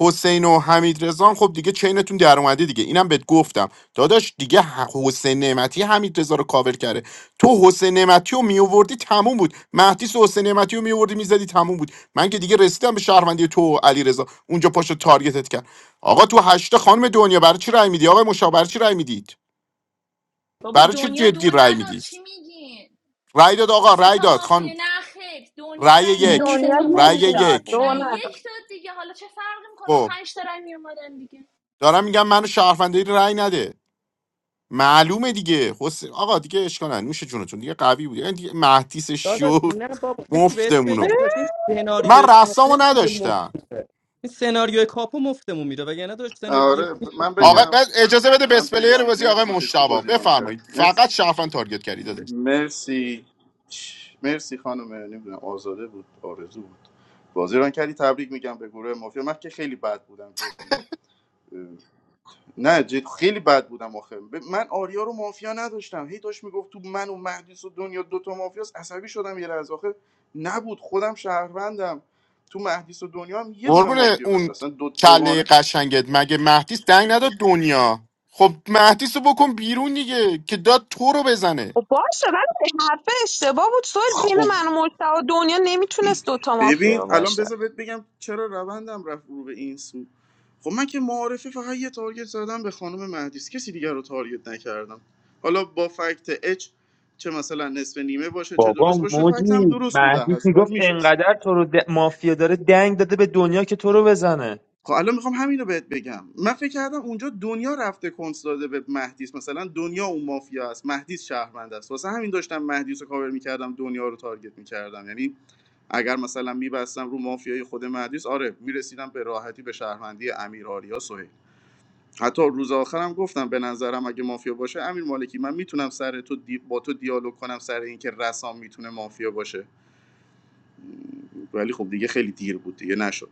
حسین و حمید رضان خب دیگه چینتون در اومده دیگه اینم بهت گفتم داداش دیگه ح- حسین نعمتی حمید رضا رو کاور کرده تو حسین نعمتی رو میووردی تموم بود مهدیس و حسین نعمتی رو میووردی میزدی تموم بود من که دیگه رسیدم به شهروندی تو و علی رضا اونجا پاشو تارگتت کرد آقا تو هشتا خانم دنیا برای چی رای میدی آقا مشا برای چی رای میدید
بابا
برای چی
دنیا دو
جدی رای
نداد
میدی
چی میگین
رای داد آقا
سه
رای
تا
داد
مافیه
خان
نه دنیا
رای
رای نداد
من
یک
سه
دنیا
دو
تا
یک
رای
داد
یک
دو
رای
ندادم
نداد
یک داد دیگه حالا چه فرقی میکنه با
خب
پنج تا رای میومدن دیگه
دارم میگم منو شهروندی رای نده معلومه دیگه حسین آقا دیگه اشکال نداره. نوش جونتون دیگه قوی بود یعنی دیگه مهدیس
داداش
شو
نه بابا کسی بهت
مفتمونو
بگم
بود
داداش این
من
سناریو کاپو
رسامو
دیگه
نداشتم
مفته این سناریو کاپو مفتمون میره وگرنه داشت سناریو دیگه
آره ب- من
می‌ساختیم
آقا
ما
بگم
بس- اجازه بده
من
بسپلیر
بگم
بازی آقا
مرسی که کی
مشتبا
بازی ران کرد
بفرمایید
مرسی
فقط شرفن تارگت کردید
مرسی مرسی خانم نمیدونم آزاده بود آرزو بود بازی ران کردی تبریک میگم به گروه مافیا من که خیلی بد بودم جدی نه جد خیلی بد بودم آخه ب- من آریا رو مافیا نداشتم هی داشت میگفت تو من و مهدیس و دنیا دوتا مافیاست عصبی شدم یه لحظه آخه نبود خودم شهروندم تو مهدیس و دنیا هم یه دونه
قربون
مافیا بود
اون
اصلا دو
کله
دوگانه
قشنگت مگه مهدیس دنگ نداد دنیا خب مهدیس رو بکن بیرون دیگه که داد تو رو بزنه
و باشه ولی حرف اشتباه بود سوال بین
خب
من و مجتبی و دنیا نمیتونست دوتا
ببین
مافیا
الان
باشه
بذار بهت بگم چرا روندم رفت رو به این سو خب من که معارفه فقط یه تارگت زدم به خانم مهدیس کسی دیگر رو تارگت نکردم حالا با فکت اچ چه مثلا نصف نیمه باشه چه درست
بابا
باشه فکت هم
موجی
درست بوده
مهدیس
هست باید
میگفت
میشه
انقدر تو رو د... مافیا داره دنگ داده به دنیا که تو رو بزنه
خب الان میخوام همین رو بهت بگم من فکر کردم اونجا دنیا رفته کنس داده به مهدیس مثلا دنیا اون مافیا است مهدیس شهروند است واسه همین داشتم مهدیس رو کاور میکردم دنیا رو تارگت میکردم یعنی اگر مثلا میبستم رو مافیای خود مهدیس آره میرسیدم به راحتی به شهروندی امیر آریا سهیل حتی روز آخرم گفتم به نظرم اگه مافیا باشه امیر مالکی من میتونم سر تو دی... با تو دیالوگ کنم سر اینکه رسام میتونه مافیا باشه ولی خب دیگه خیلی دیر بود دیگه نشد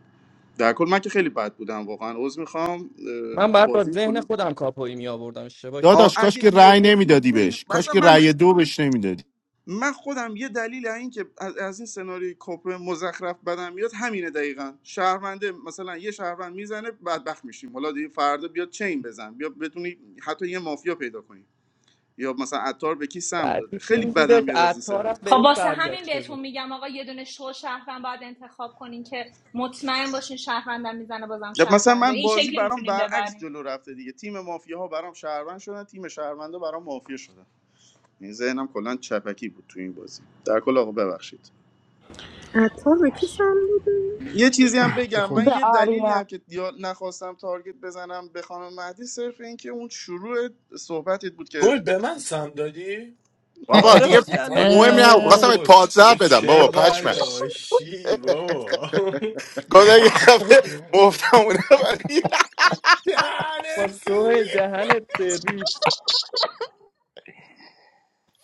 در کل من که خیلی بد بودم واقعا عذر میخوام اه،
من بعد با
بازی
ذهن
کنم
خودم کاپویی می آوردم اشتباه
آ
کردم
داداش کاش
اگه
که
می
رأی
آوردی
نمیدادی
خیلی
بهش کاش
مثلا
که
من
رأی دو بهش نمیدادی
من خودم یه دلیل از این که از, از این سناریوی کاپ مزخرف بدم میاد همینه دقیقا شهرونده مثلا یه شهروند میزنه بدبخت میشیم حالا دیگه فردا بیاد چین بزن بیا بتونی حتی یه مافیا پیدا کنی یا مثلا عطار به کی سم داده
بعدیش
خیلی
این
بدم
بودش
میاد از این سناریو
عطارم
خب
بهش
واسه همین
برگشته
بهتون
بود
میگم آقا یه دونه شو شهروند باید انتخاب کنین که مطمئن باشین شهروندم میزنه بازم
یا مثلا
شهرونده
من
این
بازی
شکلی
برام
میتونین
برعکس
ببرین
جلو رفته دیگه تیم مافیاها برام شهروند شدن تیم شهروندا برام مافیا شدن این ذهنم کلا چپکی بود تو این بازی در کل آقا ببخشید
عطار به کی سم بود؟
یه چیزی هم
به
بگم من
به
یه
خودش
دلیلی هم
آریا
که یا نخواستم تارگت بزنم به خانم مهدی صرف این که اون شروع صحبتت بود که
گل به من سم دادی
بابا
آره
دیگه
حاجی الان
مهم
دیدم من
نبود خواستم
اینو.
اه،
بهت
بابا
پادزر
تو
بدم
چه
بابا پشمک
قلاشی بابا
گفتم یه
خفه
دفعه
شو
مفتم اونا ولی
با
دهنت
تو
سرویس.
دهنت سرویس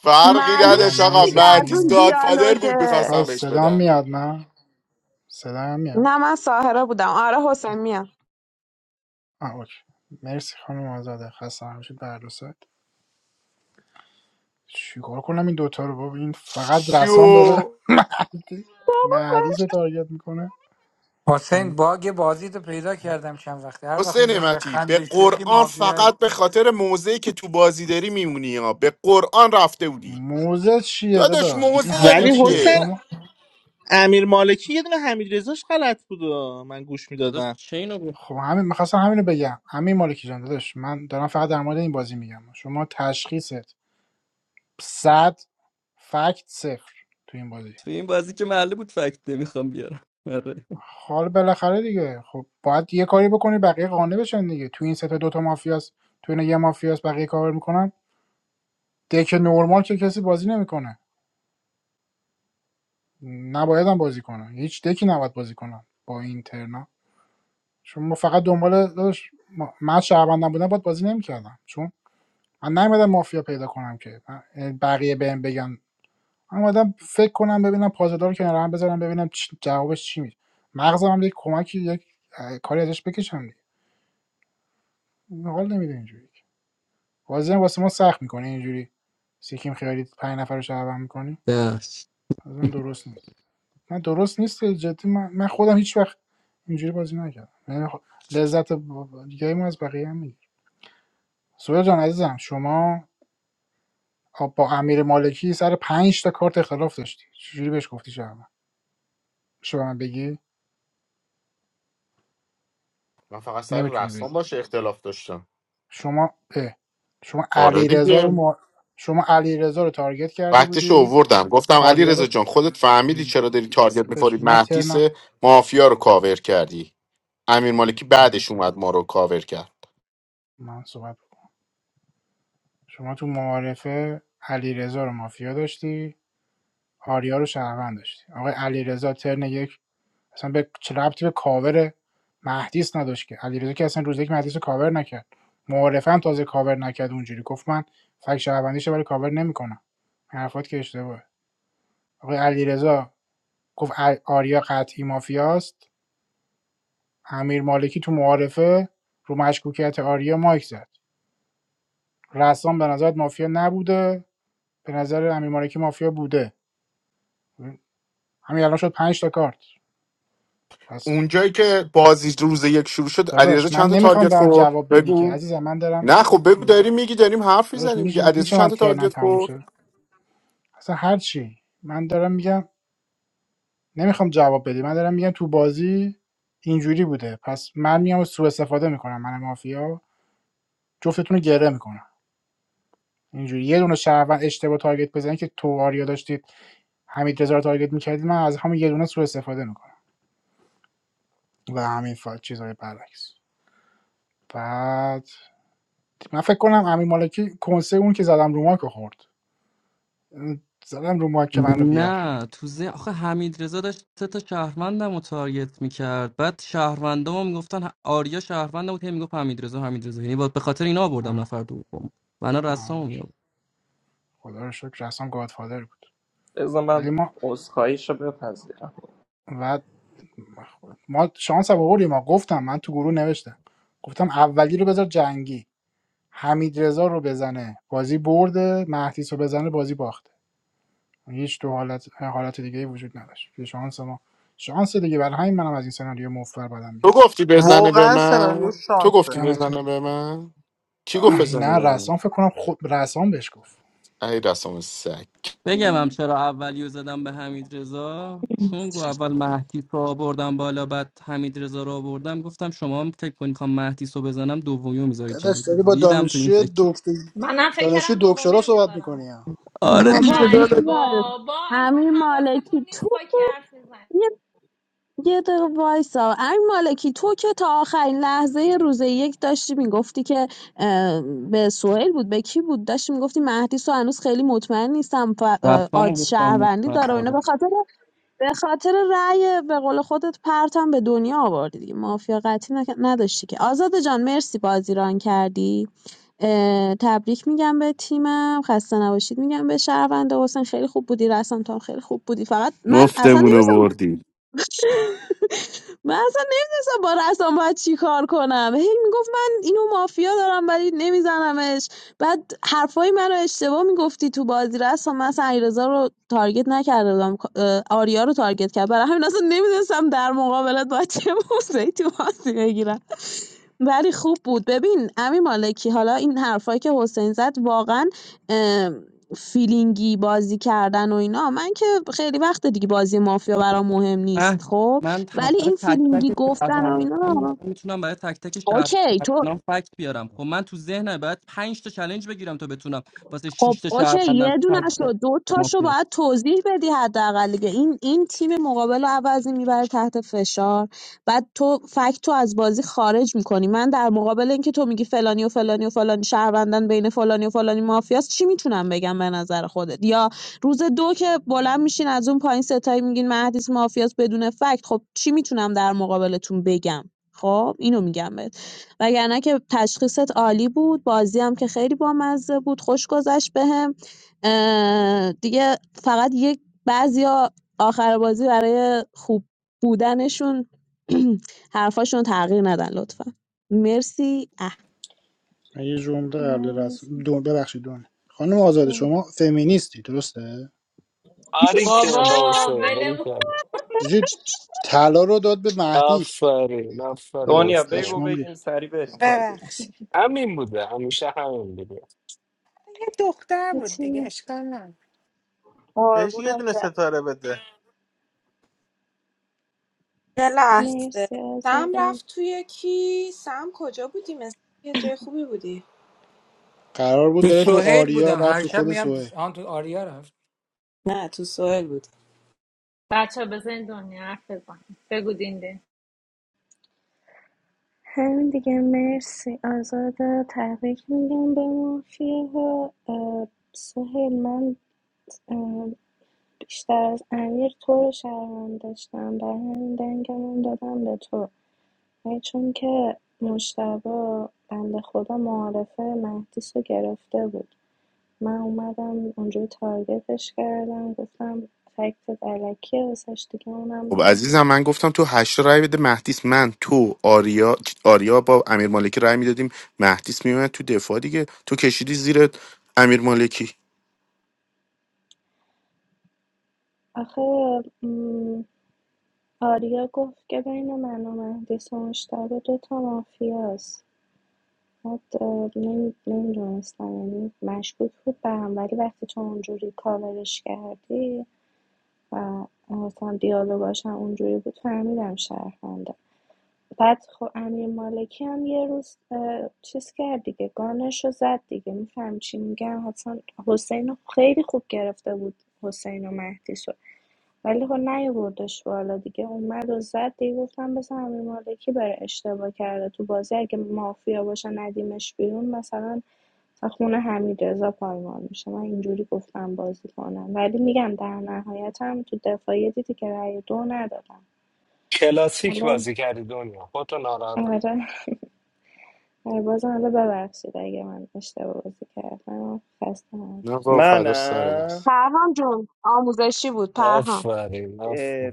فرقی
معلوم
آقا
نداشت آقا
مرسی
دیگه از
مهدیس
اون
خانم
گادفادر بود
دیالوگه
آقا
میخواستم بهش
صدا
بدم
میاد نه صدا میاد
نه من ساهره بودم آره حسین میام
آه اوکی مرسی خانم آزاده خسته همشه در دو ساعت چیکار کنم این دوتا رو بابا این فقط رسام داره
شو
مهدیس رو تارگت میکنه
حسین باگ بازی تو پیدا کردم چند وقته هر وقت
حسین
میزنی به
متی به
خنده شوخی
قرآن
مافیایی
فقط به خاطر موزه که تو بازی داری میمونی ها به قرآن رفته بودی
موزه چیه
داداش
داداش این
موزه
حرفا
داری
ولی
چیه
حسین
دیگه
شما
امیر مالکی یه دونه حمید رضاش غلط بود و من گوش
داداش
میدادم
چینو بود
خب همین میخواستم همینو بگم همین مالکی جان داداش من دارم فقط در مورد این بازی میگم شما تشخیصت صد فکت صفر تو این بازی
تو این بازی که معلوم بود فکت نمیخوام بیارم آره
حالا بالاخره دیگه خب باید یه کاری بکنی بقیه قانع بشن دیگه تو این سه دوتا مافیاس تو این یه مافیاس بقیه کار میکنن دک نورمال که کسی بازی نمیکنه نباید هم بازی کنه هیچ دکی نباید بازی کنن با این ترنا شما فقط دنبال داداش، ما- من شهروند نبودم باید بازی نمیکردم چون من نیومدم مافیا پیدا کنم که من- یعنی بقیه بهم بگن من اومدم فکر کنم ببینم پازدار رو کنار هم بذارم ببینم چ- جوابش چی میشه مغزم هم یک کمکی یک اه، کاری ازش بکشم دیگه حال نمیده اینجوری بازی واسه ما سخت میکنه اینجوری سیکیم خیالی پنج نفر رو شهروند میکنی از من درست نیست من درست نیست جدی من, من خودم هیچ وقت اینجوری بازی نکردم من خ- لذت دیگه ما از بقیه هم میگیر سویا جان عزیزم شما با امیر مالکی سر پنج تا کارت اختلاف داشتی چجوری بهش گفتی شهروند میشه من بگی
من فقط سر
نمیتونی
رسمان
بگی
باشه اختلاف داشتم
شما اه. شما
آره
علیرضا رو
دیگه
ما... شما علیرضا رو تارگت کرده
وقتش
بودی
اووردم گفتم علی
آریا
رضا
رو
جان خودت فهمیدی چرا داری تارگت
بهش
میخوری
من
مهدیس
ترنم
مافیا رو کاور کردی امیر مالکی
من
بعدش اومد ما رو کاور کرد
من صحبت شما تو معارفه علیرضا رو مافیا داشتی آریا رو شهروند داشتی آقای علیرضا ترن یک اصلا به چه ربطی به کاور مهدیس نداشت که علیرضا که اصلا روز یک مهدیس رو کاور نکرد معارفه هم تازه کاور نکرد اونجوری گفت من فک شهروندیشه ولی کاور نمیکنم حرفات که اشتباهه آقای علیرضا گفت آریا قطعی مافیاست امیر مالکی تو معارفه رو مشکوکیت آریا مایک زد رسام به نظرت مافیا نبوده به نظر امیر مالکی مافیا بوده همین الان شد 5 تا کارت پس
اونجایی که بازی روز یک شروع شد علیرضا
داداش من
چند تا
نمیخوام به
تارگت
آن
خورد
جواب بدی که
بگو
عزیزم من دارم
نه خب بگو داری میگی داریم حرف
داداش
میزنیم
میشه,
دیگه علیرضا
میشه
چند
من
تا
ترنم
تارگت
تموم
خورد
شه اصلا هر چی من دارم میگم نمیخوام جواب بدی من دارم میگم تو بازی اینجوری بوده پس من میام سوء استفاده میکنم من مافیا جفتتون رو گره میکنم اینجوری یه دونه شهروند اشتباه تارگت بزنید که تو آریا داشتید حمید رضا رو تارگت میکردید من از همون یه دونه سوء استفاده میکنم و همین فال چیزای برعکس بعد من فکر کنم امین مالکی کنسه اون که زدم رو مارک خورد زدم رو مایک که منو بیار
نه تو ذهن آخه حمید رضا داشت سه تا شهروندم رو تارگت میکرد بعد شهروندام هم میگفتن ه- آریا شهروندم بود هی میگفت حمید رضا حمید رضا یعنی با- به خاطر اینا آوردم
آه،
نفر دوم بنا رسامو
آه.
میاد
خدا رو شکر اصلا گادفادر بود
بذار
ولی
من
ما
عذرخواهیشو بپذیرم
و ما شانس هم آوردیم ما گفتم من تو گروه نوشتم گفتم اولی رو بذار جنگی حمید رضا رو بزنه بازی برده مهدیس رو بزنه بازی باخته هیچ تو حالت حالت دیگه وجود نداشت یه شانس ما شانس دیگه برای همین منم از این سناریو مفر بدم
تو
میاد
گفتی بزنه به
واقعا سناریو
من تو گفتی
شانسه
دمتون
بزنه به من کی گفت
آه،
بزنه
نه
به من
رسام فکر کنم خود رسام بهش گفت
ای رسام سگ
بگم هم
من
چرا اولیو زدم به حمید رضا چون گو اول مهدیس رو آوردم بالا بعد حمید رضا رو آوردم گفتم شما هم فکر کنید میخوام مهدیس رو بزنم دومیو میذاری
داداش
جنگی
داری با
ریدم تو این
دانشجوی
فکر
دکتر
منم فکر
دانشجوی
کردم دومی
دکترا
رو
صحبت
میذارم
میکنی ها.
آره
بابا
دیگه
ای
داداش
بیخیال
بابا از
امیر
حواستون
مالکی تو
نیست با کی حرف میزن
یه, یه دقیقه وایسا امیر مالکی تو که تا آخرین لحظه روز یک داشتی میگفتی که اه، به سوهل بود به کی بود داشتی میگفتی مهدی سو هنوز خیلی مطمئن نیستم ف- اه،
رسامو
آد
گفتم
شهروندی داره و اینا
مطمئن.
به خاطر به خاطر رأی به قول خودت پرتم به دنیا آوردی دیگه مافیا قطعی نک- نداشتی که آزاده جان مرسی بازی ران کردی اه، تبریک میگم به تیمم خسته نباشید میگم به شهرونده حسین خیلی خوب بودی رسام تو هم خیلی خوب بودی فقط من اصلا
مفتمونو
نمیدونستم
بردی
من اصلا نمیدونستم با رسام باید چی کار کنم هی میگفت من اینو مافیا دارم ولی نمیزنمش بعد حرفای منو اشتباه میگفتی تو بازی رسام من اصلا علیرضا رو تارگت نکرده بودم اه، آریا رو تارگت کرد برای همین اصلا نمیدونستم در مقابلت باید چه موضعی تو بازی بگیرم ولی خوب بود. ببین امیر مالکی حالا این حرفایی که حسین زد واقعا فیلینگی بازی کردن و اینا من که خیلی وقت دیگه بازی مافیا برام مهم
من
نیست خب
من ت-
ولی
برای
این
تک
فیلینگی
تک
گفتن و
شهروندان
اینا
الان میتونم برای تک تک
اوکی تو
شهروندان فکت بیارم خب من تو ذهنم باید 5 تا چلنج بگیرم تا بتونم واسه
خب
6 تا
اوکی
شهروندم
یه دونه
فکت
شو دو تاشو
بیارم
باید توضیح بدی حداقل دیگه این این تیم مقابل رو عوضی میبره تحت فشار بعد تو فکت تو از بازی خارج میکنی من در مقابل اینکه تو میگی فلانی و فلانی و فلانی شهروندن بین فلانی و فلانی مافیاست چی میتونم بگم به نظر خودت یا روز دو که بلند میشین از اون پایین ستایی میگین مهدیس مافیاست بدون فکت خب چی میتونم در مقابلتون بگم خب اینو میگم بهت. وگرنه که تشخیصت عالی بود، بازی هم که خیلی بامزه بود، خوش گذشت بهم. دیگه فقط یک بعضیا آخر بازی برای خوب بودنشون حرفاشون تغییر ندن لطفا. مرسی. اه.
من یه جمله قبل
من
رسم دون ببخشید دون خانم آزاده
به
شما فمینیستی درسته
Aarikhe
بابا
naoshe,
ولم
meraikhe.
جی طلا رو داد به مهدیس است.
Aapari, aapari
من
دنیا
oshe.
بگو
پشمام
بگیم
ریخت
سری بریم کار داریم
ببخشید
Aamhi mudhe, aamisha hamendiyaa.
یه دختر بود
هیچی
دیگه
نه.
اشکال نه
بهش یه
قربونت.
دونه ستاره بده
یه لحظه
مرسی
سم
آزاده
رفت توی کی سم کجا بودی مثل یه جای خوبی بودی
قرار بود
تو
بره تو
سوهیل
آریا
بودم
رفت
هر
تو
شب
خود
میگم
سوهل
تو آن تو آریا رفت
نه تو سوئل بودی
بچه بزن دنیا حرف بزن بگو دینده
همین دیگه مرسی آزاده تبریک میگم به مافیه ها سهل من اه، بیشتر از امیر تو رو شرمم داشتم برای همین دنگمون دادم به تو ولی چون که مجتبی بنده خدا معارفه مهدیس رو گرفته بود من اومدم اونجوری تارگتش کردم گفتم فکت علکیه واسش دیگه اونم
خب عزیزم من گفتم تو هشت رای بده مهدیس من تو آریا آریا با امیر مالکی رای میدادیم مهدیس میومد تو دفاع دیگه تو کشیدی زیر امیر مالکی
آخه م، آریا گفت که بین من و مهدیس و مجتبی دوتا مافیاست بعد نمیدونستم یعنی مشکوک بود به هم ولی وقتی تو اونجوری کاورش کردی و مثلا دیالوگاش هم اونجوری بود فهمیدم شهرونده بعد خب امیر مالکی هم یه روز اه، چیز کرد دیگه گانش رو زد دیگه میفهم چی میگم حسن حسین خیلی خوب گرفته بود حسین و مهدیس ولی خب نیوردش بالا دیگه اومد و زد دیگه گفتم بس امیر مالکی بره اشتباه کرده تو بازی اگه مافیا باشه ندیمش بیرون مثلا خونه حمید رضا پایمال میشه من اینجوری گفتم بازی کنم ولی میگم در نهایت هم تو دفاعی دیدی که رأی دو ندادم
Kela sikwa
حالا
zikari donia. Photo narata.
آره آره، بازم حالا ببخشید اگه من اشتباه بازی کردم خسته هم
نه با فدا سر
منم
دست
پرهام جون آموزشی بود پرهام
Aapari, aap.
اه،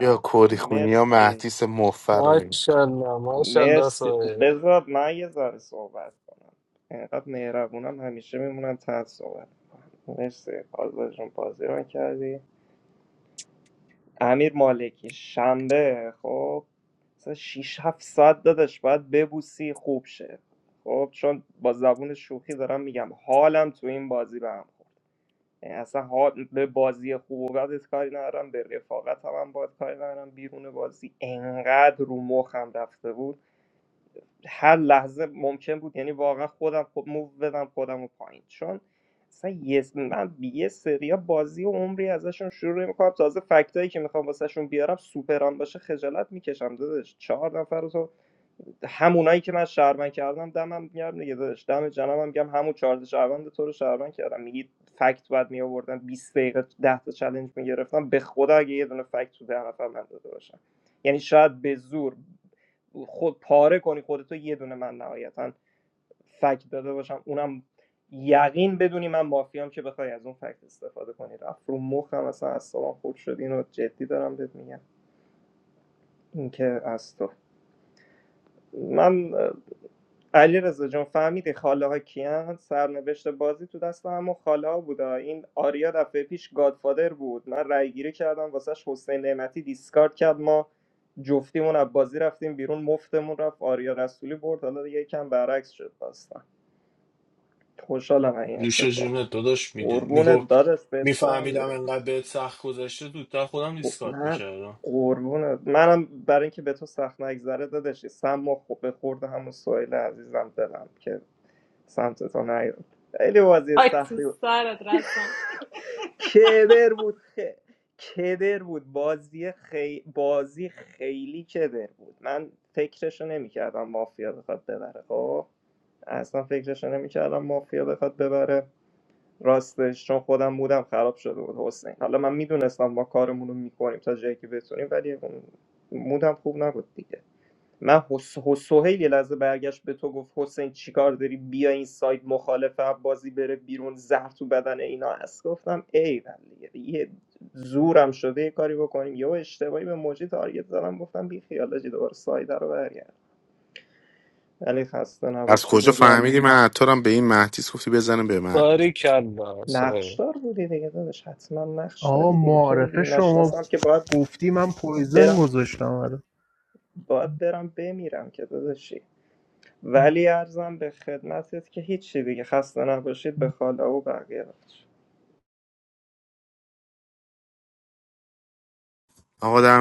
یا کوری خونی یا
مرسی
مهدیس مفر
MashaAllah, MashaAllah,
مرسی
Sohail.
بذار من یه ذره صحبت کنم اینقدر مهربونم همیشه میمونم تحت صحبت کنم مرسی آزاد جون بازی رو کردی امیر مالکی شنبه خب مثلا 6 7 ساعت دادش باید ببوسی خوب شه خب چون با زبون شوخی دارم میگم حالم تو این بازی به هم اصلا ها به بازی خوب و بدت کاری ندارم به رفاقت هم, هم باید کاری ندارم بیرون بازی انقدر رو مخم رفته بود هر لحظه ممکن بود یعنی واقعا خودم خود موو بدم خودم رو پایین چون اصلا یه من یه سریا بازی و عمری ازشون شروع میکنم تازه فکتایی که میخوام واسهشون بیارم سوپران باشه خجالت میکشم داداش چهار نفر رو تو همونایی که من شهروند کردم دمم میگم دیگه داداش دم جنابم میگم همون چهار شهروند تو رو شهروند کردم میگی فکت بعد می آوردم 20 دقیقه ده تا چالش میگرفتم به خدا اگه یه دونه فکت تو ده نفر من داده باشم یعنی شاید به زور خود پاره کنی خودتو یه دونه من نهایتا فکت داده باشم اونم یقین بدونی من مافیام که بخوای از اون فکت استفاده کنی رفت رو مخم اصلا اصابم خود شد اینو جدی دارم بهت میگم اینکه از تو من علی رضا جون فهمیدی خاله ها کیان سرنوشت بازی تو دست همون خاله ها بودا این آریا دفعه پیش گادفادر بود من رأی گیری کردم واسش حسین نعمتی دیسکارد کرد ما جفتیمون از بازی رفتیم بیرون مفتمون رفت آریا رسولی برد حالا دیگه یکم برعکس شد داستان خوشحالم از این
نوش
اتفاق
جونت داداش میدون
قربونت
میگفت
دادش به تو هم
میفهمیدم
میره
انقدر بهت سخت گذشته دودتر خودم دیسکارد
من
میکردم
قربونت منم برای اینکه به تو سخت نگذره دادش سم و خب به خورد همون سویل عزیزم دلم که سمت تو نیاد خیلی بازی
آی تو
سختی بود
سرت رسام
کدر بود خ... کدر بود بازی خی... بازی خیلی کدر بود من فکرشو نمیکردم مافیا بخواد ببره خب اصلا فکرشو نمیکردم مافیا بخواد ببره راستش چون خودم بودم خراب شده بود حسین حالا من میدونستم ما کارمون رو میکنیم تا جایی که بتونیم ولی اون مودم خوب نبود دیگه من حس... حس... سهیل یه لحظه برگشت به تو گفت حسین چیکار داری بیا این سایت مخالف هم بازی بره بیرون زهر تو بدن اینا هست گفتم ای دیگه یه زورم شده یه کاری بکنیم یا اشتباهی به موجی تارگت زدم گفتم بی خیالاجی دوباره سایت رو برگرد ولی خسته
از
نباشید
کجا
میگم
فهمیدی من عطارم به این مهدیس گفتی بزنه به من
Barikallah, Sohail.
نقشدار بودی دیگه داداش حتما نقش
آقا
داری دیگه تو رو
معارفه
دیگه
شما
نشناسم که باید
گفتی من پویزن
برم
گذاشتم آره
باید برم بمیرم که داداش ولی ارزم به خدمتت که هیچی دیگه خسته نباشید به خاله و بقیه بچه
آقا در